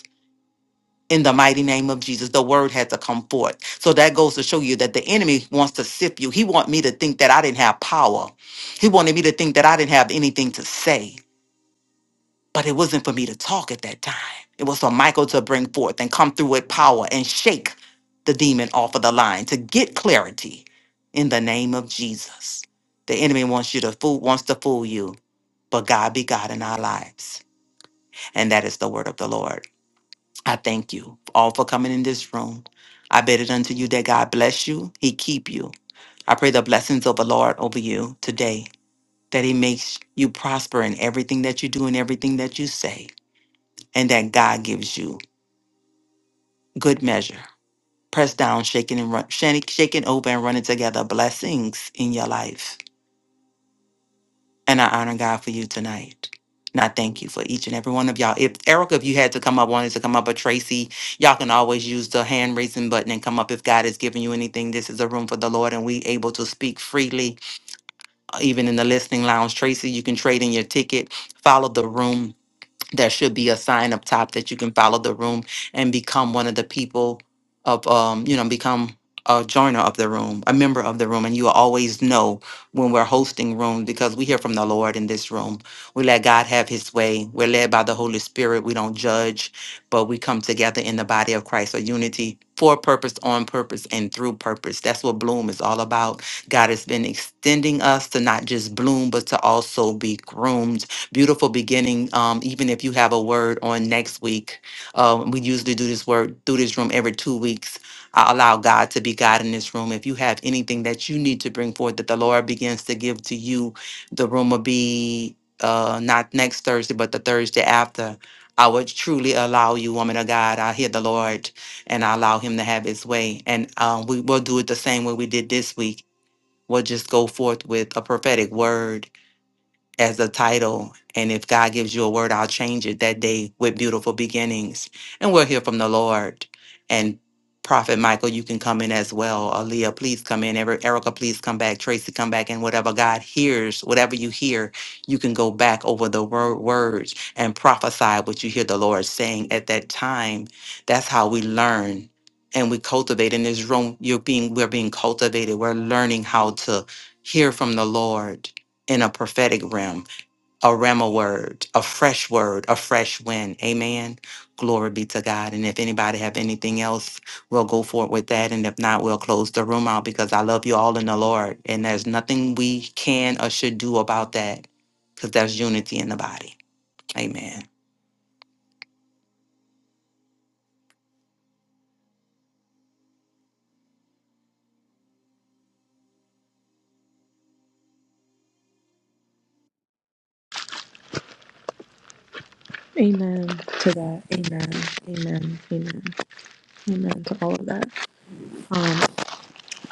in the mighty name of Jesus. The word had to come forth. So that goes to show you that the enemy wants to sift you. He want me to think that I didn't have power. He wanted me to think that I didn't have anything to say. But it wasn't for me to talk at that time. It was for Michael to bring forth and come through with power and shake the demon off of the line to get clarity in the name of Jesus. The enemy wants you to fool, wants to fool you, but God be God in our lives. And that is the word of the Lord. I thank you all for coming in this room. I bid it unto you that God bless you, He keep you. I pray the blessings of the Lord over you today, that He makes you prosper in everything that you do and everything that you say, and that God gives you good measure. Pressed down, shaken and run, shaken shaken over and running together blessings in your life. And I honor God for you tonight. And I thank you for each and every one of y'all. If Erica, if you had to come up, wanted to come up, or Tracy, y'all can always use the hand raising button and come up if God has given you anything. This is a room for the Lord, and we able to speak freely, uh, even in the listening lounge. Tracy, you can trade in your ticket, follow the room there should be a sign up top that you can follow the room and become one of the people of um you know become a joiner of the room a member of the room and you will always know when we're hosting rooms because we hear from the lord in this room we let god have his way we're led by the holy spirit we don't judge but we come together in the body of christ a unity for purpose on purpose and through purpose that's what bloom is all about god has been extending us to not just bloom but to also be groomed beautiful beginning. Um, even if you have a word on next week, uh, we usually do this word through this room every two weeks. I allow God to be God in this room. If you have anything that you need to bring forth that the Lord begins to give to you, the room will be uh, not next Thursday, but the Thursday after. I would truly allow you, woman of God. I hear the Lord and I allow him to have his way. And um, we will do it the same way we did this week. We'll just go forth with a prophetic word as a title. And if God gives you a word, I'll change it that day with beautiful beginnings. And we'll hear from the Lord. And Prophet Michael, you can come in as well. Aaliyah, please come in. Ever- Erica, please come back. Tracy, come back. And whatever God hears, whatever you hear, you can go back over the wor- words and prophesy what you hear the Lord saying at that time. That's how we learn and we cultivate in this room. You're being, we're being cultivated. We're learning how to hear from the Lord in a prophetic realm, a rhema word, a fresh word, a fresh wind. Amen. Glory be to God. And if anybody have anything else, we'll go forward with that. And if not, we'll close the room out because I love you all in the Lord. And there's nothing we can or should do about that because there's unity in the body. Amen. Amen to that. Amen. Amen. Amen. Amen to all of that. Um,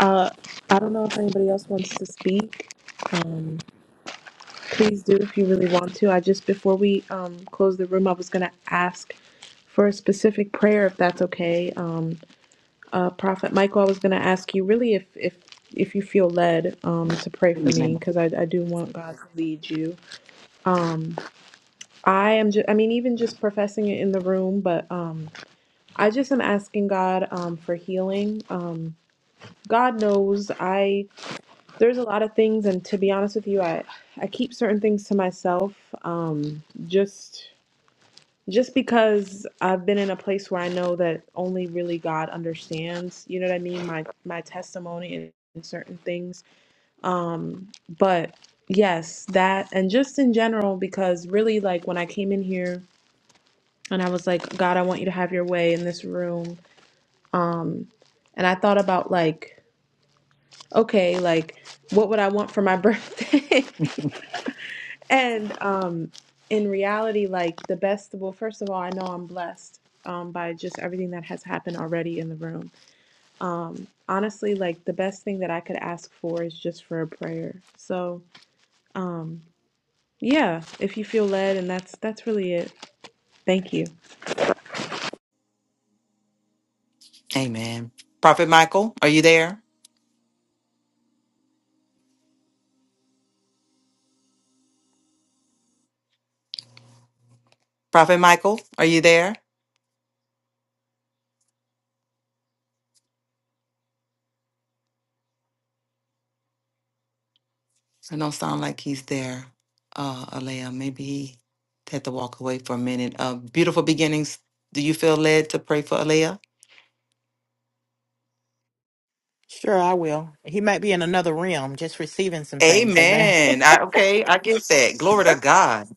uh, I don't know if anybody else wants to speak. Um, Please do if you really want to. I just before we um, close the room, I was gonna ask for a specific prayer if that's okay. Um, uh, Prophet Michael, I was gonna ask you really if if if you feel led um, to pray for me Amen. because I, I do want God to lead you. Um, I am just I mean even just professing it in the room, but um, I just am asking God um, for healing. Um, God knows I. There's a lot of things, and to be honest with you, I I keep certain things to myself, um, just just because I've been in a place where I know that only really God understands. You know what I mean? My my testimony and, and certain things. Um, but yes, that and just in general, because really, like when I came in here and I was like, God, I want you to have your way in this room. Um, and I thought about like, okay, like what would I want for my birthday? And um, in reality, like the best, well, first of all, I know I'm blessed um, by just everything that has happened already in the room. Um, honestly, like the best thing that I could ask for is just for a prayer. So, um, yeah, if you feel led, and that's that's really it. Thank you. Amen. Prophet Michael, are you there? Prophet Michael, are you there? It don't sound like he's there, uh, Alea. Maybe he had to walk away for a minute. Uh, beautiful beginnings. Do you feel led to pray for Alea? Sure, I will. He might be in another realm, just receiving some things. Amen. Amen. I, okay, I get that. Glory to God.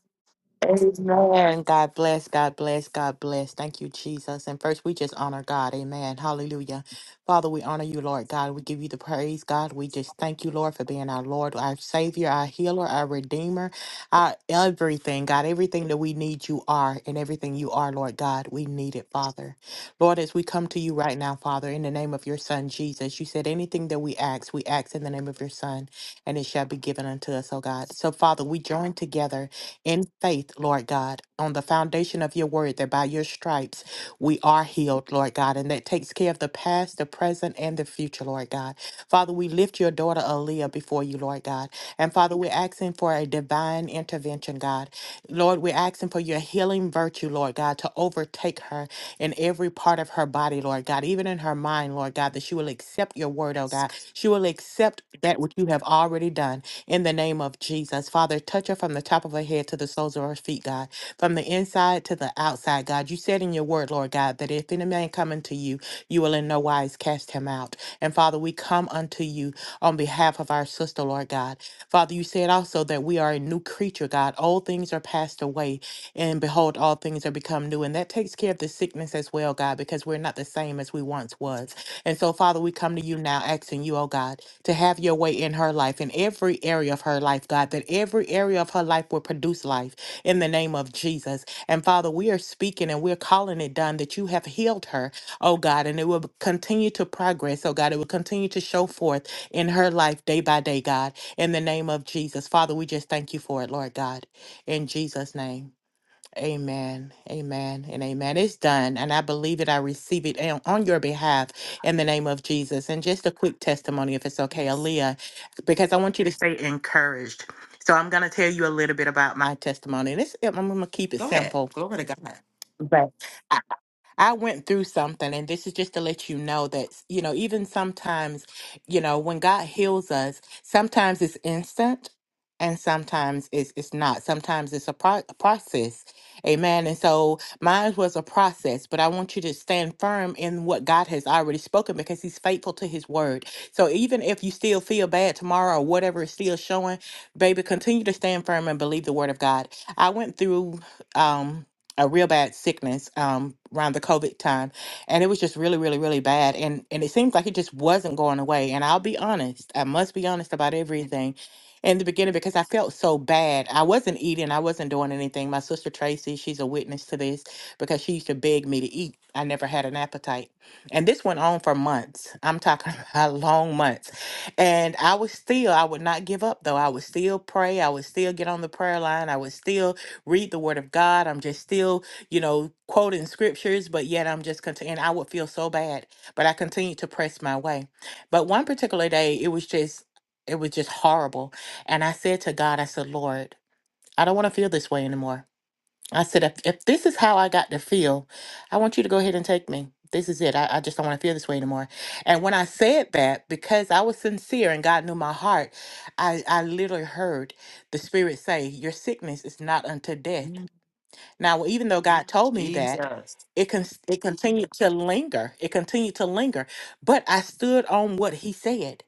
Amen. God bless. God bless. God bless. Thank you, Jesus. And first, we just honor God. Amen. Hallelujah. Father, we honor you, Lord God. We give you the praise, God. We just thank you, Lord, for being our Lord, our Savior, our healer, our Redeemer, our everything, God. Everything that we need, you are, and everything you are, Lord God, we need it, Father. Lord, as we come to you right now, Father, in the name of your Son, Jesus, you said anything that we ask, we ask in the name of your Son, and it shall be given unto us, oh God. So, Father, we join together in faith, Lord God, on the foundation of your word, that by your stripes we are healed, Lord God, and that takes care of the past, the present, and the future, Lord God. Father, we lift your daughter Aaliyah before you, Lord God. And Father, we're asking for a divine intervention, God. Lord, we're asking for your healing virtue, Lord God, to overtake her in every part of her body, Lord God, even in her mind, Lord God, that she will accept your word, oh God. She will accept that which you have already done in the name of Jesus. Father, touch her from the top of her head to the soles of her feet, God, from the inside it to the outside, God. You said in your word, Lord God, that if any man come unto you, you will in no wise cast him out. And Father, we come unto you on behalf of our sister, Lord God. Father, you said also that we are a new creature, God. Old things are passed away, and behold, all things are become new. And that takes care of the sickness as well, God, because we're not the same as we once was. And so, Father, we come to you now asking you, oh God, to have your way in her life, in every area of her life, God, that every area of her life will produce life in the name of Jesus. And Father, we are speaking and we're calling it done that you have healed her, oh God, and it will continue to progress, oh God. It will continue to show forth in her life day by day, God, in the name of Jesus. Father, we just thank you for it, Lord God, in Jesus' name. Amen, amen, and amen. It's done, and I believe it. I receive it on on your behalf in the name of Jesus. And just a quick testimony, if it's okay, Aaliyah, because I want you to stay encouraged. So I'm going to tell you a little bit about my testimony, and it's, I'm going to keep it Go ahead. simple Glory to God. but I, I went through something, and this is just to let you know that, you know, even sometimes, you know, when God heals us, sometimes it's instant and sometimes it's, it's not. Sometimes it's a, pro- a process. Amen. And so mine was a process, but I want you to stand firm in what God has already spoken because He's faithful to His word. So even if you still feel bad tomorrow or whatever is still showing, baby, continue to stand firm and believe the word of God. I went through. Um, a real bad sickness um, around the COVID time, and it was just really, really, really bad. And and it seems like it just wasn't going away. And I'll be honest, I must be honest about everything. In the beginning, because I felt so bad, I wasn't eating, I wasn't doing anything. My sister Tracy, she's a witness to this because she used to beg me to eat. I never had an appetite, and this went on for months. I'm talking about long months, and I was still, I would not give up though. I would still pray. I would still get on the prayer line. I would still read the word of God. I'm just still, you know, quoting scriptures, but yet I'm just continuing. I would feel so bad, but I continued to press my way. But one particular day, it was just, it was just horrible. And I said to God, I said, Lord, I don't want to feel this way anymore. I said, if, if this is how I got to feel, I want you to go ahead and take me. This is it. I, I just don't want to feel this way anymore. And when I said that, because I was sincere and God knew my heart, I, I literally heard the Spirit say, Your sickness is not unto death Mm, now, even though God told me that, Jesus. it con- it continued to linger. It continued to linger, but I stood on what He said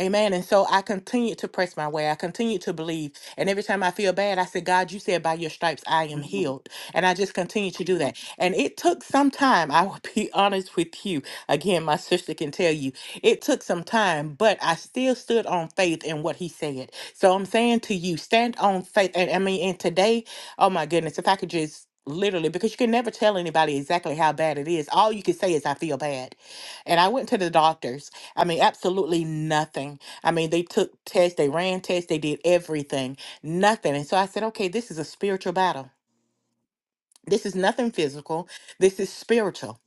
Amen. And so I continued to press my way. I continued to believe. And every time I feel bad, I said, God, you said by your stripes I am Mm. healed. And I just continued to do that. And it took some time. I will be honest with you. Again, my sister can tell you it took some time, but I still stood on faith in what he said. So I'm saying to you, stand on faith. And I mean, and today, oh my goodness, if I could just literally, because you can never tell anybody exactly how bad it is, all you can say is, I feel bad. And I went to the doctors I mean, absolutely nothing. I mean, they took tests, they ran tests, they did everything, nothing. And so I said, okay, this is a spiritual battle. This is nothing physical. This is spiritual.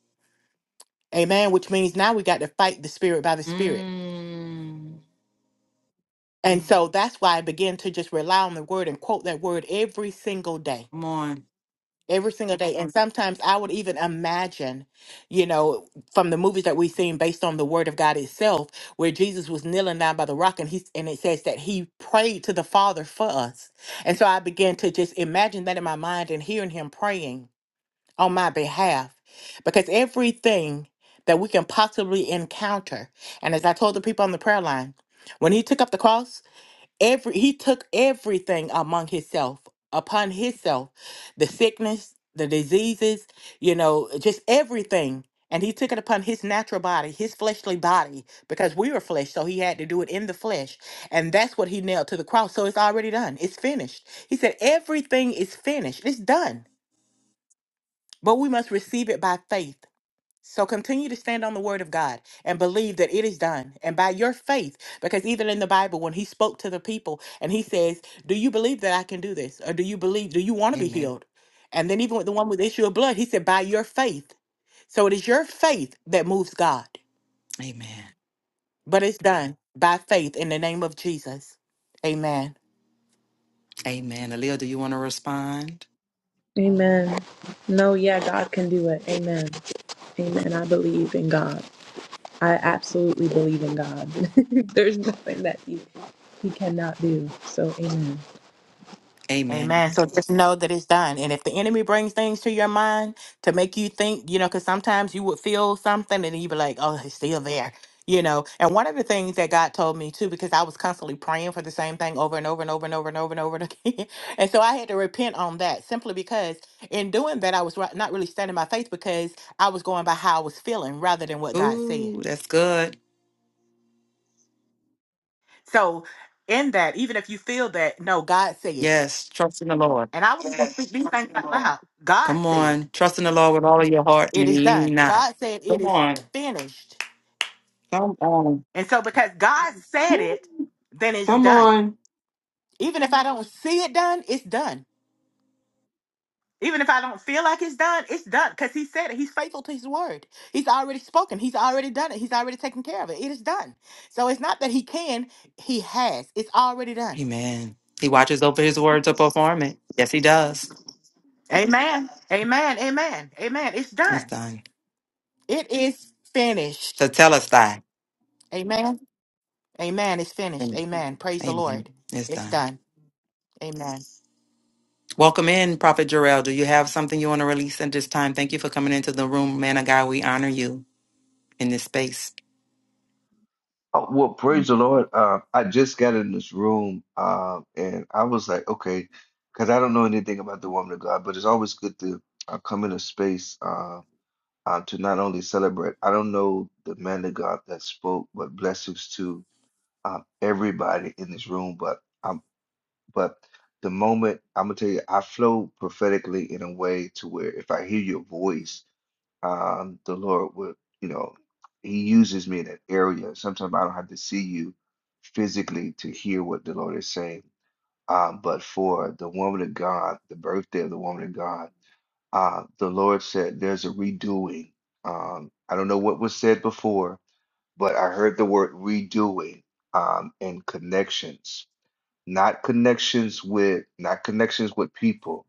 Amen. Which means now we got to fight the spirit by the spirit. Mm. And so that's why I began to just rely on the word and quote that word every single day. Come on. every single day and sometimes i would even imagine you know from the movies that we've seen based on the word of god itself where jesus was kneeling down by the rock and he and it says that he prayed to the father for us and so i began to just imagine that in my mind and hearing him praying on my behalf because everything that we can possibly encounter and as i told the people on the prayer line when he took up the cross every he took everything among himself upon himself the sickness the diseases you know just everything and he took it upon his natural body his fleshly body because we were flesh so he had to do it in the flesh and that's what he nailed to the cross so it's already done it's finished he said everything is finished it's done but we must receive it by faith so continue to stand on the word of God and believe that it is done. And by your faith, because even in the Bible, when he spoke to the people and he says, Do you believe that I can do this? Or do you believe, do you want to be Amen. healed? And then even with the one with the issue of blood, he said, By your faith. So it is your faith that moves God. Amen. But it's done by faith in the name of Jesus. Amen. Amen. Aaliyah, do you want to respond? Amen. No, yeah, God can do it. Amen. Amen. I believe in God. I absolutely believe in God. There's nothing that He, he cannot do. So, amen. Amen. Amen. So just know that it's done. And if the enemy brings things to your mind to make you think, you know, because sometimes you would feel something and you'd be like, oh, it's still there, you know. And one of the things that God told me too, because I was constantly praying for the same thing over and over and over and over and over and over and again. And so I had to repent on that simply because in doing that, I was ri- not really standing my faith because I was going by how I was feeling rather than what God said. Ooh, that's good. So in that, even if you feel that, no, God said. Yes, trust in the Lord. And I was going to speak these things out loud. God Come said. on. Trust in the Lord with all of your heart It is and lean done. not. God said it Come is on. finished. Come on. And so because God said it, Mm, then it's Come done. on. Even if I don't see it done, it's done. Even if I don't feel like it's done, it's done because he said it. He's faithful to his word. He's already spoken. He's already done it. He's already taken care of it. It is done. So it's not that he can, he has. It's already done. Amen. He watches over his word to perform it. Yes, he does. Amen. Amen. Amen. Amen. It's It's done. done. It is To finished. tell us that. Amen. Amen. It's finished. Amen. Amen. Praise the Amen. Lord. It's It's done. done. Amen. Welcome in, Prophet Jarrell. Do you have something you want to release at this time? Thank you for coming into the room, man of God. We honor you. in this space. Oh, well, praise the Lord. Uh, I just got in this room, um, and I was like, okay, because I don't know anything about the woman of God, but it's always good to uh, come in a space uh, uh, to not only celebrate. I don't know the man of God that spoke, but blessings to uh, everybody in this room. But um, but the moment I'm gonna tell you, I flow prophetically in a way to where if I hear your voice um, the Lord would, you know, He uses me in that area. Sometimes I don't have to see you physically to hear what the Lord is saying. Um, but for the woman of God, the birthday of the woman of God, uh, the Lord said there's a redoing. Um, I don't know what was said before, but I heard the word redoing um, and connections, not connections with, not connections with people,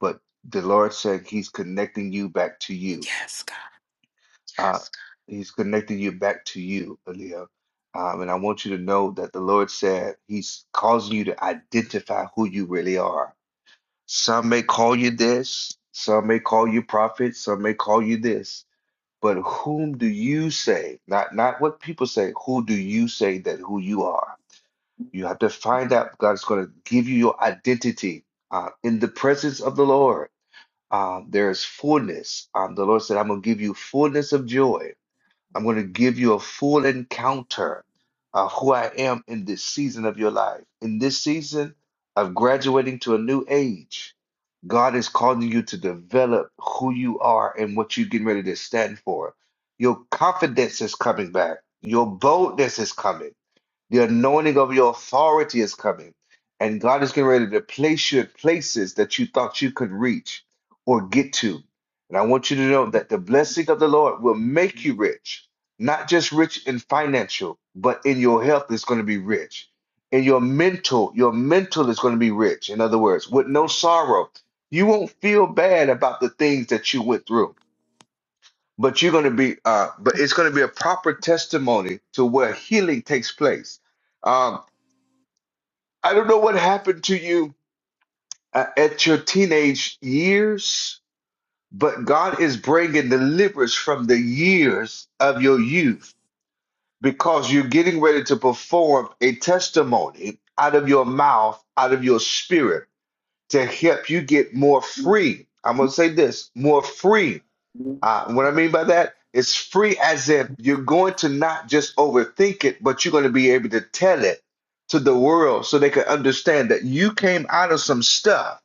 but the Lord said He's connecting you back to you Yes, uh, Yes. he's connecting you back to you, Aaliyah. Um, and I want you to know that the Lord said he's causing you to identify who you really are. Some may call you this, some may call you prophet, some may call you this, but whom do you say? Not not what people say, who do you say that who you are? You have to find out. God's going to give you your identity uh, in the presence of the Lord. Um, there is fullness. Um, the Lord said, I'm going to give you fullness of joy I'm going to give you a full encounter of who I am in this season of your life. In this season of graduating to a new age, God is calling you to develop who you are and what you're getting ready to stand for. Your confidence is coming back. Your boldness is coming. The anointing of your authority is coming, and God is getting ready to place you in places that you thought you could reach or get to. And I want you to know that the blessing of the Lord will make you rich, not just rich in financial, but in your health is going to be rich. In your mental, your mental is going to be rich. In other words, with no sorrow, you won't feel bad about the things that you went through. But you're going to be, uh, but it's going to be a proper testimony to where healing takes place Um, I don't know what happened to you uh, at your teenage years, but God is bringing deliverance from the years of your youth because you're getting ready to perform a testimony out of your mouth, out of your spirit to help you get more free. I'm going to say this more free uh, what I mean by that, it's free as if you're going to not just overthink it, but you're going to be able to tell it to the world so they can understand that you came out of some stuff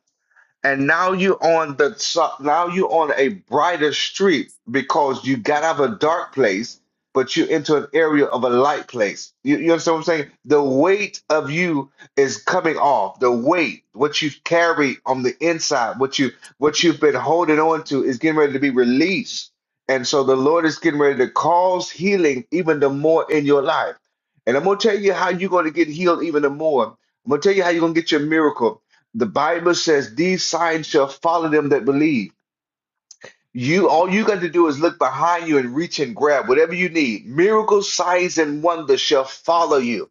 and now you on the so- now you on a brighter street because you got out of a dark place but you into an area of a light place you, you understand what i'm saying the weight of you is coming off the weight what you carry on the inside what you what you've been holding on to is getting ready to be released and so the lord is getting ready to cause healing even the more in your life and i'm going to tell you how you're going to get healed even the more i'm going to tell you how you're going to get your miracle the Bible says these signs shall follow them that believe. You all you got to do is look behind you and reach and grab whatever you need. Miracles, signs, and wonders shall follow you.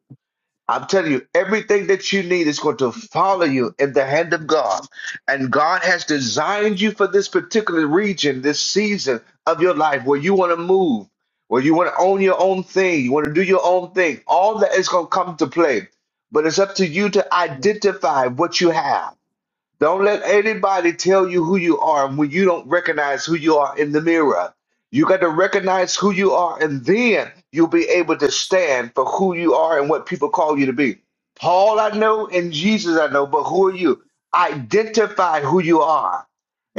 I'm telling you, everything that you need is going to follow you in the hand of God. And God has designed you for this particular region, this season of your life where you want to move, where you want to own your own thing, you want to do your own thing. All that is going to come to play. But it's up to you to God. identify what you have don't let anybody tell you who you are when you don't recognize who you are in the mirror. You got to recognize who you are, and then you'll be able to stand for who you are and what people call you to be. Paul, I know, and Jesus, I know, but who are you? Identify who you are.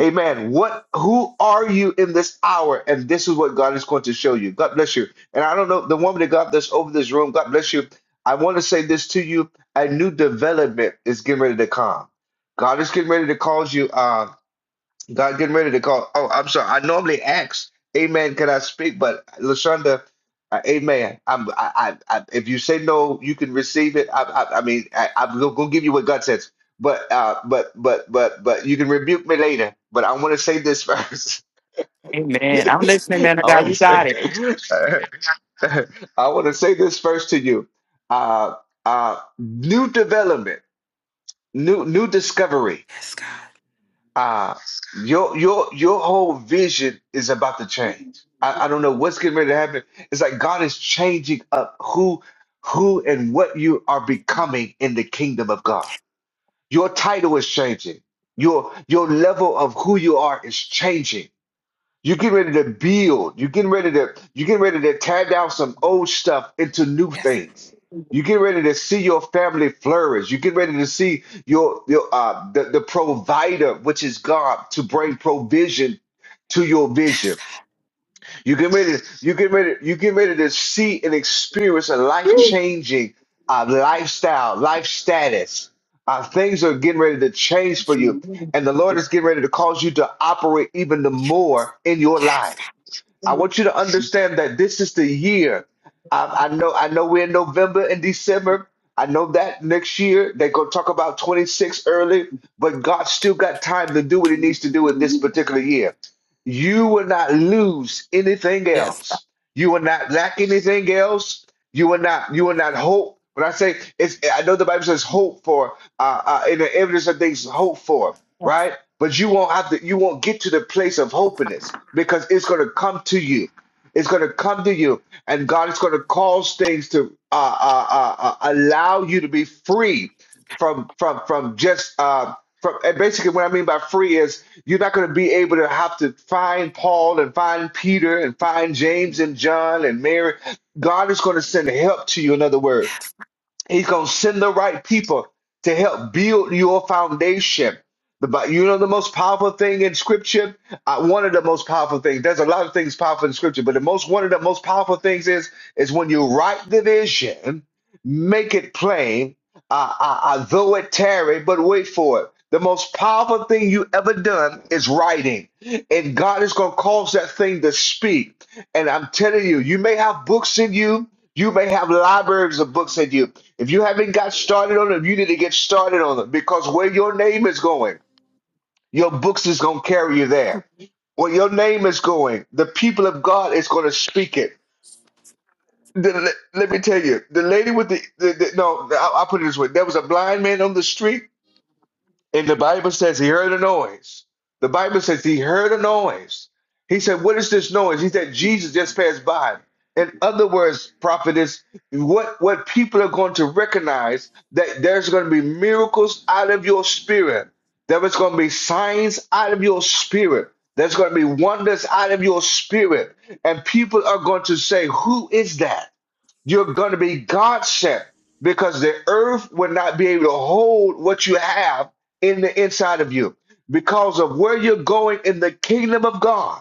Amen. What? Who are you in this hour? And this is what God is going to show you. God bless you. And I don't know the woman that got this over this room. God bless you. I want to say this to you. A new development is getting ready to come God is getting ready to call you. Uh, God getting ready to call. Oh, I'm sorry. I normally ask, Amen. Can I speak? But Lashonda, uh, Amen. I'm. I, I, I. If you say no, you can receive it. I. I, I mean, I, I'm gonna gonna give you what God says. But uh, but but but but you can rebuke me later. But I want to say this first. Amen. I'm listening, I man of God. want to You say. got it. I want to say this first to you. Uh, uh, new development, new new discovery. Yes, God. uh your your your whole vision is about to change. I, I don't know what's getting ready to happen. It's like God is changing up who who and what you are becoming in the kingdom of God. Your title is changing. Your your level of who you are is changing you're getting ready to build. You're getting ready to you're getting ready to tear down some old stuff into new things. You get ready to see your family flourish. You get ready to see your your uh the, the provider, which is God, to bring provision to your vision. You get ready, you get ready, you get ready to see and experience a life-changing uh lifestyle, life status. Uh, things are getting ready to change for you, and the Lord is getting ready to cause you to operate even the more in your life. Yes, God. I want you to understand that this is the year. I, I know I know we're in November and December. I know that next year they're gonna talk about 26 early, but God still got time to do what he needs to do in this particular year. You will not lose anything Yes, else. You will not lack anything else. You will not. You will not hope. When I say it's, I know the Bible says hope for, uh, uh, in the evidence of things hope for, God. right? But you won't have to. You won't get to the place of hopelessness because it's going to come to you. It's going to come to you, and God is going to cause things to uh, uh, uh, uh, allow you to be free from from from just uh, from and basically what I mean by free is you're not going to be able to have to find Paul and find Peter and find James and John and Mary. God is going to send help to you. In other words. He's going to send the right people to help build your foundation. The Bi- You know, the most powerful thing in scripture, uh, one of the most powerful things, there's a lot of things powerful in scripture, but the most, one of the most powerful things is, is when you write the vision, make it plain, uh, uh, uh, though it tarry, but wait for it. The most powerful thing you ever done is writing, and God is going to cause that thing to speak. And I'm telling you, you may have books in you, you may have libraries of books in you. If you haven't got started on them, you need to get started on them because where your name is going, your books is going to carry you there. Where your name is going, the people of God is going to speak it. The- let, let me tell you, the lady with the, the, the no, I, I'll put it this way: there was a blind man on the street and the Bible says he heard a noise. The Bible says he heard a noise. He said, What is this noise? He said, Jesus just passed by. In other words, prophetess, what, what people are going to recognize that there's going to be miracles out of your spirit. There is going to be signs out of your spirit. There's going to be wonders out of your spirit. And people are going to say, Who is that? You're going to be God sent because the earth will not be able to hold what you have in the inside of you because of where you're going in the kingdom of God.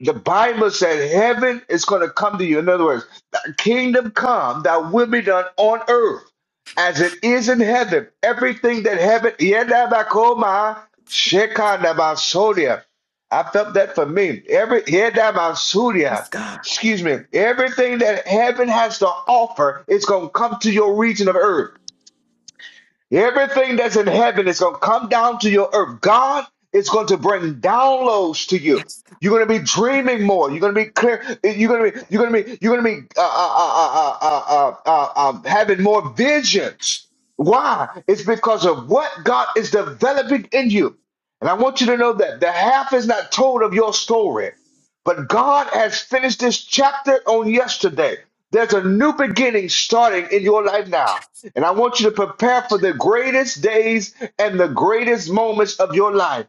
The Bible said heaven is going to come to you. In other words, the kingdom come that will be done on earth as it is in heaven. Everything that heaven, Yedabakoma, Shekanabasodia. I felt that for me. Every Yedabasudia, excuse me, everything that heaven has to offer is going to come to your region of earth. Everything that's in heaven is going to come down to your earth. God is going to bring downloads to you. You're going to be dreaming more. You're going to be clear. eh, You're going to be. You're going to be. You're going to be uh, uh, uh, uh, uh, uh, uh, uh, um, having more visions. Why? It's because of what God is developing in you. And I want you to know that the half is not told of your story. But God has finished this chapter on yesterday. There's a new beginning starting in your life now. And I want you to prepare for the greatest days and the greatest moments of your life.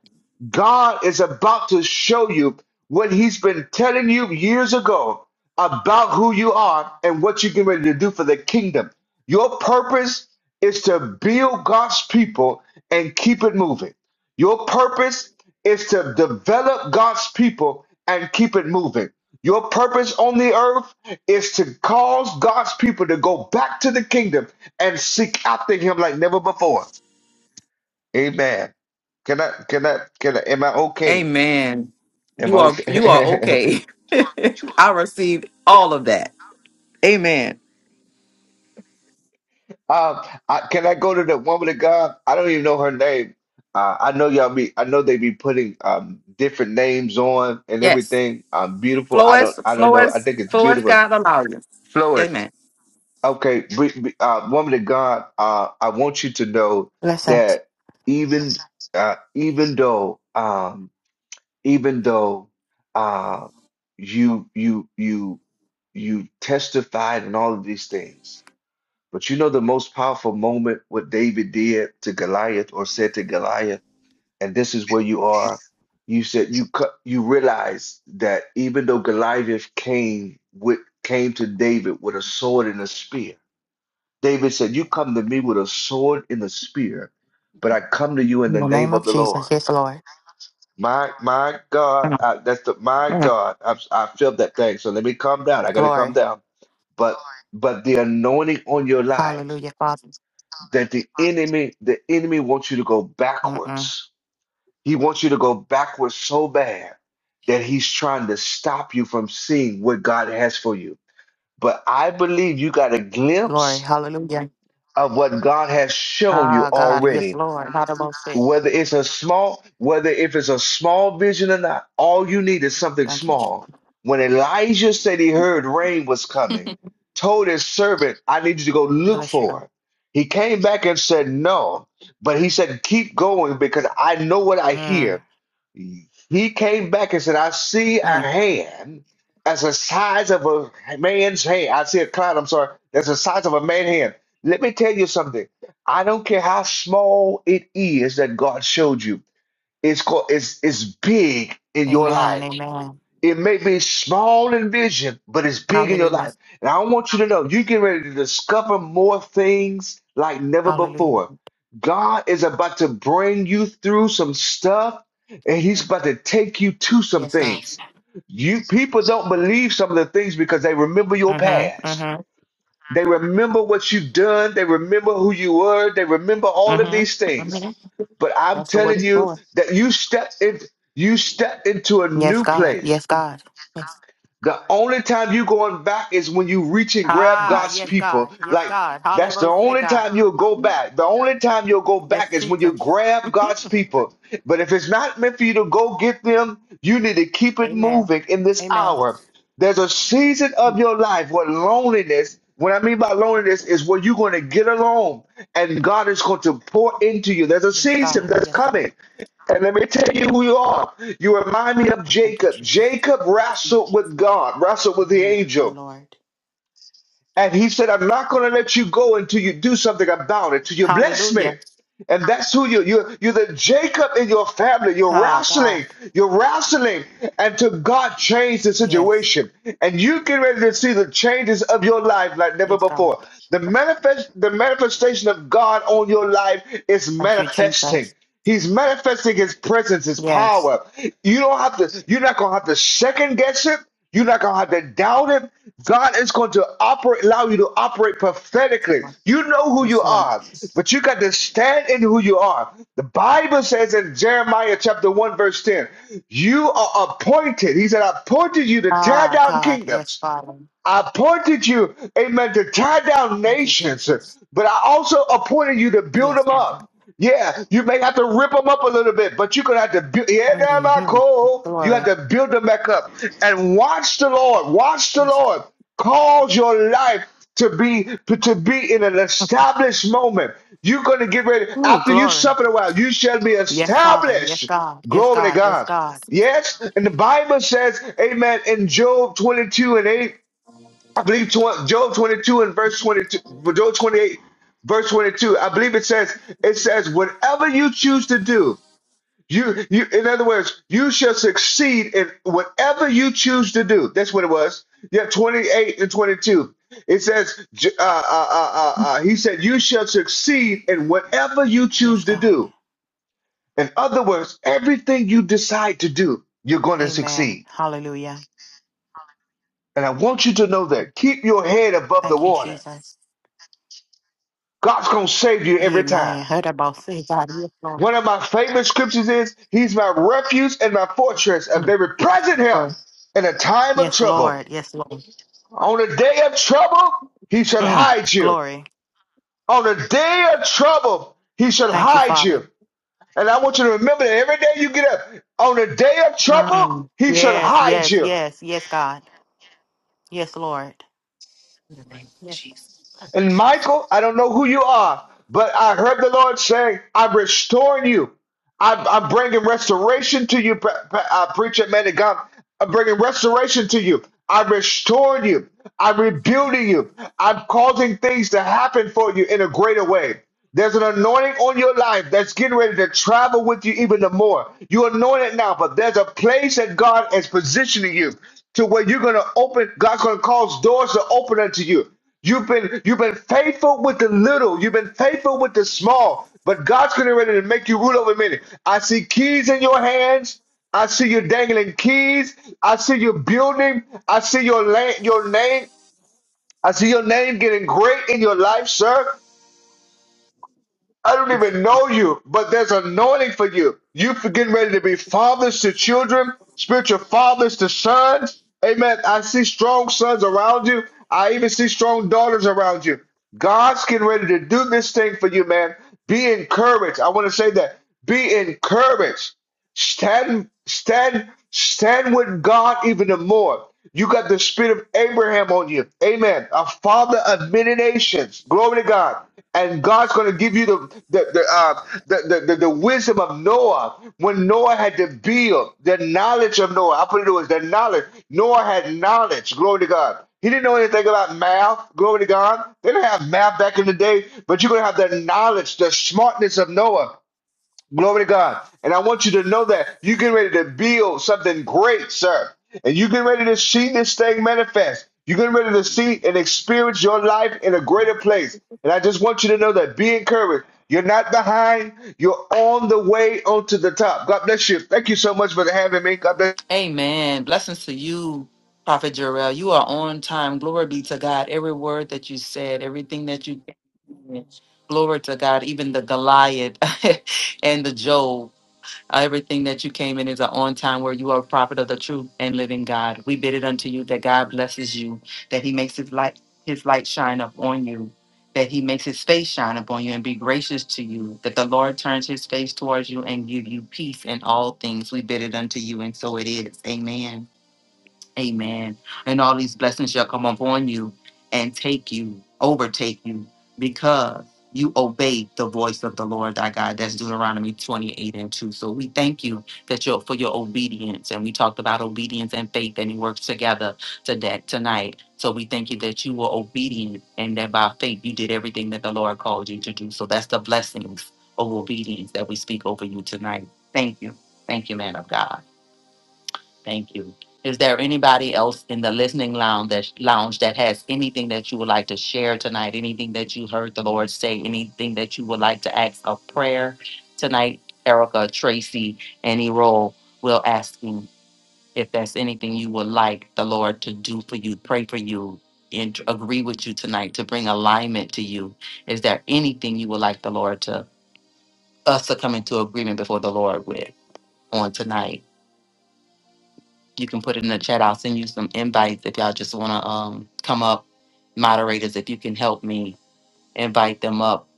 God is about to show you what He's been telling you years ago about who you are and what you're getting ready to do for the kingdom. Your purpose is to build God's people and keep it moving. Your purpose is to develop God's people and keep it moving. Your purpose on the earth is to cause God's people to go back to the kingdom and seek after him like never before. Amen. Can I can I can I am I okay? Amen. Am I You are you are okay? okay. I received all of that. Amen. um I, can I go to the woman of God? I don't even know her name. Uh, I know y'all be I know they be putting um different names on and Yes. everything. Um beautiful. Flow I as don't I don't flow know. I as think it's flow as beautiful. God allows you. Flores. Amen. Okay, be- be- uh, woman of God, uh, I want you to know Bless him. that even uh, even though um, even though uh, you you you you testified and all of these things, but you know the most powerful moment what David did to Goliath or said to Goliath, and this is where you are. You said you cut you realize that even though Goliath came with came to David with a sword and a spear David said, You come to me with a sword and a spear, but I come to you in In the the name name of of the Jesus. Lord. Yes, Lord. My my God, Mm, I, that's the my mm. God. I, I feel that thing. So let me calm down. I got to calm Glory. down. But but the anointing on your life Hallelujah, Father. that the enemy the enemy wants you to go Mm-mm. backwards. He wants you to go backwards so bad that he's trying to stop you from seeing what God has for you. But I believe you got a Glory. glimpse Hallelujah. of what God has shown you Ah, God. Yes, already Lord. Not about sick. Whether it's a small, whether if it's a small vision or not, all you need is something Thank you. Jesus. small. When Elijah said he heard rain was coming, told his servant, I need you to go look Bless you, God. for it. He came back and said no, but he said, keep going because I know what I Mm, hear. He came back and said, I see a mm. hand as the size of a man's hand. I see a cloud, I'm sorry, that's the size of a man's hand. Let me tell you something. I don't care how small it is that God showed you. It's called it's it's big in your Amen. life. Amen. It may be small in vision, but it's big in your Hallelujah. life. And I want you to know you get ready to discover more things like never Hallelujah. before. God is about to bring you through some stuff, and He's Mm. about to take you to some Yes, God. things. You people don't believe some of the things because they remember your Mm-hmm. past. Mm-hmm. They remember what you've done. They remember who you were. They remember all of these Mm-hmm. things. Amen. But I'm That's the word telling you for. that you stepped in, you stepped into a Yes, new God. place Yes, God. Yes. The only time you going back is when you reach and grab Ah, God's yes, God. people. Yes, Like God. that's the Hallelujah, only God. time you'll go back. The only time you'll go back Yes, is when you Jesus. grab God's people. But if it's not meant for you to go get them, you need to keep it Amen. moving in this Amen. hour. There's a season of your life where loneliness, what I mean by loneliness, is where you're going to get alone and God is going to pour into you. There's a Yes, season God. that's Yes, God. coming. And let me tell you who you are. You remind me of Thank you, Jacob. Jesus. Jacob wrestled with God, wrestled with the Mm, my angel. Lord. And he said, I'm not going to let you go until you do something about it, till you bless me. Hallelujah. And that's who you, you, you're the Jacob in your family. You're Ah, God. wrestling. You're wrestling until God changed the Yes. situation. And you get ready to see the changes of your life like never Yes, God. before. The manifest, the manifestation of God on your life is Thank you, manifesting. Jesus. He's manifesting his presence, his Yes. power. You don't have to, you're not gonna have to second guess it. You're not gonna have to doubt him. God is going to operate, allow you to operate prophetically. You know who you Yes, Lord. are, but you got to stand in who you are. The Bible says in Jeremiah chapter 1, verse 10, you are appointed. He said, I appointed you to tear Ah, down God. kingdoms Yes, Father. I appointed you, amen, to tie down Thank you, nations, Jesus. but I also appointed you to build Yes, them Father. up. Yeah, you may have to rip them up a little bit, but you're gonna have to build. Yeah, now my hmm call. You have Glory. to build them back up and watch the Lord. Watch the Yes. Lord cause your life to be to, to be in an established moment. You're gonna get ready Ooh, after you glory. suffer a while. You shall be Yes, Father. Yes, established. God. Yes, Glory to God. Yes, God. God. Yes, and the Bible says, Amen. In Job 22 and 8, I believe tw- Job 22 and verse 22, Job 28, verse 22. I believe it says, it says, whatever you choose to do, you, you, in other words, you shall succeed in whatever you choose to do. That's what it was. Yeah, 28 and 22. It says, J- uh, uh, uh, uh, uh, he said, you shall succeed in whatever you Yes, choose to God. do. In other words, everything you decide to do, you're going to Amen. succeed. Hallelujah. And I want you to know that. Keep your head above the Thank you, water. Jesus. God's going to save you every Amen. time. Heard about say God. Yes, Lord. One of my favorite scriptures is He's my refuge and my fortress, a Mm, very present help Lord. in a time of Yes, trouble. Lord. Yes, Lord. On the day of trouble, He shall Mm. hide you. Glory. On the day of trouble, He shall Thank you, hide Father. you. And I want you to remember that every day you get up, on the day of trouble, Mm. He shall Yes, hide yes, you. yes, yes, God. Yes, Lord. Yes. And Michael, I don't know who you are, but I heard the Lord say, I'm restoring you. I'm, I'm bringing restoration to you, pre- pre- uh, preacher man of God. I'm bringing restoration to you. I'm restoring you. I'm rebuilding you. I'm causing things to happen for you in a greater way. There's an anointing on your life that's getting ready to travel with you even the more. You're anointed now, but there's a place that God is positioning you to where you're going to open. God's going to cause doors to open unto you. You've been you've been faithful with the little. You've been faithful with the small. But God's getting ready to make you rule over many. I see keys in your hands. I see you dangling keys. I see you building. I see your la- your name. I see your name getting great in your life, sir. I don't even know you, but there's anointing for you. You for getting ready to be fathers to children, spiritual fathers to sons. Amen. I see strong sons around you. I even see strong daughters around you. God's getting ready to do this thing for you, man. Be encouraged. I want to say that. Be encouraged. Stand, stand, stand with God even the more. You got the spirit of Abraham on you. Amen. A father of many nations. Glory to God. And God's going to give you the the the, uh, the the the the wisdom of Noah when Noah had to build the knowledge of Noah. I put it was the knowledge. Noah had knowledge. Glory to God. He didn't know anything about math. Glory to God. They didn't have math back in the day, but you're going to have the knowledge, the smartness of Noah. Glory to God. And I want you to know that you get ready to build something great, sir. And you get ready to see this thing manifest. You're getting ready to see and experience your life in a greater place. And I just want you to know that be encouraged. You're not behind. You're on the way onto the top. God bless you. Thank you so much for having me. God bless. Amen. Blessings to you, Prophet Jarrell. You are on time. Glory be to God. Every word that you said, everything that you glory to God, even the Goliath and the Job. Everything that you came in is an on time where you are a prophet of the true and living God. We bid it unto you that God blesses you, that he makes his light his light shine upon you, that he makes his face shine upon you and be gracious to you, that the Lord turns his face towards you and give you peace in all things. We bid it unto you, and so it is. Amen. Amen. And all these blessings shall come upon you and take you, overtake you, because you obeyed the voice of the Lord thy God. That's Deuteronomy 28 and 2. So we thank you that your for your obedience. And we talked about obedience and faith, and it works together to that tonight. So we thank you that you were obedient and that by faith you did everything that the Lord called you to do. So that's the blessings of obedience that we speak over you tonight. Thank you. Thank you, man of God. Thank you. Is there anybody else in the listening lounge that lounge that has anything that you would like to share tonight? Anything that you heard the Lord say? Anything that you would like to ask a prayer tonight? Erica, Tracy, any role will ask you if there's anything you would like the Lord to do for you, pray for you, and agree with you tonight to bring alignment to you. Is there anything you would like the Lord to us to come into agreement before the Lord with on tonight? You can put it in the chat. I'll send you some invites if y'all just want to um, come up. Moderators, if you can help me invite them up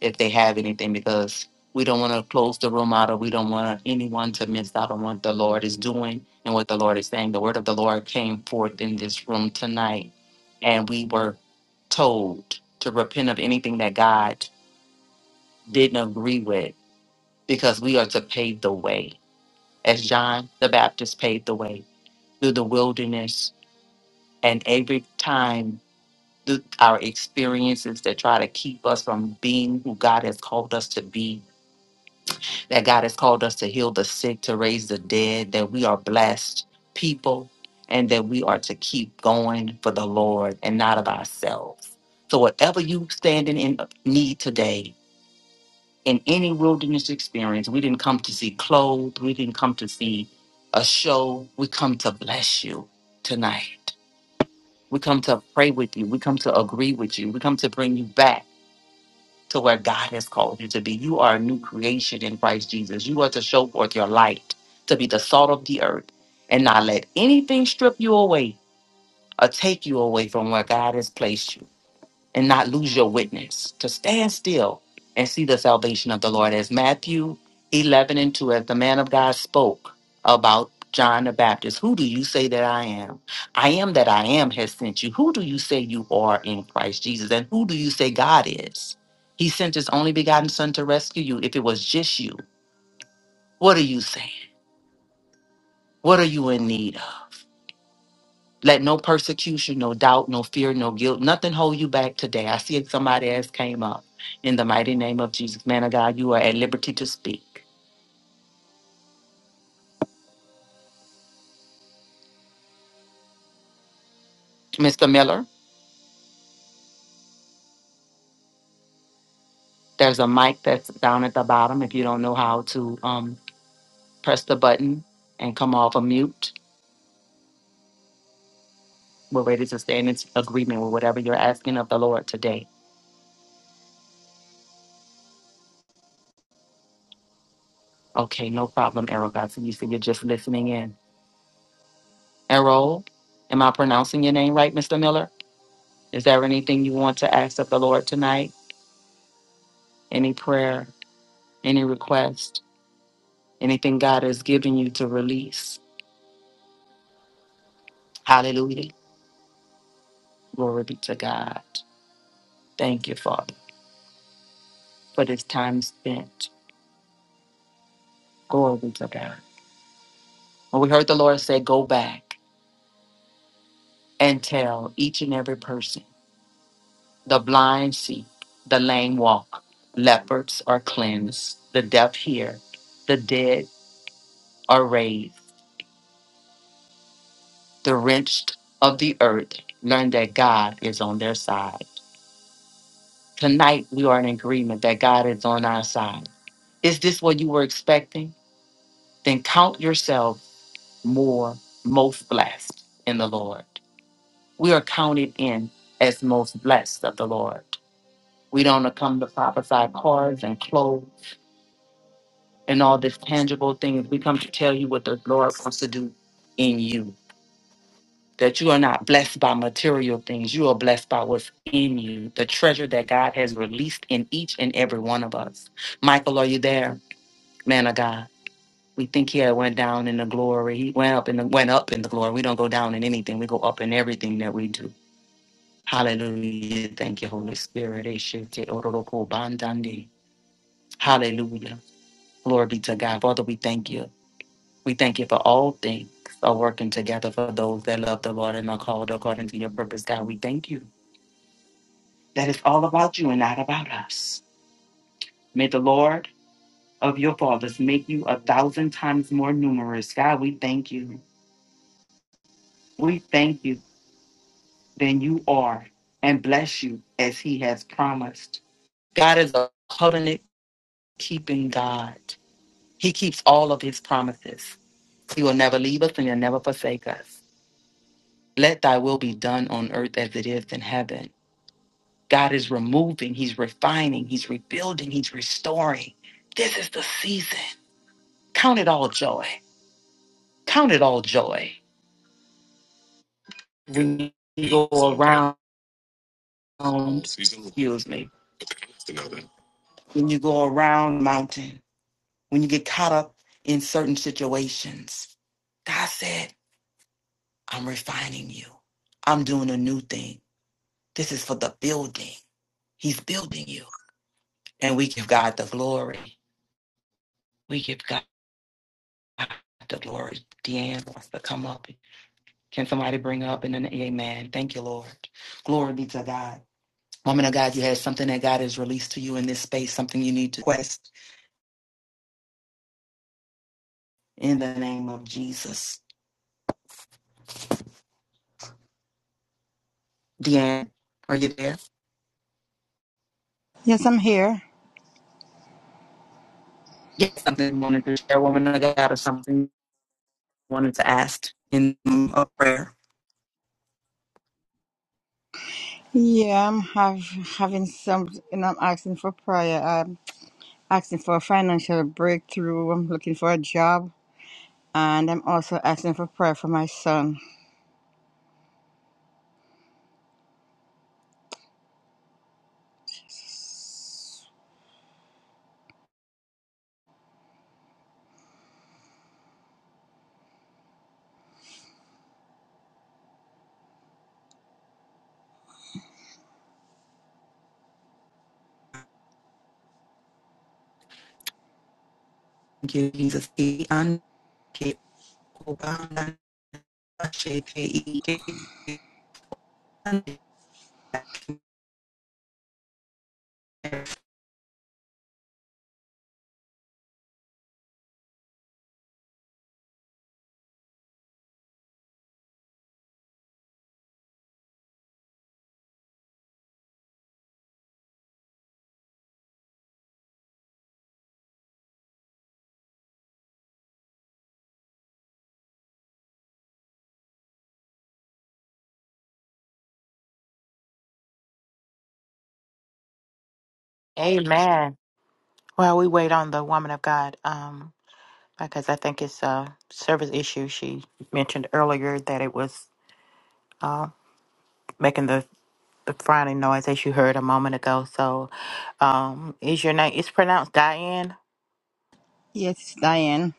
if they have anything, because we don't want to close the room out or we don't want anyone to miss out on what the Lord is doing and what the Lord is saying. The word of the Lord came forth in this room tonight, and we were told to repent of anything that God didn't agree with because we are to pave the way. As John the Baptist paved the way through the wilderness, And every time th- our experiences that try to keep us from being who God has called us to be, that God has called us to heal the sick, to raise the dead, that we are blessed people, and that we are to keep going for the Lord and not of ourselves. So, whatever you standing in need today, in any wilderness experience, we didn't come to see clothes, we didn't come to see a show, we come to bless you tonight. We come to pray with you. We come to agree with you. We come to bring you back to where God has called you to be. You are a new creation in Christ Jesus. You are to show forth your light, to be the salt of the earth, and not let anything strip you away or take you away from where God has placed you and not lose your witness, to stand still and see the salvation of the Lord. As Matthew 11 and 2, as the man of God spoke about John the Baptist, who do you say that I am? I am that I am has sent you. Who do you say you are in Christ Jesus? And who do you say God is? He sent his only begotten Son to rescue you. If it was just you, what are you saying? What are you in need of? Let no persecution, no doubt, no fear, no guilt, nothing hold you back today. I see if somebody else came up. In the mighty name of Jesus, man of God, you are at liberty to speak. Mr. Miller, there's a mic that's down at the bottom. If you don't know how to um, press the button and come off a mute, we're ready to stand in agreement with whatever you're asking of the Lord today. Okay, no problem, Errol. God, so you see you're just listening in. Errol, am I pronouncing your name right, Mr. Miller? Is there anything you want to ask of the Lord tonight? Any prayer? any request, anything God has given you to release. Hallelujah. Glory be to God. Thank you, Father, for this time spent. Glory be to God. And we heard the Lord say, Go back and tell each and every person the blind see, the lame walk, leopards are cleansed, the deaf hear, the dead are raised, the wrenched of the earth learn that God is on their side. Tonight, we are in agreement that God is on our side. Is this what you were expecting? Then count yourself more, most blessed in the Lord. We are counted in as most blessed of the Lord. We don't come to prophesy cars and clothes and all these tangible things. We come to tell you what the Lord wants to do in you. That you are not blessed by material things. You are blessed by what's in you, the treasure that God has released in each and every one of us. Michael, are you there? man of God. We think he had went down in the glory. He went up in the went up in the glory. We don't go down in anything. We go up in everything that we do. Hallelujah. Thank you, Holy Spirit. Eshete ororoko bandande. Hallelujah. Glory be to God. Father, we thank you. We thank you for all things are working together for those that love the Lord and are called according to your purpose. God, we thank you that it's all about you and not about us. May the Lord of your fathers make you a thousand times more numerous. God, we thank you. We thank you. than you are and bless you as he has promised. God is a covenant keeping God. He keeps all of his promises. He will never leave us and he'll never forsake us. Let thy will be done on earth as it is in heaven. God is removing, he's refining, he's rebuilding, he's restoring. This is the season. Count it all joy. Count it all joy. When you go around, excuse me, when you go around mountain when you get caught up in certain situations. God said, I'm refining you. I'm doing a new thing. This is for the building. He's building you. And we give God the glory. We give God the glory. Deanne wants to come up. Can somebody bring up and then amen? Thank you, Lord. Glory be to God. Woman of God, you had something that God has released to you in this space, something you need to quest in the name of Jesus. Deanne, are you there? Yes, I'm here. Yes, something you wanted to share, woman of God, or something you wanted to ask in um, a prayer. Yeah, I'm have, having some, and I'm asking for prayer. I'm asking for a financial breakthrough. I'm looking for a job, and I'm also asking for prayer for my son. Thank you, Jesus. He un- e- Amen. Well, we wait on the woman of God um, because I think it's a service issue. She mentioned earlier that it was uh, making the, the frowning noise that you heard a moment ago. So um, is your name, it's pronounced Diane. Yes, Diane.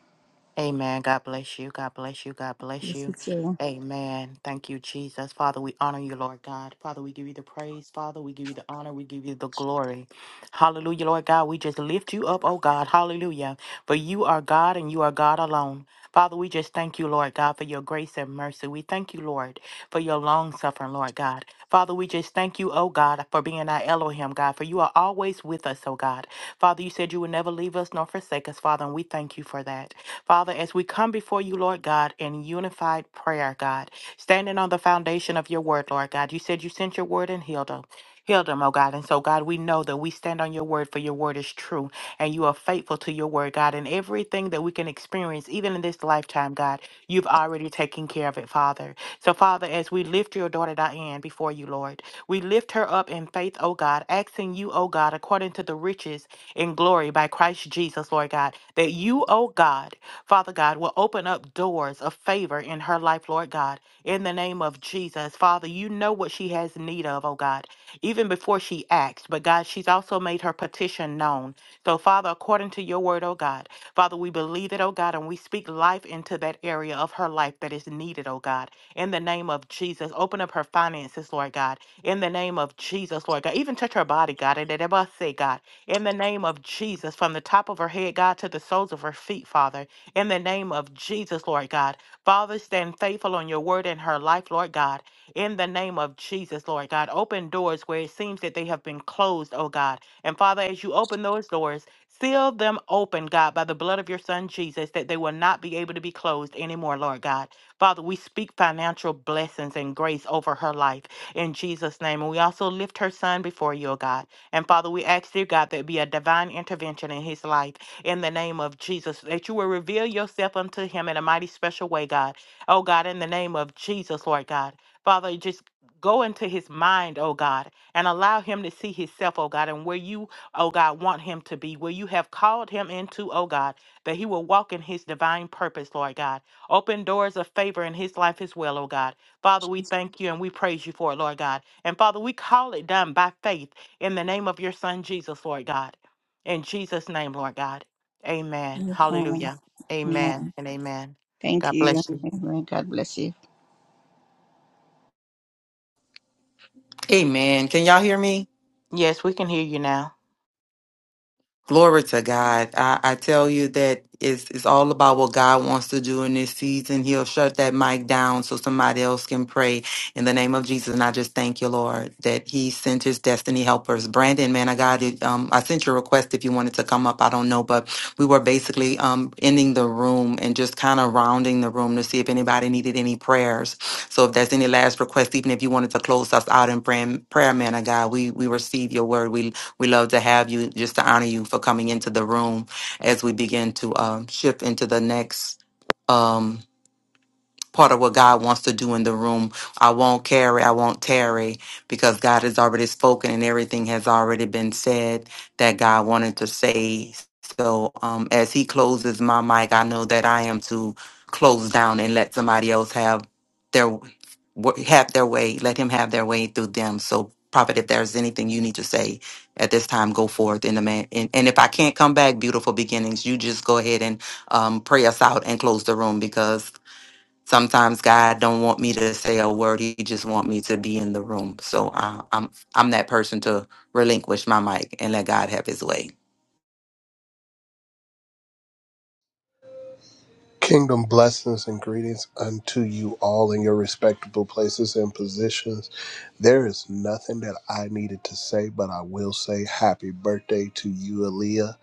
Amen. God bless you. God bless you. God bless Yes, you you. too. Amen. Thank you, Jesus. Father, we honor you, Lord God. Father, we give you the praise. Father, we give you the honor. We give you the glory. Hallelujah, Lord God. We just lift you up, oh God. Hallelujah. For you are God and you are God alone. Father, we just thank you, Lord God, for your grace and mercy. We thank you, Lord, for your long suffering, Lord God. Father, we just thank you, oh God, for being our Elohim, God, for you are always with us, oh God. Father, you said you would never leave us nor forsake us, Father, and we thank you for that. Father, as we come before you, Lord God, in unified prayer, God, standing on the foundation of your word, Lord God, you said you sent your word and healed them. Healed them, oh God. And so, God, we know that we stand on your word, for your word is true, and you are faithful to your word, God. And everything that we can experience, even in this lifetime, God, you've already taken care of it, Father. So, Father, as we lift your daughter Diane before you, Lord, we lift her up in faith, oh God, asking you, oh God, according to the riches in glory by Christ Jesus, Lord God, that you, oh God, Father God, will open up doors of favor in her life, Lord God, in the name of Jesus. Father, you know what she has need of, oh God, even before she acts. But God, she's also made her petition known. So, Father, according to your word, oh God, Father, we believe it, oh God, and we speak life into that area of her life that is needed, oh God, in the name of Jesus. Open up her finances, Lord God, in the name of Jesus, Lord God. Even touch her body, God, and that I must say, God, in the name of Jesus, from the top of her head, God, to the soles of her feet, Father in the name of Jesus, Lord God. Father, stand faithful on your word in her life, Lord God. In the name of Jesus, Lord God. Open doors where it seems that they have been closed, oh God. And Father, as you open those doors, seal them open, God, by the blood of your son Jesus, that they will not be able to be closed anymore, Lord God. Father, we speak financial blessings and grace over her life in Jesus' name. And we also lift her son before you, oh God. And Father, we ask, dear God, that be a divine intervention in his life in the name of Jesus, that you will reveal yourself unto him in a mighty special way, God. Oh, God, in the name of Jesus, Lord God. Father, just go into his mind, oh God, and allow him to see himself, oh God, and where you, oh God, want him to be, where you have called him into, oh God, that he will walk in his divine purpose, Lord God. Open doors of favor in his life as well, oh God. Father, we thank you and we praise you for it, Lord God. And Father, we call it done by faith in the name of your Son, Jesus, Lord God. In Jesus' name, Lord God. Amen. Amen. Hallelujah. Amen. Amen and amen. Thank God you. bless you. Amen. God bless you. Amen. Can y'all hear me? Yes, we can hear you now. Glory to God. I, I tell you that it's, it's all about what God wants to do in this season. He'll shut that mic down so somebody else can pray in the name of Jesus. And I just thank you, Lord, that he sent his destiny helpers. Brandon, man, I got it. Um, I sent your request if you wanted to come up. I don't know, but we were basically um, ending the room and just kind of rounding the room to see if anybody needed any prayers. So if there's any last request, even if you wanted to close us out in prayer, prayer man of God, we, we receive your word. We we love to have you, just to honor you for coming into the room as we begin to um, shift into the next. um, part of what God wants to do in the room. I won't carry, I won't tarry, because God has already spoken and everything has already been said that God wanted to say. So um, as He closes my mic, I know that I am to close down and let somebody else have their w- have their way. Let Him have their way through them. So. Prophet, if there's anything you need to say at this time, go forth in the man. And, and if I can't come back, beautiful beginnings, you just go ahead and um, pray us out and close the room because Sometimes God don't want me to say a word. He just want me to be in the room. So uh, I'm I'm that person to relinquish my mic and let God have His way. Kingdom blessings and greetings unto you all in your respectable places and positions. There is nothing that I needed to say, but I will say happy birthday to you, Aaliyah,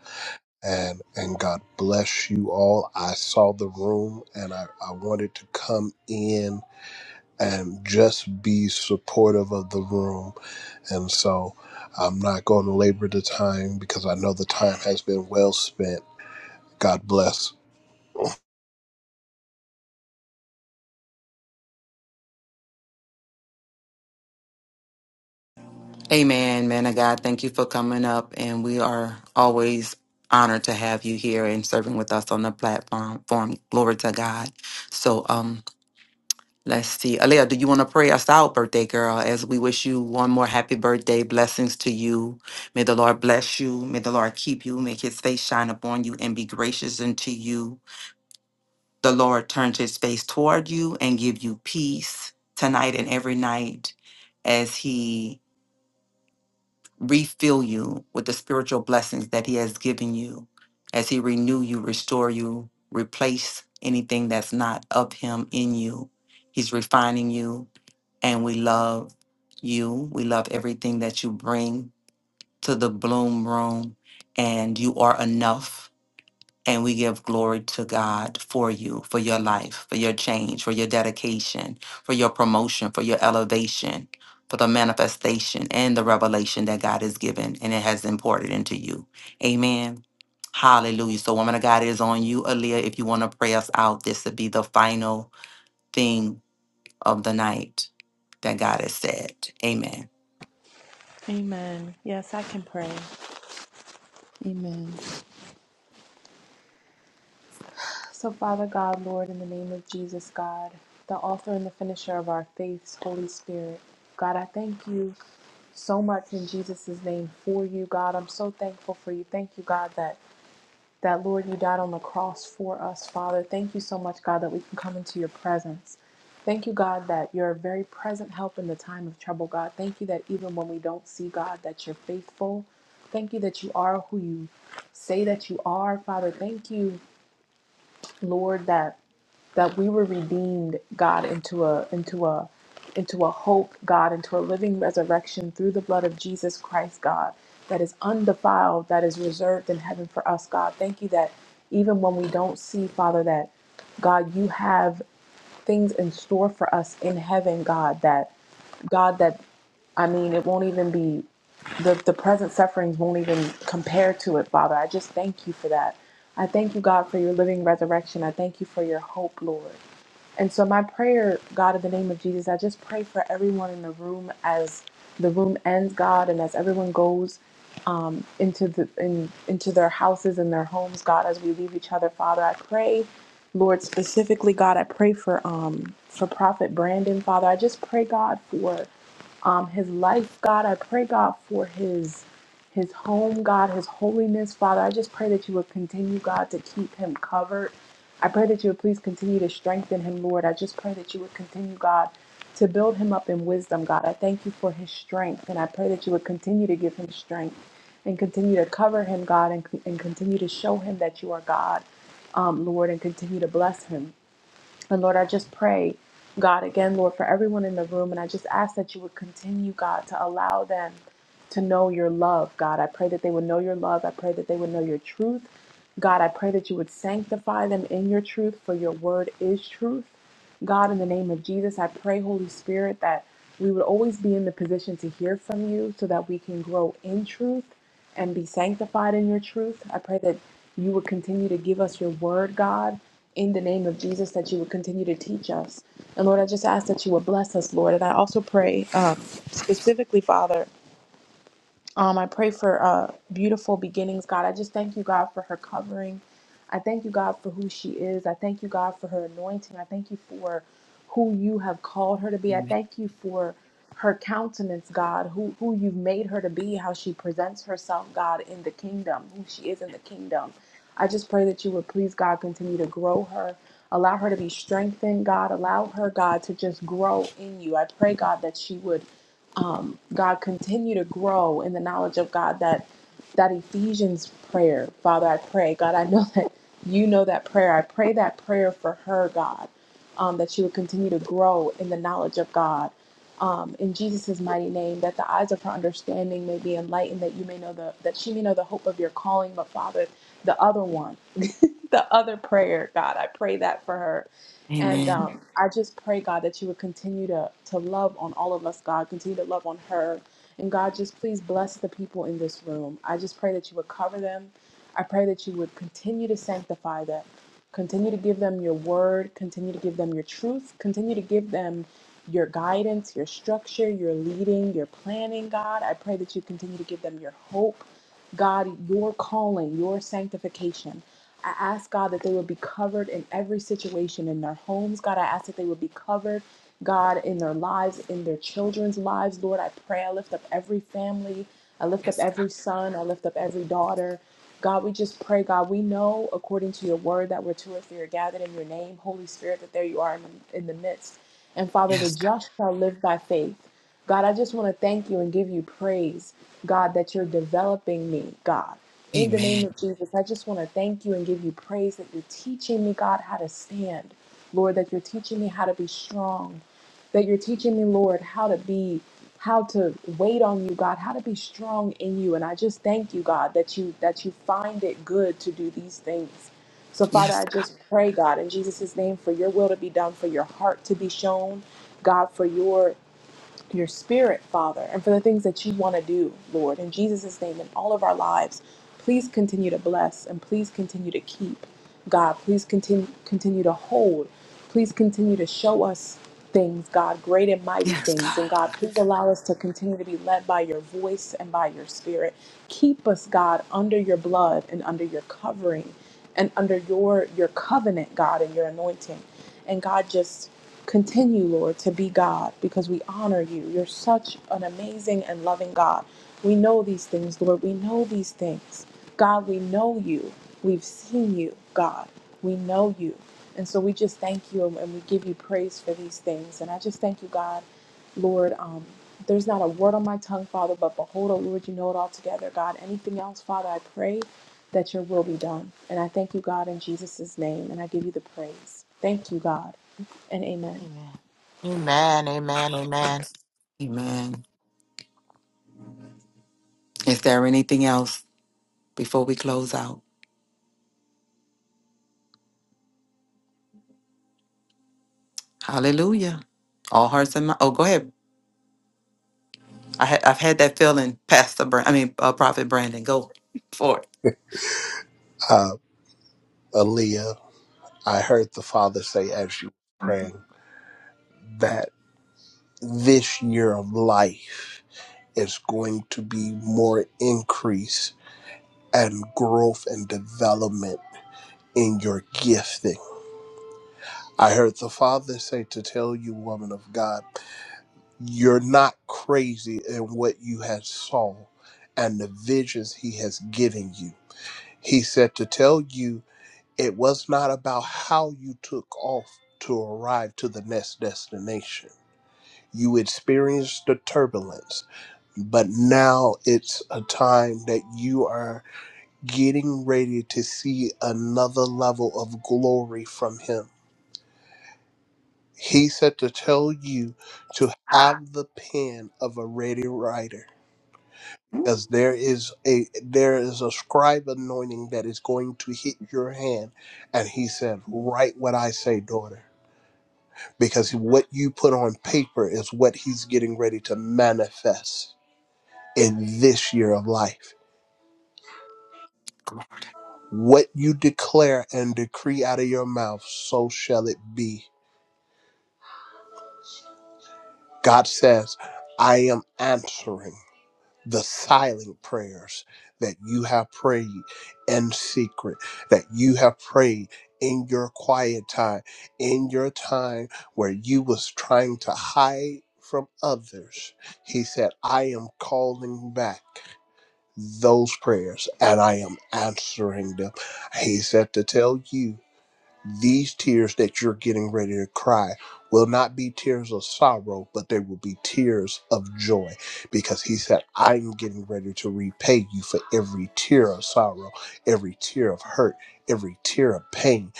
and and God bless you all. I saw the room and I, I wanted to come in and just be supportive of the room. And so I'm not going to labor the time because I know the time has been well spent. God bless. Amen, man of God. Thank you for coming up, and we are always honored to have you here and serving with us on the platform. Form glory to God. So um, let's see, Alea, do you want to pray us out, birthday girl? As we wish you one more happy birthday, blessings to you. May the Lord bless you. May the Lord keep you. Make His face shine upon you and be gracious unto you. The Lord turns his face toward you and give you peace tonight and every night as he refill you with the spiritual blessings that he has given you, as he renew you, restore you, replace anything that's not of him in you. He's refining you and we love you. We love everything that you bring to the bloom room and you are enough and we give glory to God for you, for your life, for your change, for your dedication, for your promotion, for your elevation, for the manifestation and the revelation that God has given and it has imported into you. Amen. Hallelujah. So, woman of God, it is on you, Aaliyah. If you want to pray us out, this would be the final thing of the night that God has said. Amen. Amen. Yes, I can pray. Amen. So, Father God, Lord, in the name of Jesus, God, the author and the finisher of our faiths, Holy Spirit, God, I thank you so much in Jesus' name for you, God. I'm so thankful for you. Thank you, God, that. that, Lord, you died on the cross for us, Father. Thank you so much, God, that we can come into your presence. Thank you, God, that you're a very present help in the time of trouble, God. Thank you that even when we don't see God, that you're faithful. Thank you that you are who you say that you are, Father. Thank you, Lord, that that we were redeemed, God, into a into a into a hope, God, into a living resurrection through the blood of Jesus Christ, God, that is undefiled, that is reserved in heaven for us, God. Thank you that even when we don't see, Father, that God, you have things in store for us in heaven, God, that God that I mean it won't even be the, the present sufferings won't even compare to it, Father. I just thank you for that. I thank you, God, for your living resurrection. I thank you for your hope, Lord. And so, my prayer, God, in the name of Jesus, I just pray for everyone in the room as the room ends, God, and as everyone goes um, into the in, into their houses and their homes, God, as we leave each other, Father, I pray, Lord, specifically, God, I pray for um for Prophet Brandon, Father, I just pray, God, for um his life, God, I pray, God, for his his home, God, his holiness, Father, I just pray that you would continue, God, to keep him covered. I pray that you would please continue to strengthen him, Lord. I just pray that you would continue, God, to build him up in wisdom, God. I thank you for his strength, and I pray that you would continue to give him strength and continue to cover him, God, and, and continue to show him that you are God, um, Lord, and continue to bless him. And Lord, I just pray, God, again, Lord, for everyone in the room. And I just ask that you would continue, God, to allow them to know your love, God. I pray that they would know your love. I pray that they would know your truth. God, I pray that you would sanctify them in your truth, for your word is truth. God, in the name of Jesus, I pray, Holy Spirit, that we would always be in the position to hear from you so that we can grow in truth and be sanctified in your truth. I pray that you would continue to give us your word, God, in the name of Jesus, that you would continue to teach us. And Lord, I just ask that you would bless us, Lord. And I also pray um, specifically, Father. Um, I pray for uh, beautiful beginnings, God. I just thank you, God, for her covering. I thank you, God, for who she is. I thank you, God, for her anointing. I thank you for who you have called her to be. I Amen. thank you for her countenance, God, who, who you've made her to be, how she presents herself, God, in the kingdom, who she is in the kingdom. I just pray that you would please, God, continue to grow her. Allow her to be strengthened, God. Allow her, God, to just grow in you. I pray, God, that she would um, God, continue to grow in the knowledge of God. That that Ephesians prayer, Father, I pray, God, I know that you know that prayer. I pray that prayer for her, God, um, that she would continue to grow in the knowledge of God. Um, in Jesus' mighty name, that the eyes of her understanding may be enlightened, that you may know the that she may know the hope of your calling. But Father, the other one, the other prayer, God, I pray that for her and Amen. um, I just pray, God, that you would continue to, to love on all of us, God. Continue to love on her. And God, just please bless the people in this room. I just pray that you would cover them. I pray that you would continue to sanctify them. Continue to give them your word. Continue to give them your truth. Continue to give them your guidance, your structure, your leading, your planning, God. I pray that you continue to give them your hope. God, your calling, your sanctification. I ask God that they would be covered in every situation in their homes. God, I ask that they would be covered, God, in their lives, in their children's lives. Lord, I pray. I lift up every family. I lift up every son. I lift up every daughter. God, we just pray, God, we know according to your word that we're two or three are gathered in your name, Holy Spirit, that there you are in the, in the midst. And Father, the just shall live by faith. God, I just want to thank you and give you praise, God, that you're developing me, God. In the name of Jesus, I just want to thank you and give you praise that you're teaching me, God, how to stand. Lord, that you're teaching me how to be strong. That you're teaching me, Lord, how to be, how to wait on you, God, how to be strong in you. And I just thank you, God, that you that you find it good to do these things. So, Father, Yes, I God. just pray, God, in Jesus' name, for your will to be done, for your heart to be shown, God, for your your spirit, Father, and for the things that you want to do, Lord, in Jesus' name, in all of our lives. Please continue to bless and please continue to keep. God, please continue continue to hold. Please continue to show us things, God, great and mighty yes, things. And God. God, please allow us to continue to be led by your voice and by your spirit. Keep us, God, under your blood and under your covering and under your your covenant, God, and your anointing. And God just Continue, Lord, to be God because we honor you. You're such an amazing and loving God. We know these things, Lord. We know these things. God, we know you. We've seen you, God. We know you. And so we just thank you and we give you praise for these things. And I just thank you, God, Lord. Um, there's not a word on my tongue, Father, but behold, oh Lord, you know it all together, God. Anything else, Father, I pray that your will be done. And I thank you, God, in Jesus' name. And I give you the praise. Thank you, God, and amen. Amen. Amen. Amen. Amen. Amen. Is there anything else before we close out? Hallelujah. All hearts and minds. Oh, go ahead. I ha- I've had that feeling, Pastor. Brand- I mean, uh, Prophet Brandon. Go for Uh, Aaliyah. I heard the Father say as you were praying that this year of life is going to be more increase and growth and development in your gifting. I heard the Father say to tell you, woman of God, you're not crazy in what you had saw and the visions He has given you. He said to tell you it was not about how you took off to arrive to the next destination You experienced the turbulence, but now it's a time that you are getting ready to see another level of glory from Him. He said to tell you to have the pen of a ready writer because there is a there is a scribe anointing that is going to hit your hand and he said write what i say daughter because what you put on paper is what he's getting ready to manifest in this year of life. What you declare and decree out of your mouth, so shall it be. God says, I am answering the silent prayers that you have prayed in secret, that you have prayed in your quiet time, in your time where you was trying to hide from others. He said, I am calling back. those prayers and I am answering them. He said to tell you these tears that you're getting ready to cry will not be tears of sorrow, but they will be tears of joy because he said, I'm getting ready to repay you for every tear of sorrow, every tear of hurt, every tear of pain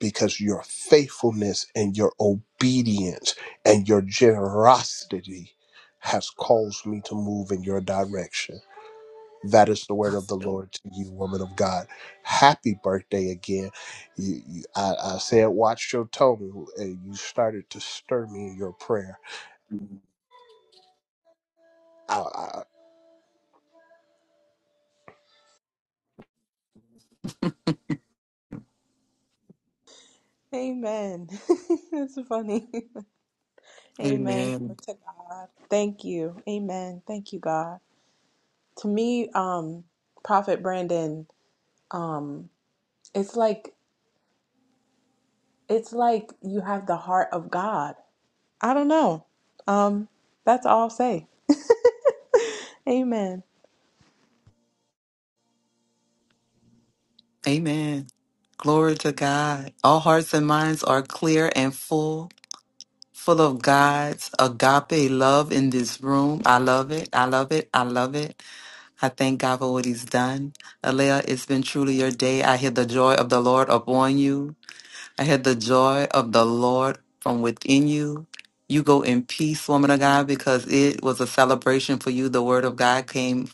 because your faithfulness and your obedience and your generosity has caused me to move in your direction. That is the word of the it. Lord to you, woman of God. Happy birthday again. You, you, I, I said, watch your tone, and you started to stir me in your prayer. Hallelujah. Amen. That's funny. Amen. Amen. Glory to God. Thank you. Amen. Thank you, God. To me, um, Prophet Brandon, um, it's like It's like you have the heart of God. I don't know. Um, that's all I'll say. Amen. Amen. Glory to God. All hearts and minds are clear and full, full of God's agape love in this room. I love it. I love it. I love it. I thank God for what He's done. Alea, it's been truly your day. I hear the joy of the Lord upon you. I hear the joy of the Lord from within you. You go in peace, woman of God, because it was a celebration for you. The word of God came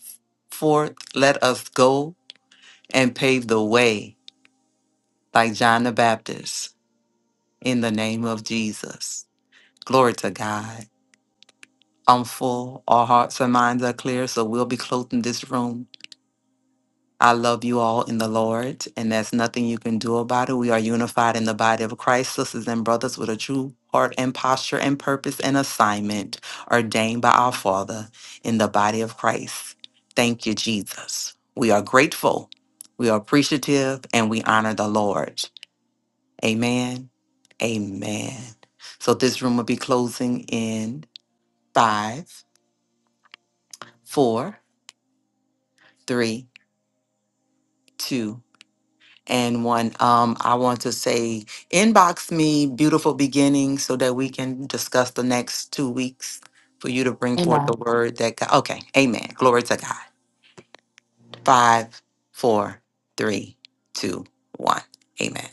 forth. Let us go and pave the way like John the Baptist, in the name of Jesus. Glory to God. I'm full. Our hearts and minds are clear, so we'll be closing this room. I love you all in the Lord, and there's nothing you can do about it. We are unified in the body of Christ, sisters and brothers, with a true heart and posture and purpose and assignment ordained by our Father in the body of Christ. Thank you, Jesus. We are grateful, we are appreciative, and we honor the Lord. Amen. Amen. So this room will be closing in five, four, three, two, and one. Um, I want to say inbox me beautiful beginning so that we can discuss the next two weeks for you to bring Amen. forth the word that God okay, amen. Glory to God. Five, four, three, two, one. Amen.